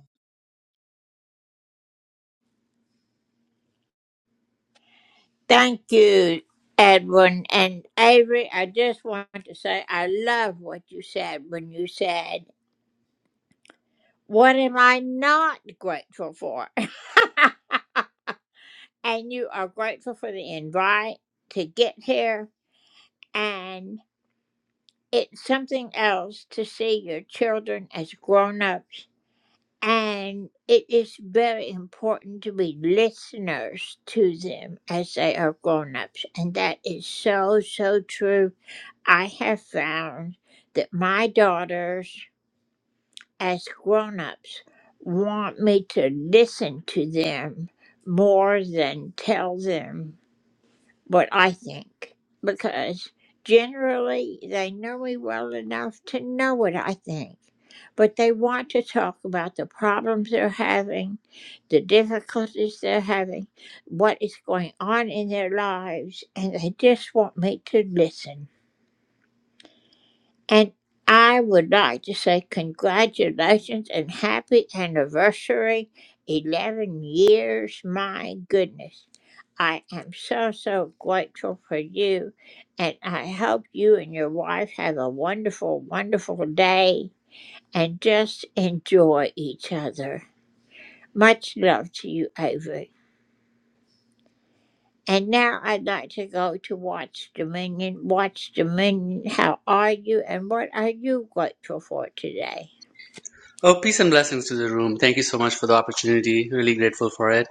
T: Oh, peace and blessings to the room. Thank you so much for the opportunity. Really grateful for it.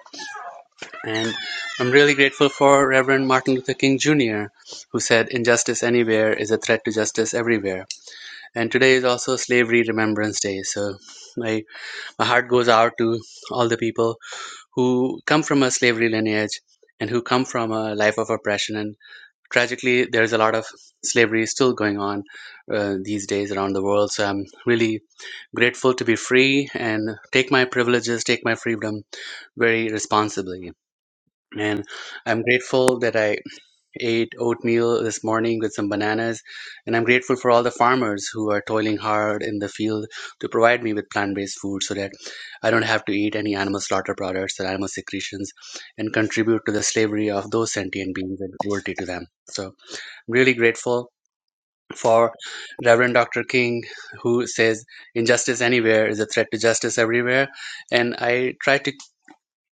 T: And I'm really grateful for Reverend Martin Luther King Jr., who said, Injustice anywhere is a threat to justice everywhere. And today is also Slavery Remembrance Day. So my, my heart goes out to all the people who come from a slavery lineage and who come from a life of oppression and. Tragically, there's a lot of slavery still going on uh, these days around the world. So I'm really grateful to be free and take my privileges, take my freedom very responsibly. And I'm grateful that I ate oatmeal this morning with some bananas. And I'm grateful for all the farmers who are toiling hard in the field to provide me with plant based food so that I don't have to eat any animal slaughter products or animal secretions and contribute to the slavery of those sentient beings and cruelty to them. So really grateful for Reverend Dr. King, who says injustice anywhere is a threat to justice everywhere. And I try to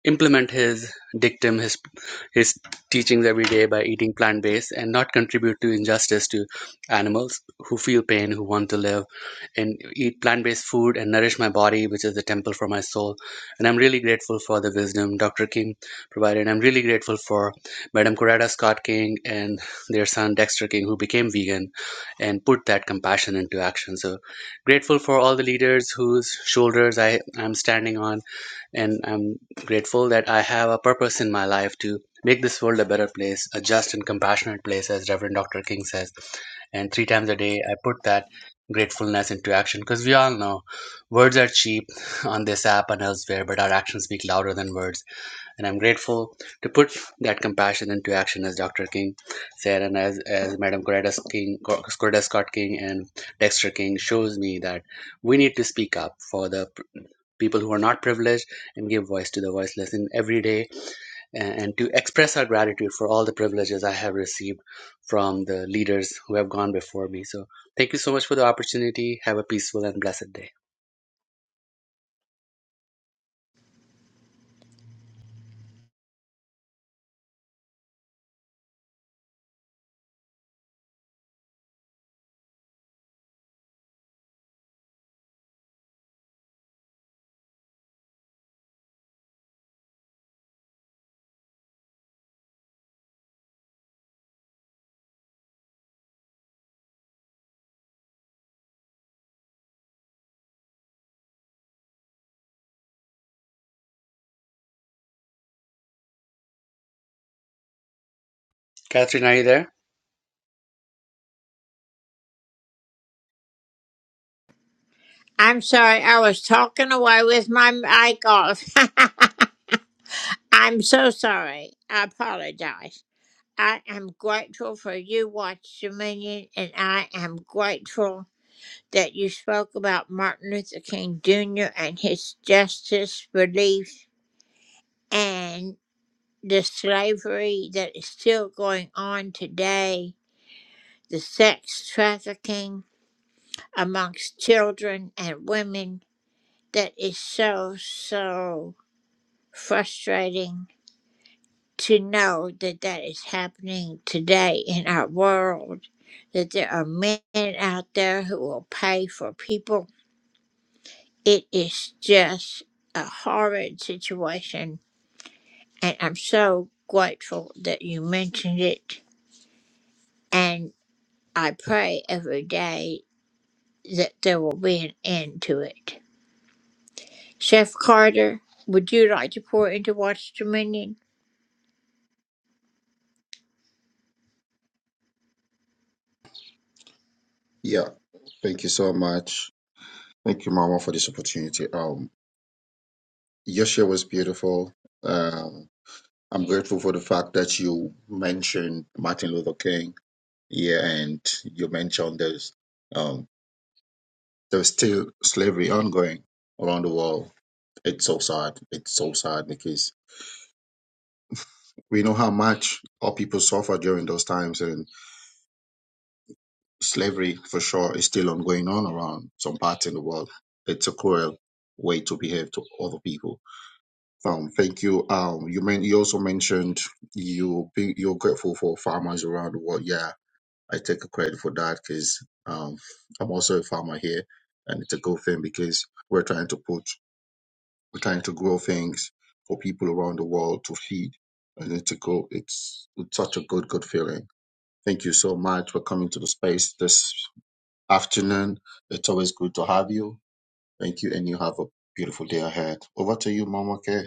T: implement his dictum, his his teachings every day by eating plant based and not contribute to injustice to animals who feel pain, who want to live, and eat plant based food and nourish my body, which is the temple for my soul. And I'm really grateful for the wisdom Dr. King provided. I'm really grateful for Madam Coretta Scott King and their son Dexter King, who became vegan and put that compassion into action. So grateful for all the leaders whose shoulders I am standing on and I'm grateful that I have a purpose in my life to make this world a better place, a just and compassionate place, as Reverend Dr. King says. And three times a day, I put that gratefulness into action because we all know words are cheap on this app and elsewhere, but our actions speak louder than words. And I'm grateful to put that compassion into action, as Dr. King said, and as, as Madam Coretta King, Coretta Scott King, and Dexter King shows me that we need to speak up for the people who are not privileged and give voice to the voiceless in every day and, to express our gratitude for all the privileges I have received from the leaders who have gone before me. So thank you so much for the opportunity. Have a peaceful and blessed day. Catherine, are you there?
M: Yeah. Thank you so much. Thank you, Mama, for this opportunity. Um, your share was beautiful. Um, I'm grateful for the fact that you mentioned Martin Luther King Yeah, and you mentioned there's um, there's still slavery ongoing around the world. It's so sad. It's so sad because we know how much our people suffer during those times, and slavery for sure is still ongoing on around some parts in the world. It's a cruel way to behave to other people. Um, thank you. Um, you men, you also mentioned you be, you're grateful for farmers around the world. Yeah, I take a credit for that because um, I'm also a farmer here, and it's a good thing because we're trying to put we're trying to grow things for people around the world to feed, and it's a go it's, it's such a good good feeling. Thank you so much for coming to the space this afternoon. It's always good to have you. Thank you, and you have a beautiful day ahead. Over to you, Mama K.